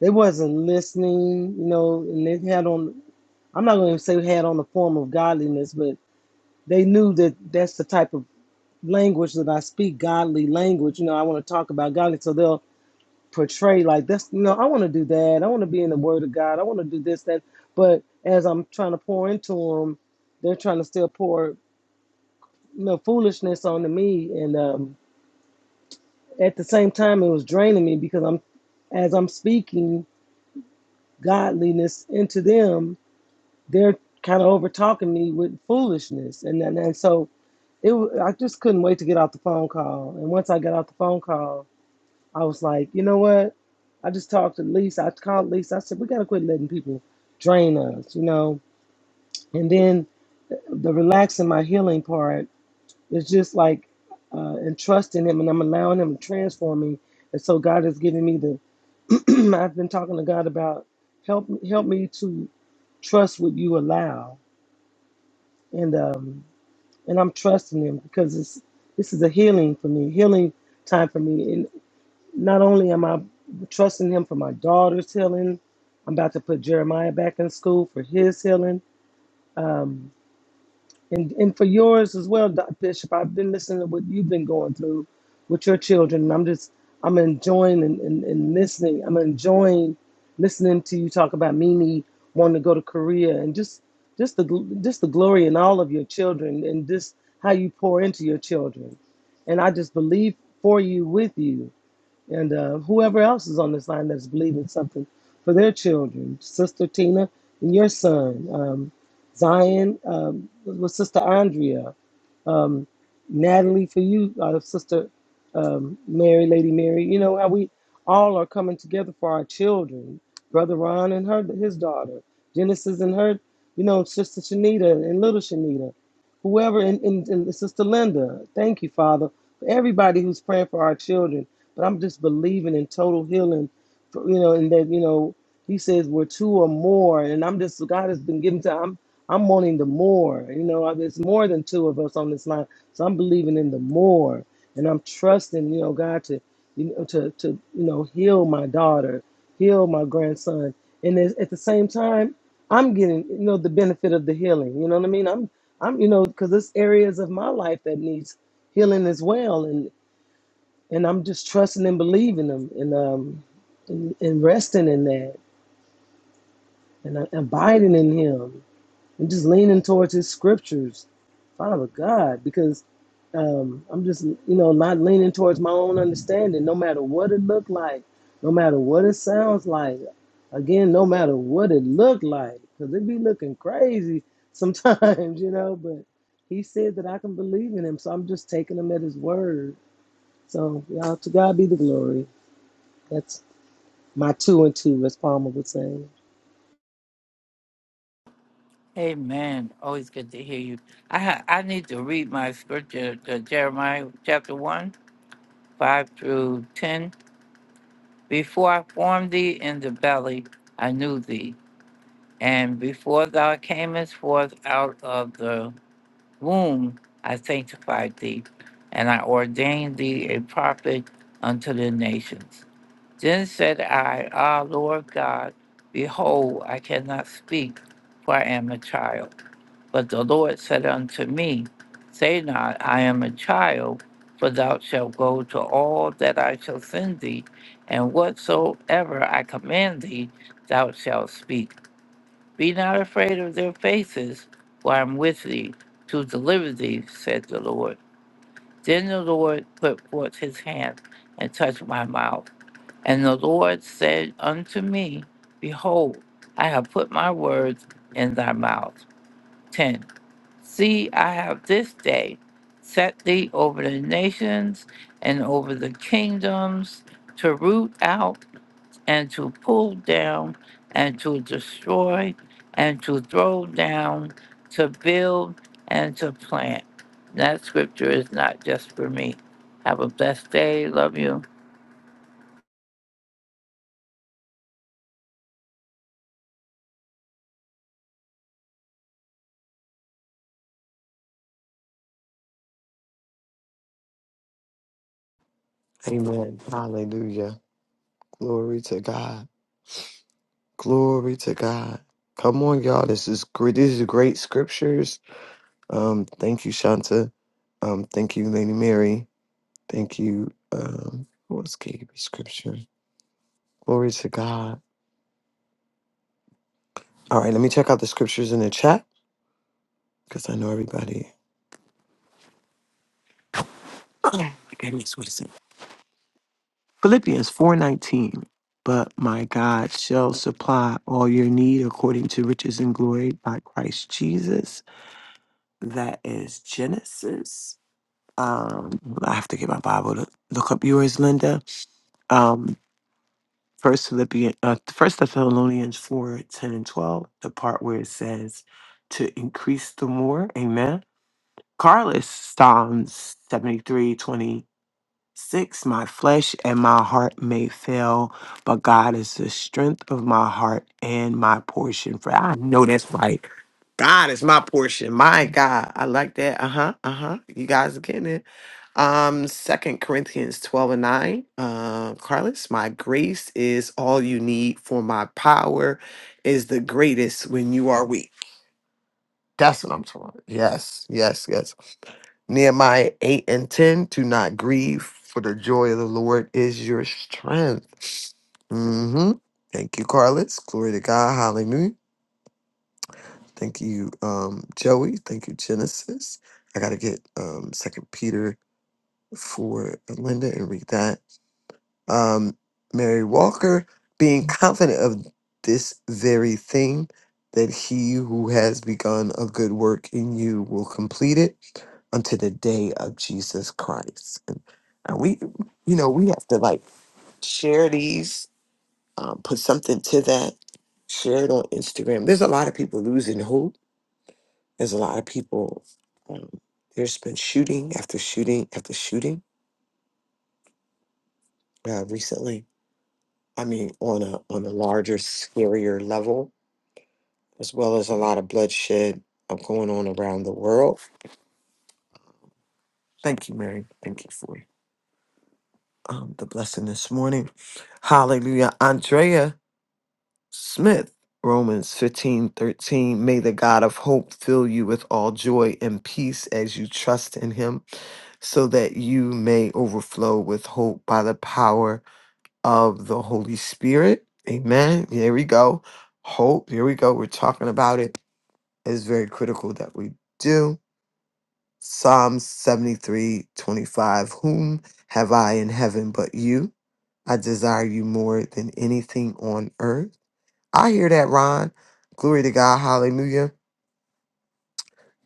they wasn't listening, you know, and they had on I'm not going to say had on the form of godliness, but they knew that that's the type of language that I speak, godly language. You know, I want to talk about godly, so they'll portray like this you know i want to do that i want to be in the word of god i want to do this that but as i'm trying to pour into them they're trying to still pour you know foolishness onto me and um, at the same time it was draining me because i'm as i'm speaking godliness into them they're kind of over talking me with foolishness and, and and so it wa- i just couldn't wait to get off the phone call and once i got off the phone call I was like, you know what? I just talked to Lisa. I called Lisa. I said, we got to quit letting people drain us, you know? And then the relaxing my healing part is just like uh, entrusting Him and I'm allowing Him to transform me. And so God has given me the, I've been talking to God about help, help me to trust what you allow. And, um, and I'm trusting Him because it's, this is a healing for me, healing time for me. Not only am I trusting him for my daughter's healing, I'm about to put Jeremiah back in school for his healing, um, and and for yours as well, Doc Bishop. I've been listening to what you've been going through with your children, and I'm just I'm enjoying and, and, and listening. I'm enjoying listening to you talk about Mimi wanting to go to Korea and just just the gl- just the glory in all of your children and just how you pour into your children, and I just believe for you with you and uh, whoever else is on this line that's believing something for their children, Sister Tina and your son, um, Zion, um, with Sister Andrea um, Natalie, for you, uh, Sister um, Mary, Lady Mary. You know how we all are coming together for our children. Brother Ron and her, his daughter, Genesis and her, you know, Sister Shanita and little Shanita, whoever, and, and, and Sister Linda. Thank you, Father, for everybody who's praying for our children. But I'm just believing in total healing, for, you know, and that you know. He says we're two or more, and I'm just God has been given to. I'm. I'm wanting the more. You know, there's more than two of us on this line, so I'm believing in the more, and I'm trusting, you know, God to, you know, to to you know heal my daughter, heal my grandson, and it's- at the same time, I'm getting you know the benefit of the healing. You know what I mean? I'm I'm you know because there's areas of my life that needs healing as well, and and I'm just trusting and believing Him, and um, and, and resting in that, and uh, abiding in Him. I'm just leaning towards his scriptures, Father God, because um, I'm just, you know, not leaning towards my own understanding, no matter what it looked like, no matter what it sounds like. Again, no matter what it looked like, because it be looking crazy sometimes, you know, but he said that I can believe in him, so I'm just taking him at his word. So, y'all, to God be the glory. That's my two and two, as Palmer would say. Amen. always good to hear you. I ha- I need to read my scripture, the Jeremiah chapter 1, 5 through 10. Before I formed thee in the belly, I knew thee. And before thou camest forth out of the womb, I sanctified thee. And I ordained thee a prophet unto the nations. Then said I, Ah, Lord God, behold, I cannot speak, for I am a child. But the Lord said unto me, Say not, I am a child, for thou shalt go to all that I shall send thee, and whatsoever I command thee, thou shalt speak. Be not afraid of their faces, for I am with thee to deliver thee, said the Lord. Then the Lord put forth his hand and touched my mouth. And the Lord said unto me, Behold, I have put my words in thy mouth. 10. See, I have this day set thee over the nations and over the kingdoms to root out and to pull down and to destroy and to throw down, to build and to plant. That scripture is not just for me. Have a blessed day. Love you. Amen. Hallelujah. Glory to God. Glory to God. Come on, y'all. This is great. These are great scriptures. Um, thank you, Shanta. Um, thank you, Lady Mary. Thank you. Um, who else gave me scripture? Glory to God. All right, let me check out the scriptures in the chat because I know everybody. Oh my goodness, what is it? Philippians 4:19. But my God shall supply all your need according to riches and glory by Christ Jesus. That is Genesis. Um, I have to get my Bible to look up yours, Linda. Um, First Philippians, uh, First Thessalonians 4 10 and 12, the part where it says to increase the more. Amen. Carlos, Psalms seventy three twenty. Six, my flesh and my heart may fail, but God is the strength of my heart and my portion. For I know that's right. God is my portion. My God. I like that. Uh-huh. Uh-huh. You guys are getting it. Um, Second Corinthians 12 and 9. Uh, Carlos, my grace is all you need, for my power is the greatest when you are weak. That's what I'm talking about. Yes, yes, yes. Nehemiah 8 and 10 do not grieve, for the joy of the Lord is your strength. hmm Thank you, Carlos. Glory to God. Hallelujah. Thank you, um, Joey. Thank you, Genesis. I gotta get um Second Peter for Linda and read that um, Mary Walker, being confident of this very thing, that he who has begun a good work in you will complete it unto the day of Jesus Christ. And, and we, you know, we have to like share these, um, put something to that, share it on Instagram. There's a lot of people losing hope. There's a lot of people, um, there's been shooting after shooting after shooting uh, recently I mean, on a on a larger, scarier level, as well as a lot of bloodshed uh, going on around the world. Thank you, Mary. Thank you for um, the blessing this morning. Hallelujah. Andrea Smith, Romans fifteen thirteen. May the God of hope fill you with all joy and peace as you trust in him so that you may overflow with hope by the power of the Holy Spirit. Amen. Here we go. Hope. Here we go. We're talking about it It is very critical that we do. Psalms 73 25. Whom have I in heaven but you? I desire you more than anything on earth. I hear that, Ron. Glory to God. Hallelujah.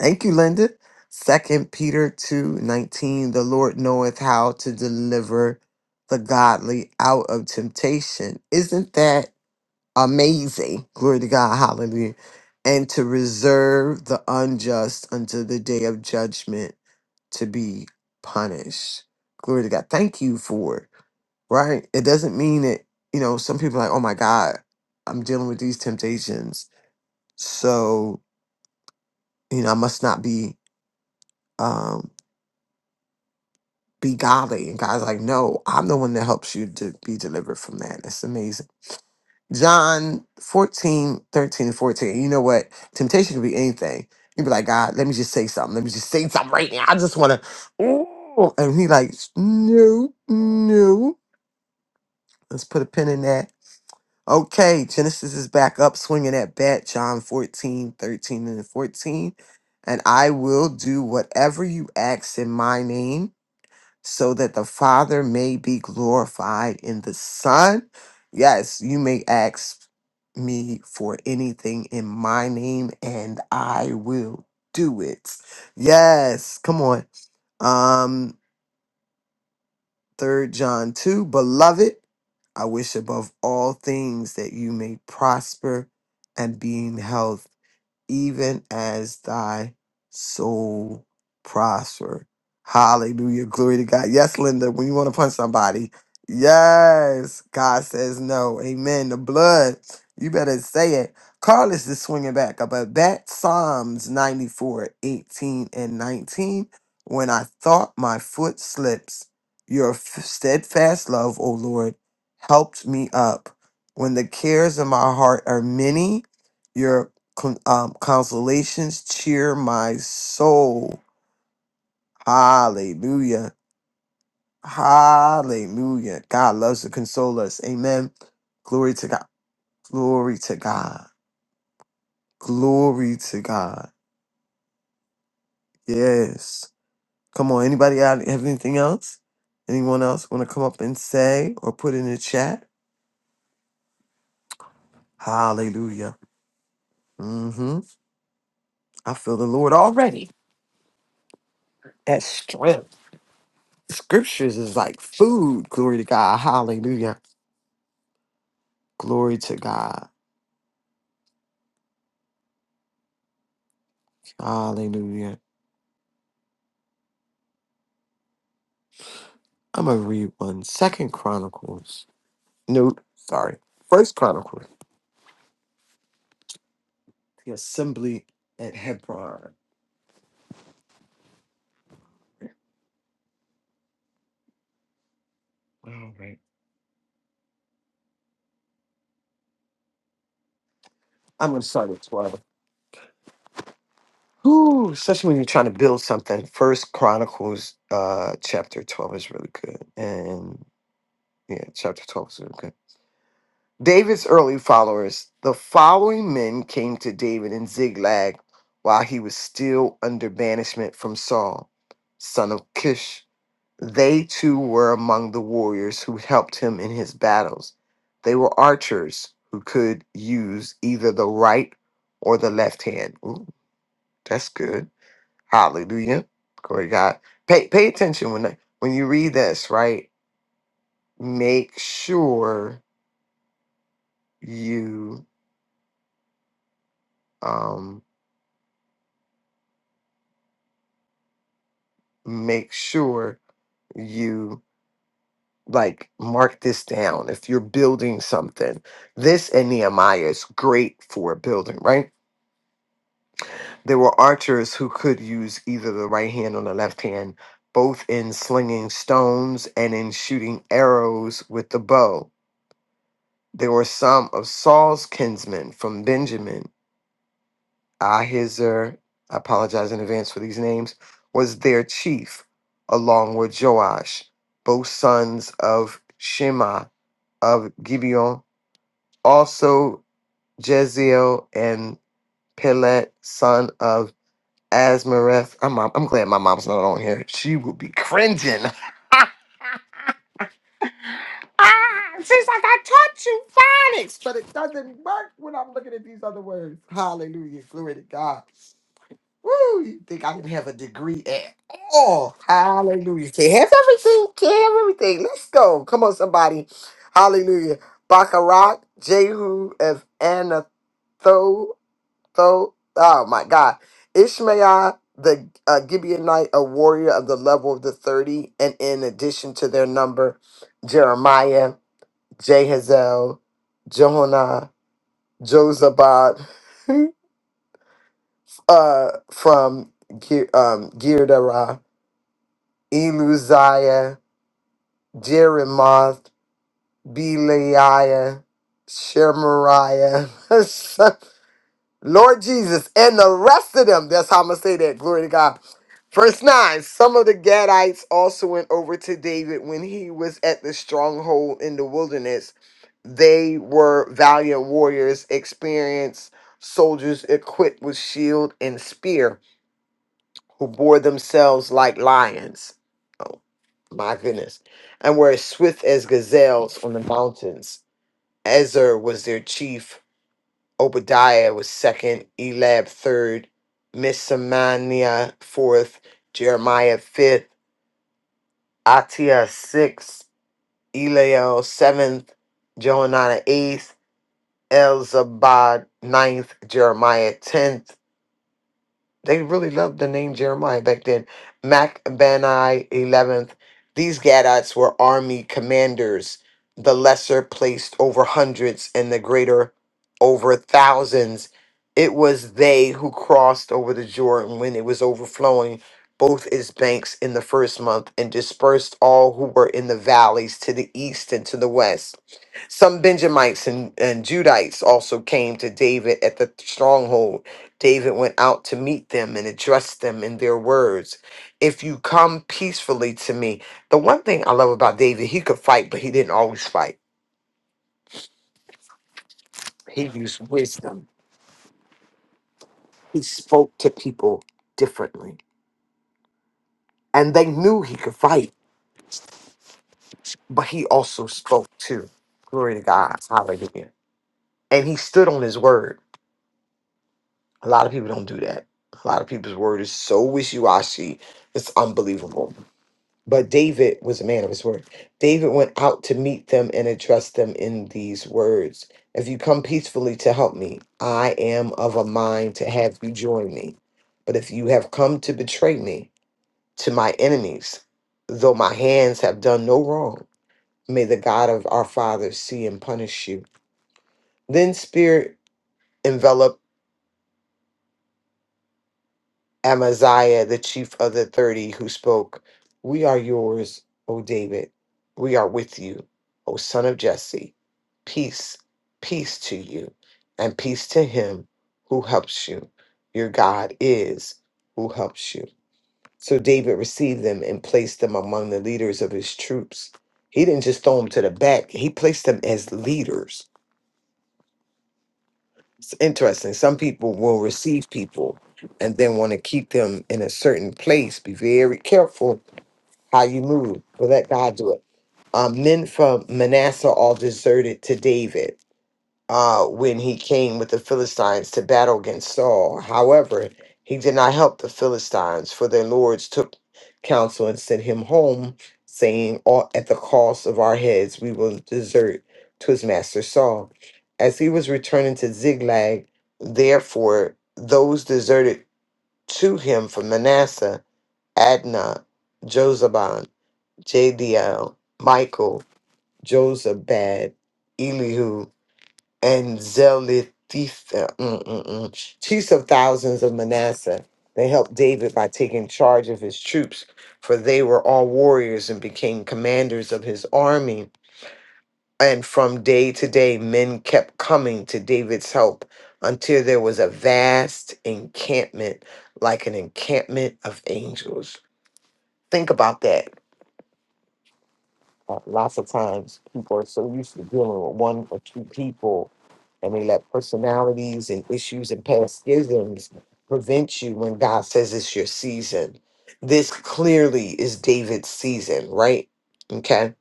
Thank you, Linda. Second Peter 2 19. The Lord knoweth how to deliver the godly out of temptation. Isn't that? amazing. Glory to God. Hallelujah. And to reserve the unjust until the day of judgment to be punished. Glory to God. Thank you for it. Right? It doesn't mean that, you know, some people are like, oh my God, I'm dealing with these temptations. So, you know, I must not be um be godly. And God's like, no, I'm the one that helps you to be delivered from that. That's amazing. John 14, thirteen, and 14. You know what? Temptation can be anything. you be like, God, let me just say something. Let me just say something right now. I just want to, ooh. And he like, no, no. Let's put a pin in that. Okay, Genesis is back up swinging at bat. John 14 13 and 14. And I will do whatever you ask in my name so that the Father may be glorified in the Son. Yes, you may ask me for anything in my name, and I will do it. Yes, come on. Um, third John 2, beloved, I wish above all things that you may prosper and be in health even as thy soul prosper. Hallelujah. Glory to God. Yes, Linda, when you want to punch somebody, yes, God says no. Amen. The blood, you better say it. Carlos is swinging back up at bat. Psalms 94, 18 and 19. When I thought my foot slips, your f- steadfast love, O Lord, helped me up. When the cares of my heart are many, con- um, consolations cheer my soul. Hallelujah. Hallelujah. God loves to console us. Amen. Glory to God. Glory to God. Glory to God. Yes. Come on. Anybody out have anything else? Anyone else want to come up and say or put in the chat? Hallelujah. Mm-hmm. I feel the Lord already. That strength. Scriptures is like food. Glory to God. Hallelujah. Glory to God. Hallelujah. I'm gonna read one. Second Chronicles. No, sorry. First Chronicles. The assembly at Hebron. All right. I'm gonna start with twelve. Ooh, especially when you're trying to build something. First Chronicles uh chapter twelve is really good. And yeah, chapter twelve is really good. David's early followers. The following men came to David in Ziglag while he was still under banishment from Saul, son of Kish. They too were among the warriors who helped him in his battles. They were archers who could use either the right or the left hand. Ooh, that's good. Hallelujah. Glory to God. Pay pay attention when when you read this, right? Make sure you um make sure you like mark this down if you're building something. This and Nehemiah is great for building, right? There were archers who could use either the right hand or the left hand, both in slinging stones and in shooting arrows with the bow. There were some of Saul's kinsmen from Benjamin. Ahizar, I apologize in advance for these names, was their chief, along with Joash, both sons of Shema of Gibeon, also Jeziel and Pelet, son of Asmareth. I'm, I'm glad my mom's not on here. She will be cringing. ah, she's like, I taught you phonics, but it doesn't work when I'm looking at these other words. Hallelujah. Glory to God. Woo, you think I can have a degree at all? Hallelujah. Can't have everything. Can't have everything. Let's go. Come on, somebody. Hallelujah. Baccarat, Jehu of Anatho though. Oh my God, Ishmael the uh, Gibeonite, a warrior of the level of the thirty, and in addition to their number, Jeremiah, Jehazel, Johanna, Josabad, uh, from Ge- um, Girdarah, Eluziah, Jeremoth, Beliah, Shemariah, Lord Jesus, and the rest of them. That's how I'm gonna say that. Glory to God. Verse 9 Some of the Gadites also went over to David when he was at the stronghold in the wilderness. They were valiant warriors, experienced soldiers equipped with shield and spear, who bore themselves like lions. Oh, my goodness. And were as swift as gazelles on the mountains. Ezer was their chief Obadiah was second, Elab third, Mishamania fourth, Jeremiah fifth, Atiah sixth, Eliel seventh, Johanan eighth, Elzabad ninth, Jeremiah tenth, They really loved the name Jeremiah back then. Macbanai 11th. These Gadites were army commanders, the lesser placed over hundreds and the greater over thousands. It was they who crossed over the Jordan when it was overflowing both its banks in the first month and dispersed all who were in the valleys to the east and to the west some Benjamites and, and Judites also came to David at the stronghold. David went out to meet them and addressed them in their words. If you come peacefully to me. The one thing I love about David, he could fight, but he didn't always fight. He used wisdom. He spoke to people differently. And they knew he could fight, but he also spoke too. Glory to God. Hallelujah. And he stood on his word. A lot of people don't do that. A lot of people's word is so wishy washy, it's unbelievable. But David was a man of his word. David went out to meet them and address them in these words If you come peacefully to help me, I am of a mind to have you join me. But if you have come to betray me to my enemies, though my hands have done no wrong, may the God of our fathers see and punish you. Then spirit enveloped Amaziah, the chief of the 30, who spoke, We are yours, O David. We are with you, O son of Jesse. Peace, peace to you, and peace to him who helps you. Your God is who helps you. So David received them and placed them among the leaders of his troops. He didn't just throw them to the back, he placed them as leaders it's interesting. Some people will receive people and then want to keep them in a certain place. Be very careful how you move. But let God do it. Um, men from Manasseh all deserted to David uh, when he came with the Philistines to battle against Saul. However, he did not help the Philistines, for their lords took counsel and sent him home, saying, "All At the cost of our heads, we will desert to his master Saul. As he was returning to Ziglag, therefore, those deserted to him from Manasseh, Adnah, Jozabad, Jadiel, Michael, Josabad, Elihu, and Zelophehad, mm, mm, mm, chiefs of thousands of Manasseh. They helped David by taking charge of his troops, for they were all warriors and became commanders of his army. And from day to day, men kept coming to David's help until there was a vast encampment, like an encampment of angels. Think about that. Uh, lots of times, people are so used to dealing with one or two people and we let personalities and issues and past schisms prevent you when God says it's your season. This clearly is David's season, right? Okay.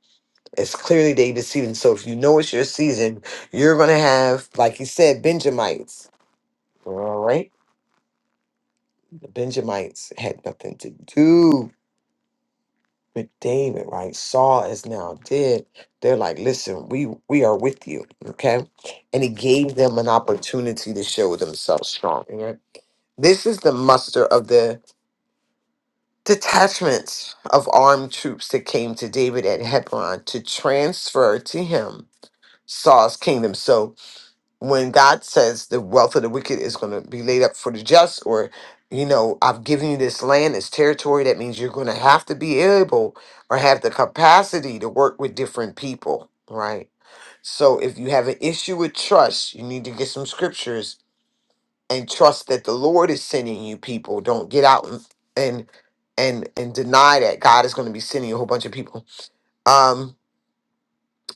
It's clearly David's season. So if you know it's your season, you're going to have, like he said, Benjamites. All right. The Benjamites had nothing to do with David, right? Saul is now dead. They're like, listen, we we are with you. Okay. And he gave them an opportunity to show themselves strong. right? This is the muster of the detachments of armed troops that came to David at Hebron to transfer to him Saul's kingdom. So when God says the wealth of the wicked is going to be laid up for the just, or, you know, I've given you this land, this territory, that means you're going to have to be able or have the capacity to work with different people, right? So if you have an issue with trust, you need to get some scriptures and trust that the Lord is sending you people. Don't get out and and and, and deny that God is going to be sending you a whole bunch of people. Um,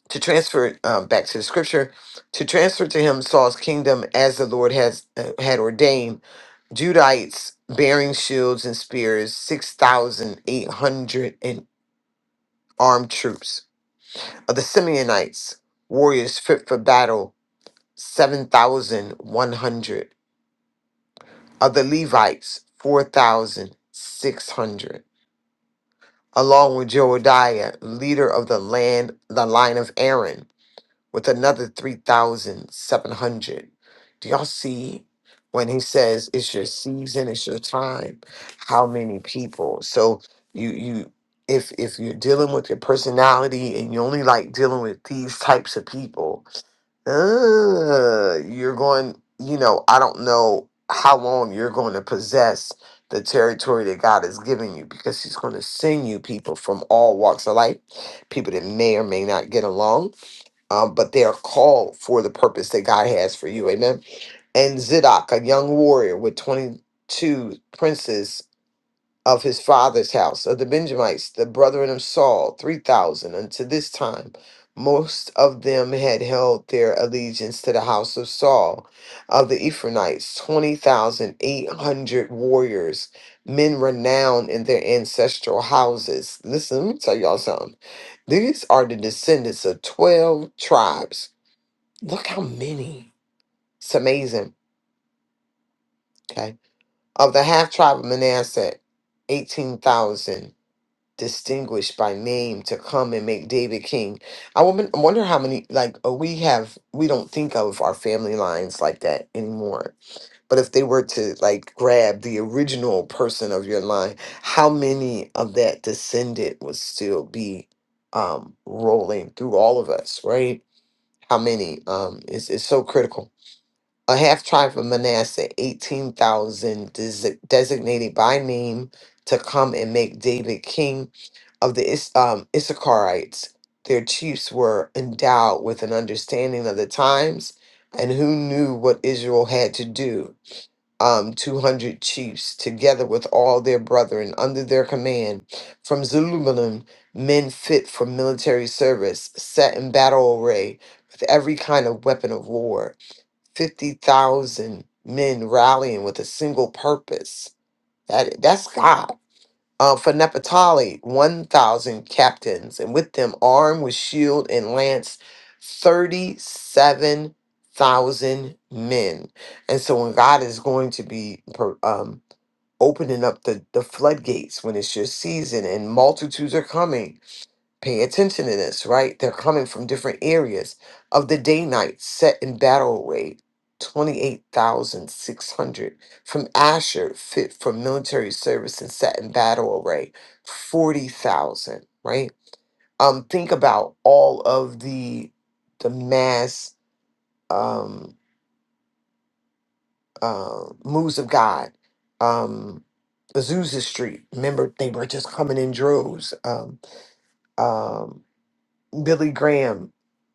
to transfer um, back to the scripture, to transfer to him Saul's kingdom as the Lord has uh, had ordained. Judites bearing shields and spears, six thousand eight hundred and armed troops of the Simeonites, warriors fit for battle, seven thousand one hundred of the Levites, 4,600. along with Jehoiada, leader of the land, the line of Aaron, with another 3,700. Do y'all see when he says it's your season, it's your time, how many people? So you, you, if, if you're dealing with your personality and you only like dealing with these types of people, uh, you're going, you know, I don't know how long you're going to possess the territory that God is giving you because He's going to send you people from all walks of life, people that may or may not get along, um, but they are called for the purpose that God has for you. Amen. And Zidok, a young warrior with 22 princes of his father's house, of the Benjamites, the brethren of Saul, 3,000. Unto this time, most of them had held their allegiance to the house of Saul, of the Ephraimites, 20,800 warriors, men renowned in their ancestral houses. Listen, let me tell y'all something. These are the descendants of 12 tribes. Look how many. It's amazing. Okay. Of the half tribe of Manasseh, 18,000. distinguished by name to come and make David king. I wonder, I wonder how many like uh, we have. We don't think of our family lines like that anymore. But if they were to like grab the original person of your line, how many of that descendant would still be um, rolling through all of us, right? How many? Um, it's it's so critical a half tribe of Manasseh, 18,000 desi- designated by name to come and make David king of the Is- um, Issacharites. Their chiefs were endowed with an understanding of the times and who knew what Israel had to do. Um, 200 chiefs, together with all their brethren under their command, from Zulubalem, men fit for military service, set in battle array with every kind of weapon of war. 50,000 men rallying with a single purpose. That that's God. Uh, for Nepatali, 1,000 captains, and with them armed with shield and lance, 37,000 men. And so when God is going to be per- um, opening up the, the floodgates when it's your season and multitudes are coming, Pay attention to this, right? They're coming from different areas of the day night set in battle array. 28,600 from Asher, fit for military service and set in battle array, 40,000, right? Um, think about all of the the mass um, uh, moves of God. Um, Azusa Street, remember they were just coming in droves. Um, um, Billy Graham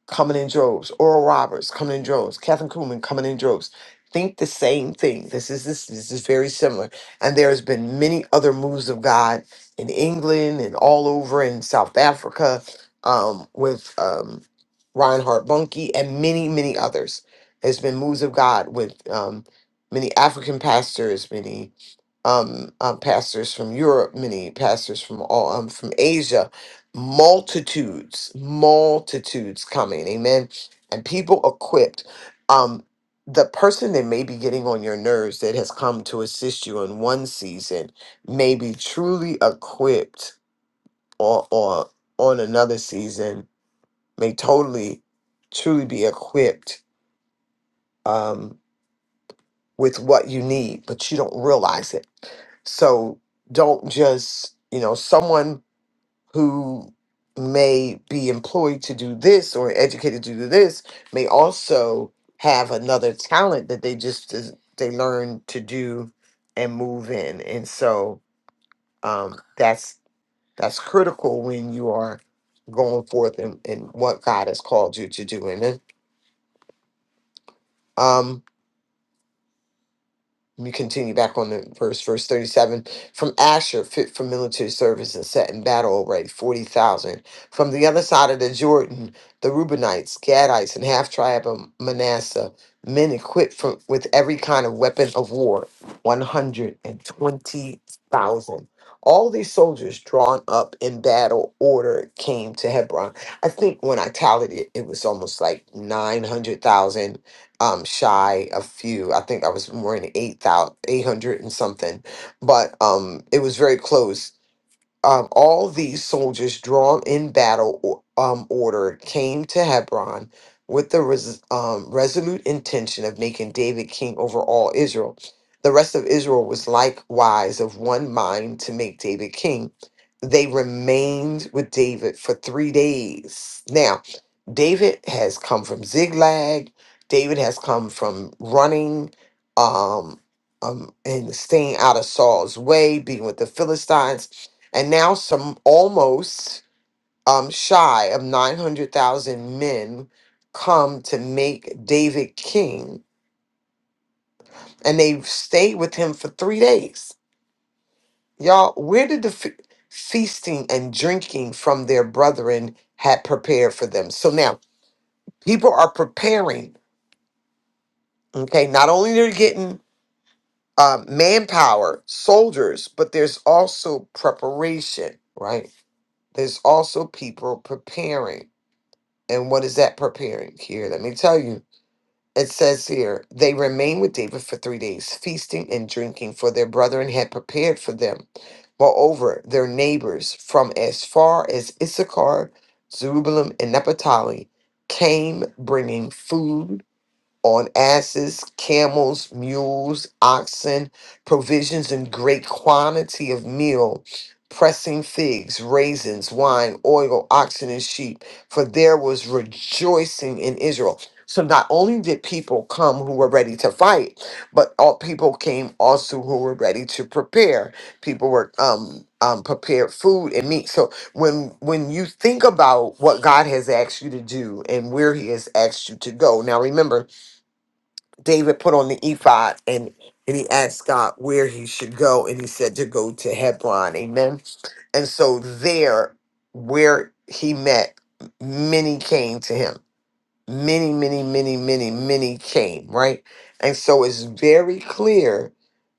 coming in droves, Oral Roberts coming in droves, Catherine Kuhlman coming in droves. Think the same thing. This is this this is very similar. And there has been many other moves of God in England and all over in South Africa um, with um, Reinhard Bunke and many many others. There's been moves of God with um, many African pastors, many um, um, pastors from Europe, many pastors from all um, from Asia multitudes, multitudes coming, amen. And people equipped. Um, the person that may be getting on your nerves that has come to assist you in one season may be truly equipped or or on another season, may totally truly be equipped um with what you need, but you don't realize it. So don't just, you know, someone who may be employed to do this or educated to do this may also have another talent that they just is- they learn to do and move in and so um that's that's critical when you are going forth and, and what god has called you to do and then, um We continue back on the verse, verse 37. From Asher, fit for military service and set in battle array, 40,000. From the other side of the Jordan, the Reubenites, Gadites, and half tribe of Manasseh, men equipped from, with every kind of weapon of war, 120,000. All these soldiers drawn up in battle order came to Hebron. I think when I tallied it, it was almost like 900,000 um shy a few i think i was more in eight thousand, eight hundred and something but um it was very close um, all these soldiers drawn in battle or- um, order came to Hebron with the res- um, resolute intention of making David king over all Israel. The rest of Israel was likewise of one mind to make David king. They remained with David for three days. Now, David has come from zigzag. David has come from running um, um, and staying out of Saul's way, being with the Philistines and now some almost um, shy of 900,000 men come to make David king, and they stayed with him for three days. Y'all, where did the fe- feasting and drinking from their brethren had prepared for them? So now people are preparing. Okay, not only they're getting uh, manpower, soldiers, but there's also preparation, right? There's also people preparing. And what is that preparing here? Let me tell you. It says here, they remained with David for three days, feasting and drinking, for their brethren had prepared for them. Moreover, their neighbors from as far as Issachar, Zerubbabel, and Naphtali came bringing food on asses, camels, mules, oxen, provisions in great quantity of meal, pressing figs, raisins, wine, oil, oxen, and sheep. For there was rejoicing in Israel. So not only did people come who were ready to fight, but all people came also who were ready to prepare. People were um, um, prepared food and meat. So when when you think about what God has asked you to do and where He has asked you to go, now remember David put on the ephod and, and he asked God where he should go, and he said to go to Hebron. Amen. And so there, where he met, many came to him many, many, many, many, many came, right? And so it's very clear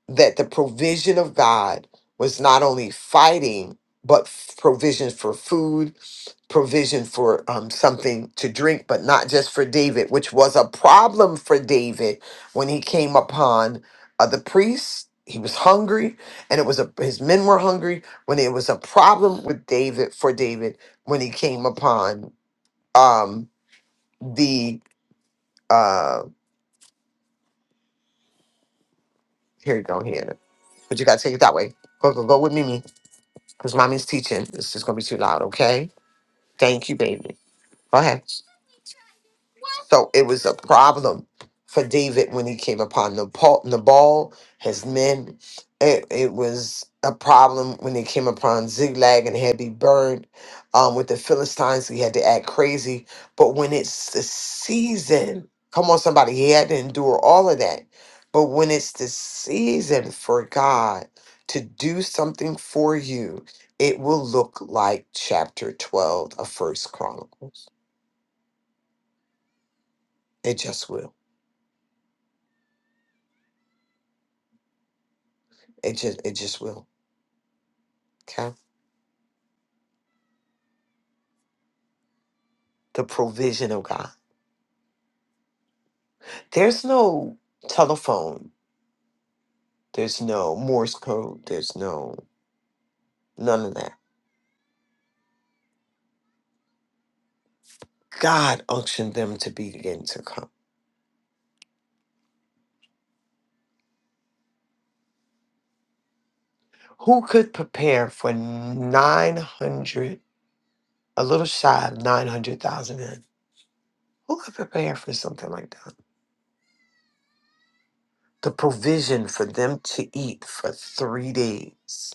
that the provision of God was not only fighting, but f- provision for food, provision for um, something to drink, but not just for David, which was a problem for David when he came upon uh, the priests. He was hungry, and it was a his men were hungry. When it was a problem with David for David when he came upon um, the uh, here you go, here. But you gotta take it that way. Go, go, go with Mimi, because mommy's teaching. It's just gonna be too loud, okay? Thank you, baby. Go ahead. So it was a problem for David when he came upon Nabal, Nabal his men. It, it was a problem when they came upon Ziglag and had to be burned. Um, with the Philistines, he had to act crazy. But when it's the season, come on, somebody, he had to endure all of that. But when it's the season for God to do something for you, it will look like chapter 12 of First Chronicles. It just will. It just it just will. Okay. The provision of God. There's no telephone. There's no Morse code. There's no none of that. God unctioned them to begin to come. Who could prepare for nine hundred a little shy of nine hundred thousand men? Who could prepare for something like that? The provision for them to eat for three days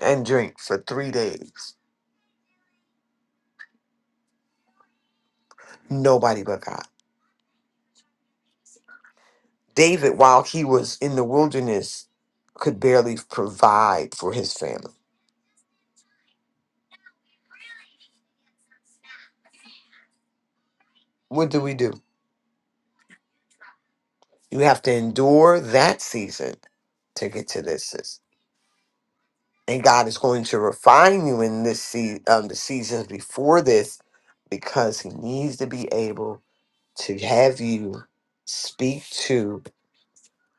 and drink for three days. Nobody but God. David, while he was in the wilderness, could barely provide for his family. What do we do? You have to endure that season to get to this. sis. And God is going to refine you in this se- um, the seasons before this because he needs to be able to have you speak to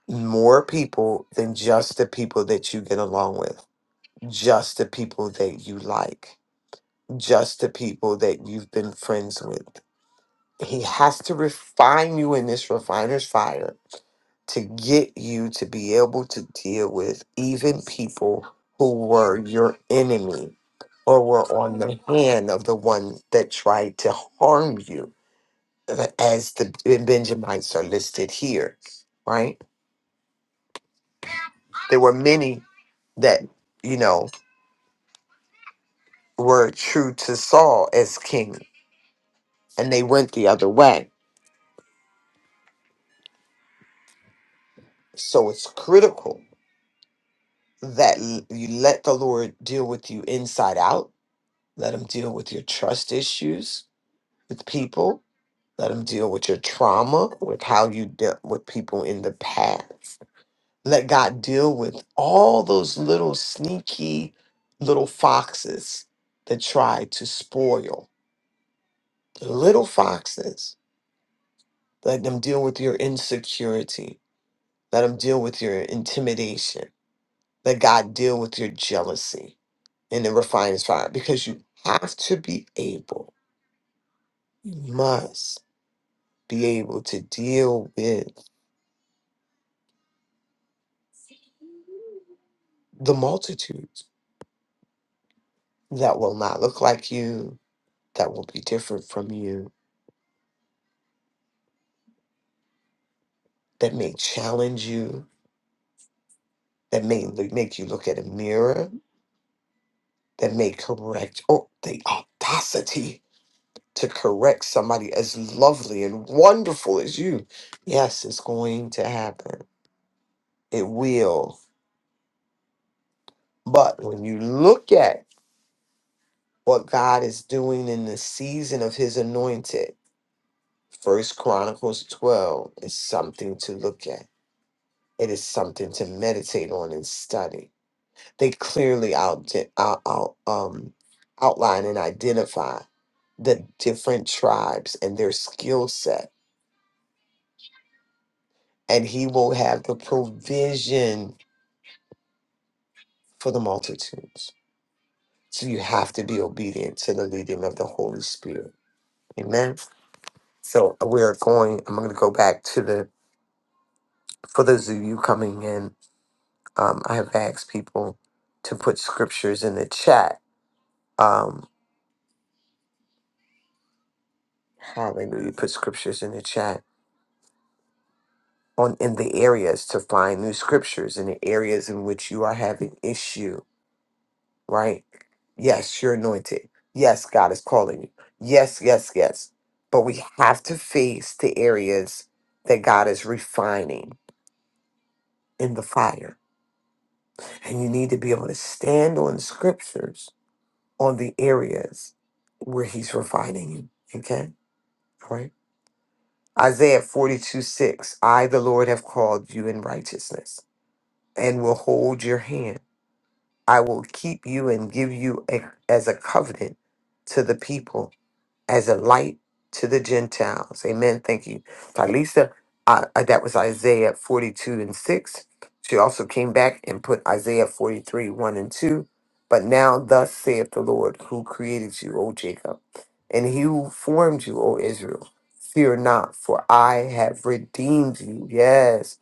more people than just the people that you get along with, just the people that you like, just the people that you've been friends with. He has to refine you in this refiner's fire to get you to be able to deal with even people who were your enemy or were on the hand of the one that tried to harm you, uh, as the Benjamites are listed here, right? There were many that, you know, were true to Saul as king and they went the other way. So it's critical. that l- you let the Lord deal with you inside out. Let him deal with your trust issues with people. Let him deal with your trauma, with how you dealt with people in the past. Let God deal with all those little sneaky little foxes that try to spoil. The little foxes. Let them deal with your insecurity. Let him deal with your intimidation. Let God deal with your jealousy in the refiner's fire because you have to be able, you must be able to deal with the multitudes that will not look like you, that will be different from you, that may challenge you, that may l- make you look at a mirror, that may correct, oh, the audacity to correct somebody as lovely and wonderful as you. Yes, it's going to happen. It will. But when you look at what God is doing in the season of his anointed. First Chronicles 12 is something to look at. It is something to meditate on and study. They clearly out, out, out um, outline and identify the different tribes and their skill set, and he will have the provision for the multitudes. So you have to be obedient to the leading of the Holy Spirit. Amen. So we're going, I'm going to go back to the for those of you coming in, um, I have asked people to put scriptures in the chat. Um, hallelujah, put scriptures in the chat on in the areas to find new scriptures in the areas in which you are having issue. Right? Yes, you're anointed. Yes, God is calling you. Yes, yes, yes. But we have to face the areas that God is refining in the fire, and you need to be able to stand on scriptures on the areas where he's refining you. Okay? All right. Isaiah 42 6. I, the Lord, have called you in righteousness and will hold your hand. I will keep you and give you a, as a covenant to the people as a light to the Gentiles. Amen. Thank you, Talisa. Uh, uh, that was Isaiah 42 and 6. She also came back and put Isaiah 43, 1 and 2. But now, thus saith the Lord, who created you, O Jacob, and he who formed you, O Israel. Fear not, for I have redeemed you. Yes.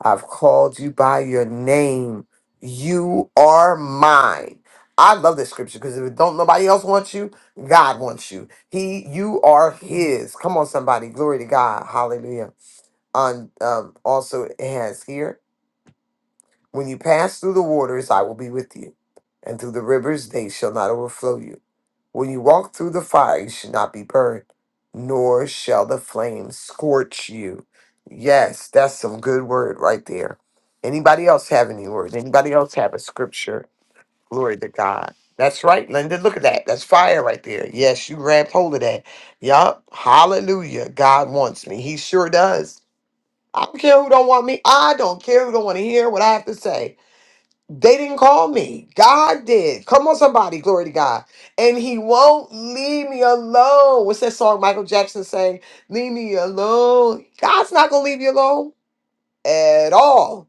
I've called you by your name. You are mine. I love this scripture because if it don't nobody else wants you, God wants you. He, you are His. Come on, somebody, glory to God, Hallelujah. On um, also it has here, when you pass through the waters, I will be with you, and through the rivers, they shall not overflow you. When you walk through the fire, you should not be burned, nor shall the flames scorch you. Yes, that's some good word right there. Anybody else have any words? Anybody else have a scripture? Glory to God. That's right, Linda. Look at that. That's fire right there. Yes, you grabbed hold of that. Yup. Hallelujah. God wants me. He sure does. I don't care who don't want me. I don't care who don't want to hear what I have to say. They didn't call me. God did. Come on, somebody. Glory to God. And he won't leave me alone. What's that song Michael Jackson sang? Leave me alone. God's not gonna leave you alone at all.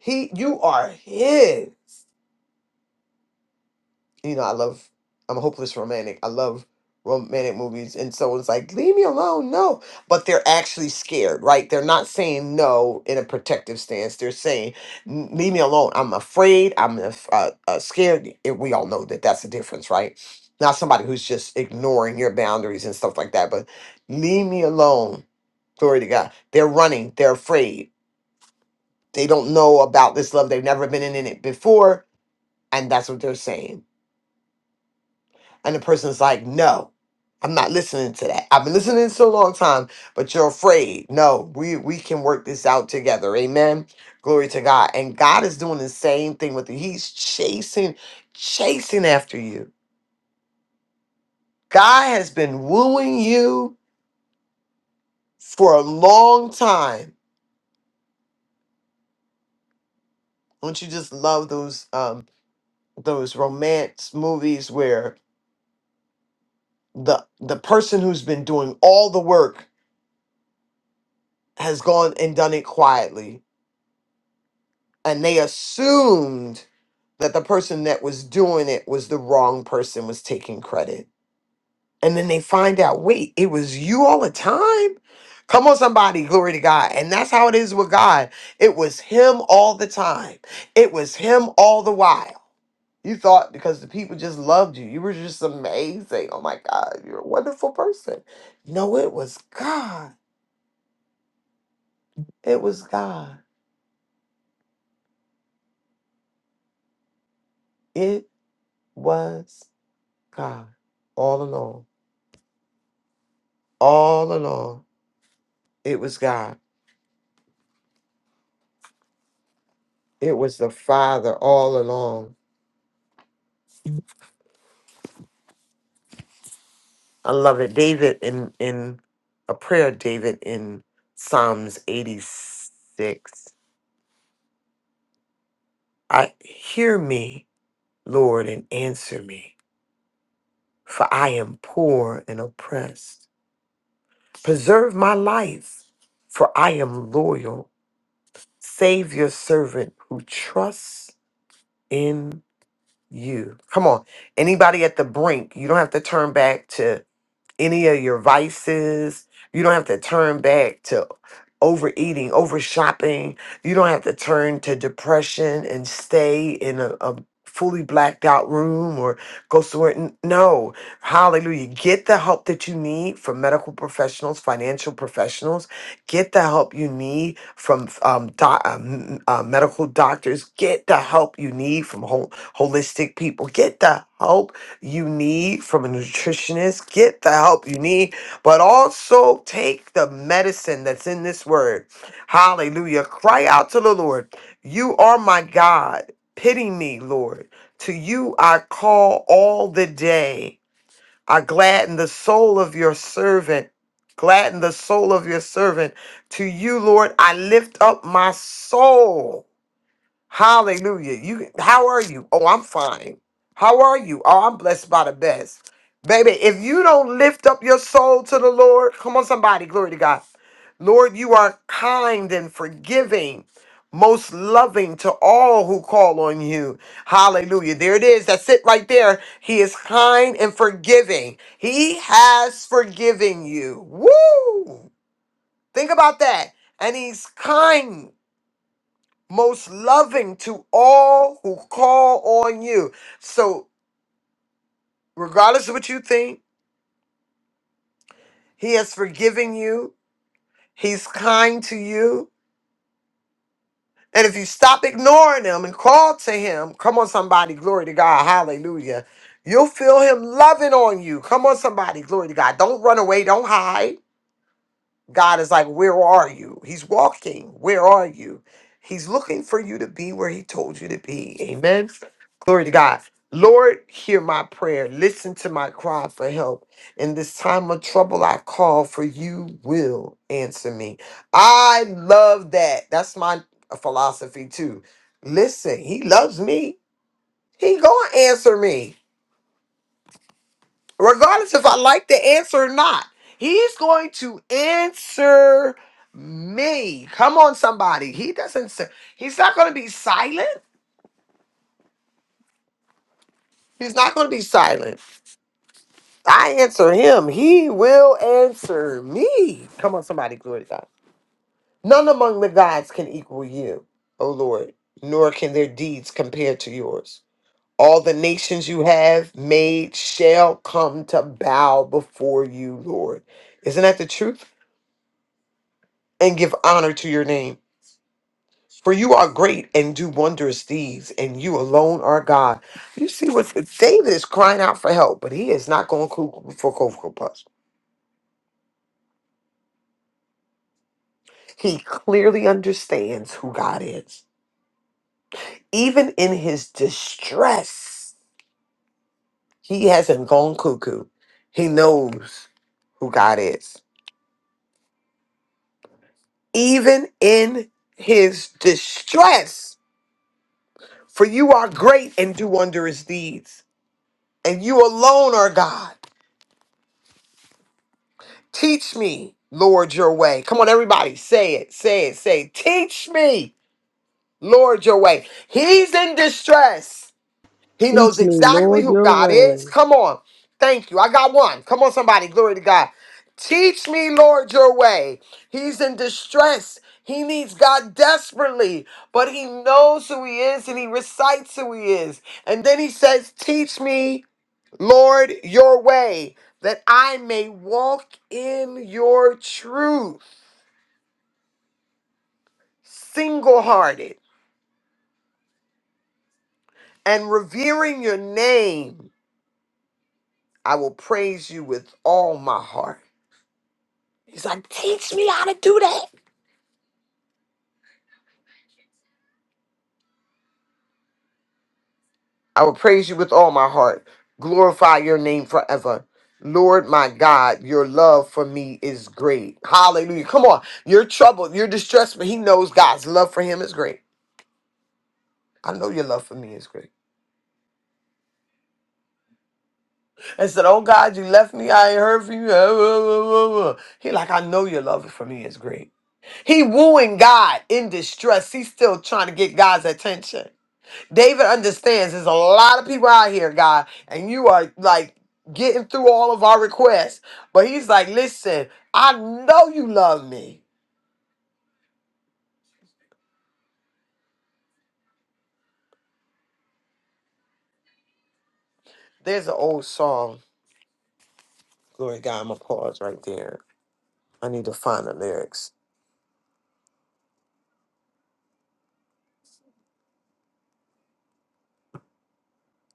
He you are his. you know, I love, I'm a hopeless romantic. I love romantic movies. And so it's like, leave me alone. No. But they're actually scared, right? They're not saying no in a protective stance. They're saying, "N- leave me alone. I'm afraid. I'm af- uh, uh, scared. And we all know that that's the difference, right? Not somebody who's just ignoring your boundaries and stuff like that, but leave me alone. Glory to God. They're running. They're afraid. They don't know about this love. They've never been in it before. And that's what they're saying And the person's like, no, I'm not listening to that. I've been listening to a long time, but you're afraid. No, we, we can work this out together. Amen. Glory to God. And God is doing the same thing with you. He's chasing, chasing after you. God has been wooing you for a long time. Don't you just love those um those romance movies where the the person who's been doing all the work has gone and done it quietly and they assumed that the person that was doing it was the wrong person was taking credit. And then they find out, wait, it was you all the time? Come on, somebody, glory to God. And that's how it is with God. It was him all the time. It was him all the while. You thought because the people just loved you, you were just amazing. Oh my God, you're a wonderful person. No, it was God. It was God. It was God. All along. All along. It was God. It was the Father all along. I love it. David in in a prayer of David in Psalms 86. I hear me, Lord, and answer me, for I am poor and oppressed. Preserve my life, for I am loyal. Save your servant who trusts in you. Come on. Anybody at the brink, you don't have to turn back any of your vices. You don't have to turn back to overeating, over shopping. You don't have to turn to depression and stay in a, a fully blacked out room or go somewhere. N- No. Hallelujah. Get the help that you need from medical professionals, financial professionals. Get the help you need from um, doc, um, uh, medical doctors. Get the help you need from whole, holistic people. Get the help you need from a nutritionist. Get the help you need, but also take the medicine that's in this word. Hallelujah. Cry out to the Lord. You are my God. Pity me, Lord. To you I call all the day. I gladden the soul of your servant. Gladden the soul of your servant. To you, Lord, I lift up my soul. Hallelujah. You how are you? Oh, I'm fine. How are you? Oh, I'm blessed by the best. Baby, if you don't lift up your soul to the Lord, come on somebody, glory to God. Lord, you are kind and forgiving, most loving to all who call on you. Hallelujah. There it is. That's it right there. He is kind and forgiving. He has forgiven you. Woo! Think about that. And he's kind most loving to all who call on you. So, regardless of what you think, He has forgiven you, He's kind to you. And if you stop ignoring Him and call to Him, come on, somebody, glory to God, hallelujah. You'll feel Him loving on you. Come on, somebody, glory to God. Don't run away, don't hide. God is like, Where are you? He's walking. Where are you? He's looking for you to be where He told you to be. Amen. Glory to God. Lord, hear my prayer. Listen to my cry for help. In this time of trouble, I call for you will answer me. I love that. That's my philosophy too. Listen, He loves me. He gonna answer me regardless if I like the answer or not. He's going to answer me. Come on, somebody. He doesn't. Say, he's not going to be silent. He's not going to be silent. I answer him. He will answer me. Come on, somebody. Glory to God. None among the gods can equal you, O Lord, nor can their deeds compare to yours. All the nations you have made shall come to bow before you, Lord. Isn't that the truth? and give honor to your name. For you are great and do wondrous deeds, and you alone are God. You see what David is crying out for help, but he is not going cuckoo for Cocoa Puffs. He clearly understands who God is. Even in his distress, he hasn't gone cuckoo. He knows who God is. Even in his distress, for you are great and do wondrous deeds, and you alone are God. Teach me, Lord, your way. Come on, everybody, say it, say it, say, it. teach me, Lord, your way. He's in distress. He knows Teach me, exactly Lord, who your God way. is. Come on. Thank you. I got one. Come on, somebody. Glory to God. Teach me, Lord, your way. He's in distress. He needs God desperately, but he knows who he is and he recites who he is. And then he says, Teach me. Lord, your way, that I may walk in your truth, single hearted, and revering your name, I will praise you with all my heart. He's like, teach me how to do that. I will praise you with all my heart, glorify your name forever. Lord my God, your love for me is great. Hallelujah. Come on. You're troubled. You're distressed, but he knows God's love for him is great. I know your love for me is great. and said, Oh God, you left me. I ain't heard from you. He like, I know your love for me is great. He wooing God in distress. He's still trying to get God's attention. David understands there's a lot of people out here, God, and you are like getting through all of our requests. But he's like, listen, I know you love me. There's an old song. Glory to God, I'm gonna pause right there. I need to find the lyrics.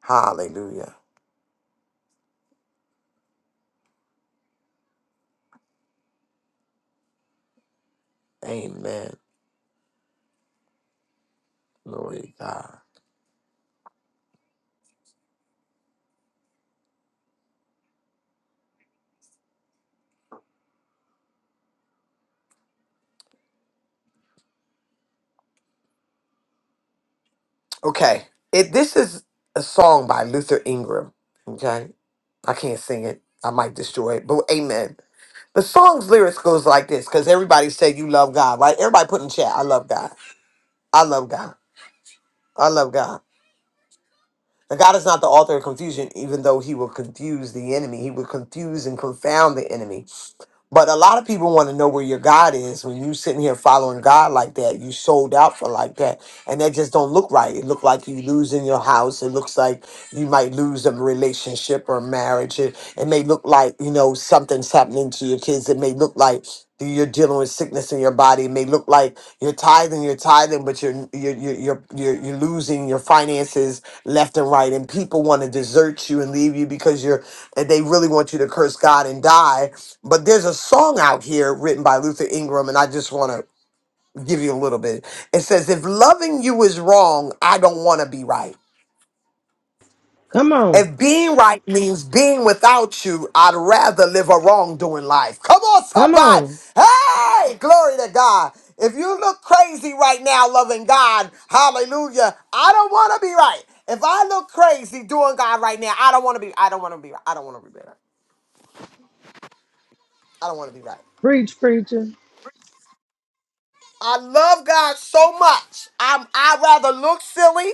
Hallelujah. Amen. Glory to God. Okay. It this is a song by Luther Ingram. Okay. I can't sing it. I might destroy it. But amen. The song's lyrics goes like this, because everybody said you love God, right? Everybody put in chat, I love God. I love God. I love God. Now, God is not the author of confusion, even though he will confuse the enemy. He will confuse and confound the enemy. But a lot of people want to know where your God is when you sitting here following God like that. You sold out for like that, and that just don't look right. It look like you losing your house. It looks like you might lose a relationship or marriage. It, it may look like you know something's happening to your kids. It may look like you're dealing with sickness in your body. It may look like you're tithing, you're tithing, but you're you're you're you're, you're, you're losing your finances left and right, and people want to desert you and leave you because you're and they really want you to curse God and die but there's a song out here written by Luther Ingram, and I just want to give you a little bit. It says, If loving you is wrong, I don't want to be right. Come on, If being right means being without you, I'd rather live a wrongdoing life. Come on, come somebody. on. Hey, glory to God. If you look crazy right now loving God, hallelujah, I don't want to be right. If I look crazy doing God right now, I don't want to be, I don't want to be, I don't want to be right. I don't want to be right. Preach, preacher. I love God so much. I'm, I'd rather look silly.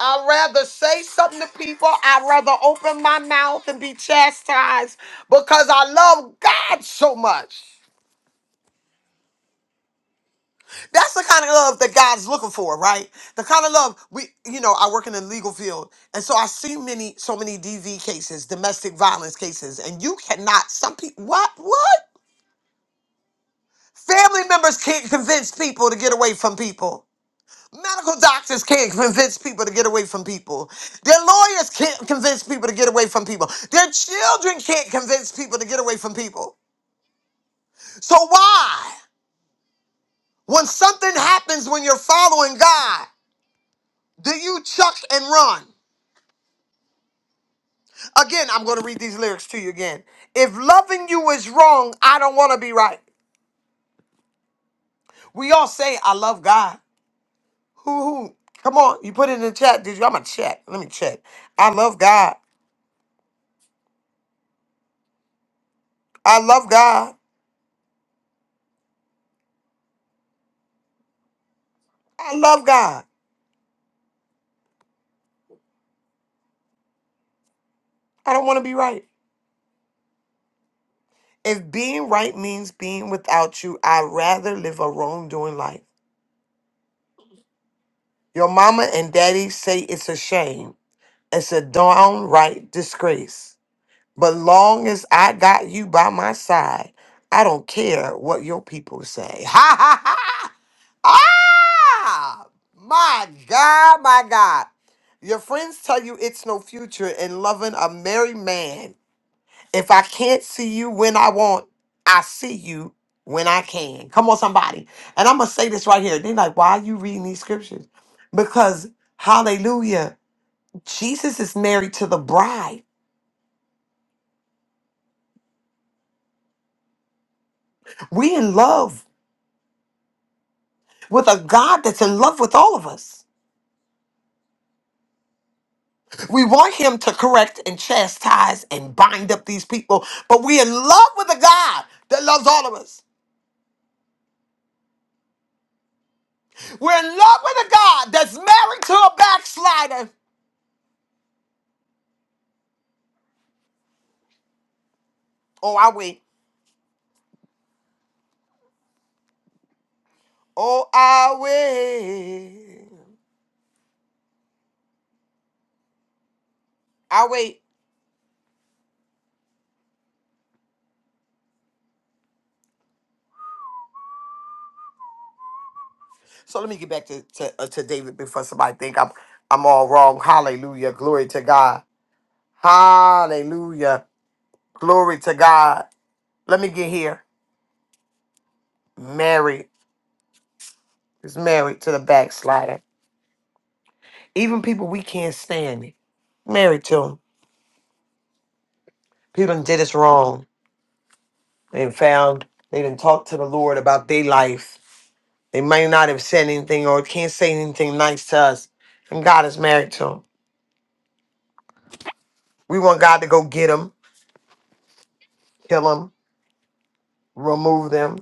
I'd rather say something to people. I'd rather open my mouth and be chastised because I love God so much. That's the kind of love that God's looking for, right? The kind of love we, you know, I work in the legal field, and so I see many, so many DV cases, domestic violence cases, and you cannot. Some people, what, what? Family members can't convince people to get away from people. Medical doctors can't convince people to get away from people. Their lawyers can't convince people to get away from people. Their children can't convince people to get away from people. So why, when something happens when you're following God, do you chuck and run? Again, I'm going to read these lyrics to you again. If loving you is wrong, I don't want to be right. We all say I love God. Who who? Come on, you put it in the chat. Did you? I'm gonna check. Let me check. I love God. I love God. I love God. I don't want to be right. If being right means being without you, I'd rather live a wrongdoing life. Your mama and daddy say it's a shame. It's a downright disgrace. But long as I got you by my side, I don't care what your people say. Ha ha ha! Ah! My God, my God. Your friends tell you it's no future in loving a married man If I can't see you when I want, I see you when I can. Come on, somebody. And I'm going to say this right here. They're like, why are you reading these scriptures? Because, hallelujah, Jesus is married to the bride. We in love with a God that's in love with all of us. We want him to correct and chastise and bind up these people, but we're in love with a God that loves all of us. We're in love with a God that's married to a backslider. Oh, I wait. Oh, I wait. I wait. So let me get back to to, uh, to David before somebody think I'm I'm all wrong. Hallelujah. Glory to God. Hallelujah. Glory to God. Let me get here. Married is married to the backslider. Even people we can't stand it. Married to them. People done did us wrong. They done found. They done talked to the Lord about their life. They may not have said anything or can't say anything nice to us. And God is married to 'em. We want God to go get them, kill them, remove them,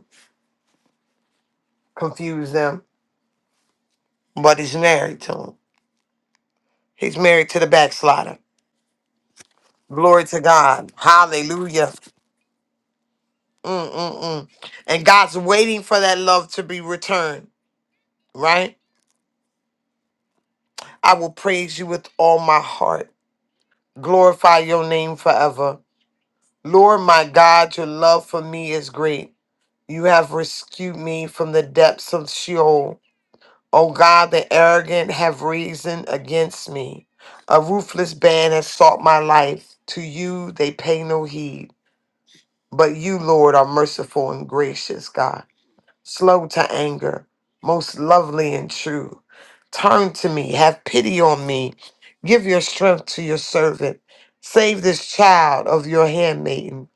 confuse them. But he's married to him. He's married to the backslider. Glory to God. Hallelujah. Mm-mm-mm. And God's waiting for that love to be returned, right? I will praise you with all my heart. Glorify your name forever. Lord my God, your love for me is great. You have rescued me from the depths of Sheol. O God, the arrogant have reasoned against me. A ruthless band has sought my life. To you they pay no heed. But you, Lord, are merciful and gracious, God slow to anger, most lovely and true. Turn to me, have pity on me, give your strength to your servant, save this child of your handmaiden,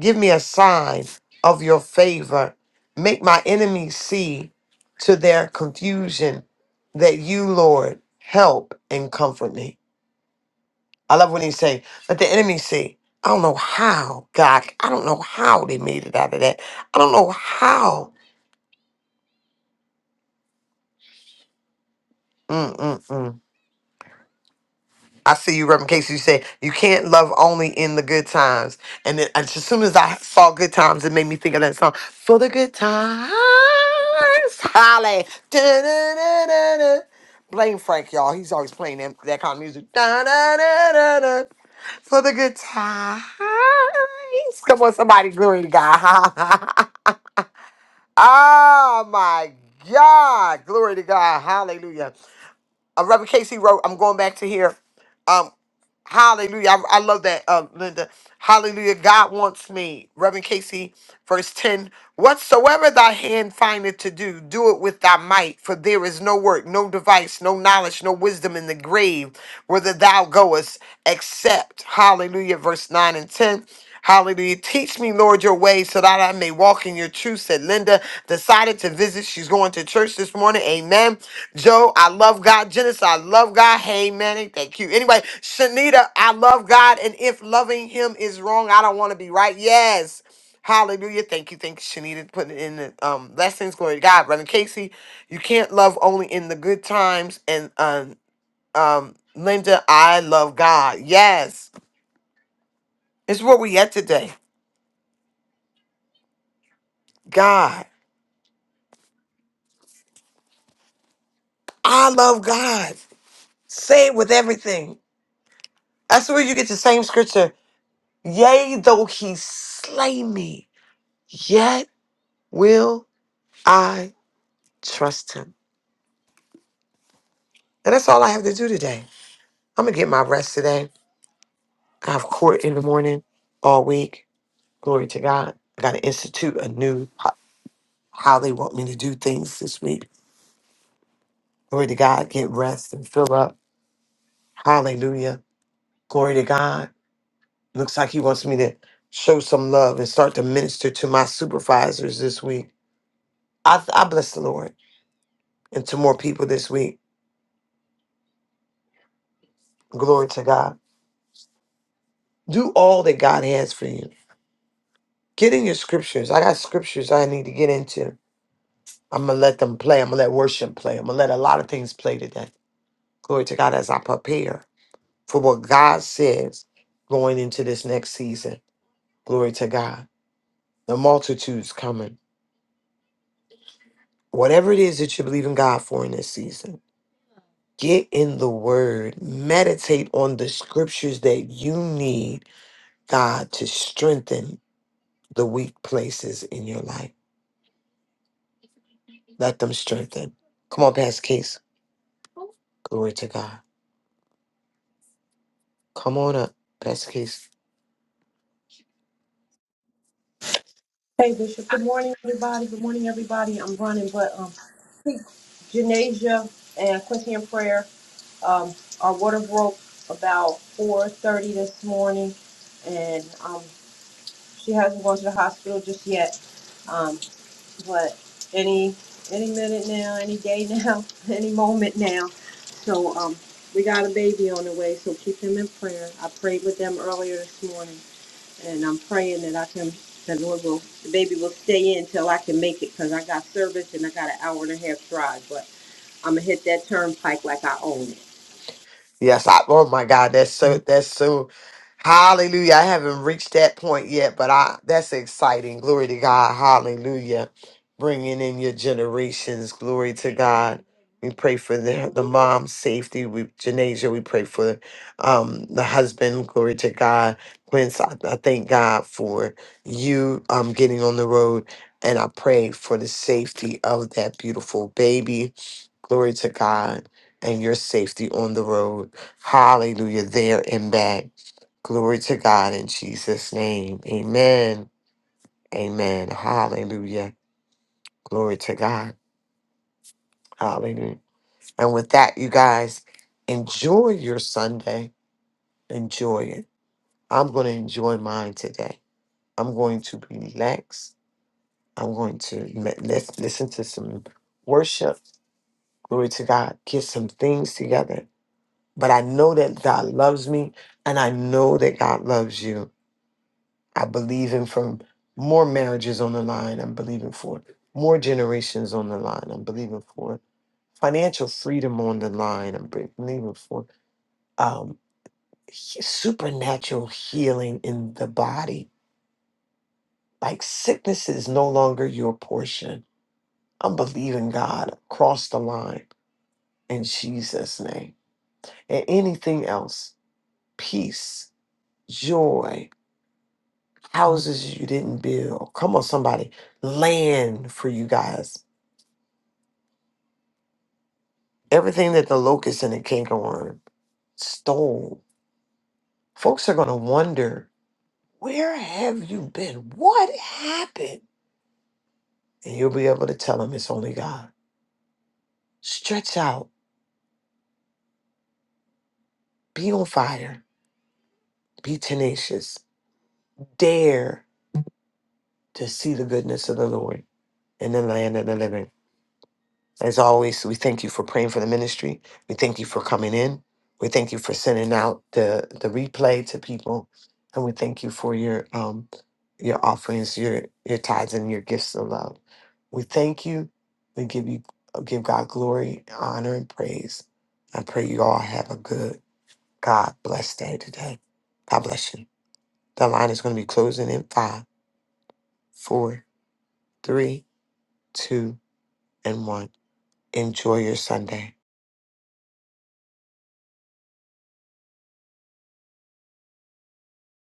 give me a sign of your favor, make my enemies see to their confusion that you, Lord, help and comfort me. I love when he say, let the enemy see. I don't know how, God. I don't know how they made it out of that. I don't know how. Mm-mm-mm. I see you, Reverend Casey. You said you can't love only in the good times, and then as soon as I saw good times, it made me think of that song for the good times. Holly, Da-da-da-da-da. blame Frank, y'all. He's always playing that, that kind of music. Da-da-da-da-da. For the good times. Come on, somebody, glory to God. oh my God, glory to God, Hallelujah. Uh, Reverend Casey wrote, "I'm going back to here." Um, Hallelujah. I, I love that, uh, Linda. Hallelujah. God wants me. Reverend Casey, verse 10. Whatsoever thy hand findeth to do, do it with thy might, for there is no work, no device, no knowledge, no wisdom in the grave whither thou goest, except. Hallelujah. Verse 9 and 10. Hallelujah. Teach me, Lord, your way so that I may walk in your truth, said Linda. Decided to visit. She's going to church this morning. Amen. Joe, I love God. Genesis, I love God. Hey, Manny, thank you. Anyway, Shanita, I love God. And if loving him is wrong, I don't want to be right. Yes. Hallelujah. Thank you. Thank you, Shanita, putting in the um, lessons. Glory to God. Reverend Casey, you can't love only in the good times. And um, um, Linda, I love God. Yes. It's where we at today. God. I love God. Say it with everything. That's where you get the same scripture. Yea, though he slay me. Yet will I trust him. And that's all I have to do today. I'm going to get my rest today. I have court in the morning all week. Glory to God. I got to institute a new ho- how they want me to do things this week. Glory to God. Get rest and fill up. Hallelujah. Glory to God. Looks like he wants me to show some love and start to minister to my supervisors this week. I, I bless the Lord and to more people this week. Glory to God. Do all that God has for you. Get in your scriptures. I got scriptures I need to get into. I'm going to let them play. I'm going to let worship play. I'm going to let a lot of things play today. Glory to God as I prepare for what God says going into this next season. Glory to God. The multitude's coming. Whatever it is that you believe in God for in this season, get in the word. Meditate on the scriptures that you need God to strengthen the weak places in your life. Let them strengthen. Come on, Pastor Case. Glory to God. Come on up, best case. Hey Bishop, good morning everybody. Good morning everybody. I'm running, but um, keep Janasia and Quincy in prayer. Um, our water broke about 4:30 this morning, and um, she hasn't gone to the hospital just yet. Um, but any any minute now, any day now, any moment now. So um, we got a baby on the way, so keep him in prayer. I prayed with them earlier this morning and I'm praying that I can, the Lord will, the baby will stay in till I can make it, cause I got service and I got an hour and a half drive, but I'm gonna hit that turnpike like I own it. Yes, I, oh my God, that's so that's so hallelujah. I haven't reached that point yet, but I that's exciting. Glory to God. Hallelujah. Bringing in your generations. Glory to God. We pray for the, the mom's safety. We Janasia, we pray for um the husband. Glory to God. Quince, I, I thank God for you um getting on the road. And I pray for the safety of that beautiful baby. Glory to God and your safety on the road. Hallelujah, there and back. Glory to God in Jesus' name. Amen. Amen. Hallelujah. Glory to God. Hallelujah. And with that, you guys, enjoy your Sunday. Enjoy it. I'm going to enjoy mine today. I'm going to relax. I'm going to me- let's listen to some worship. Glory to God. Get some things together. But I know that God loves me and I know that God loves you. I believe in for more marriages on the line. I'm believing for more generations on the line. I'm believing for financial freedom on the line. I'm be- believing for um, he- supernatural healing in the body. Like sickness is no longer your portion. I'm believing God across the line in Jesus' name. And anything else, peace, joy, houses you didn't build. Come on, somebody land for you guys. Everything that the locust and the cankerworm stole, folks are going to wonder, where have you been? What happened? And you'll be able to tell them it's only God. Stretch out, be on fire, be tenacious, dare to see the goodness of the Lord in the land of the living. As always, we thank you for praying for the ministry. We thank you for coming in. We thank you for sending out the, the replay to people. And we thank you for your um your offerings, your your tithes and your gifts of love. We thank you. We give you give God glory, honor, and praise. I pray you all have a good God blessed day today. God bless you. The line is going to be closing in five, four, three, two, and one. Enjoy your Sunday.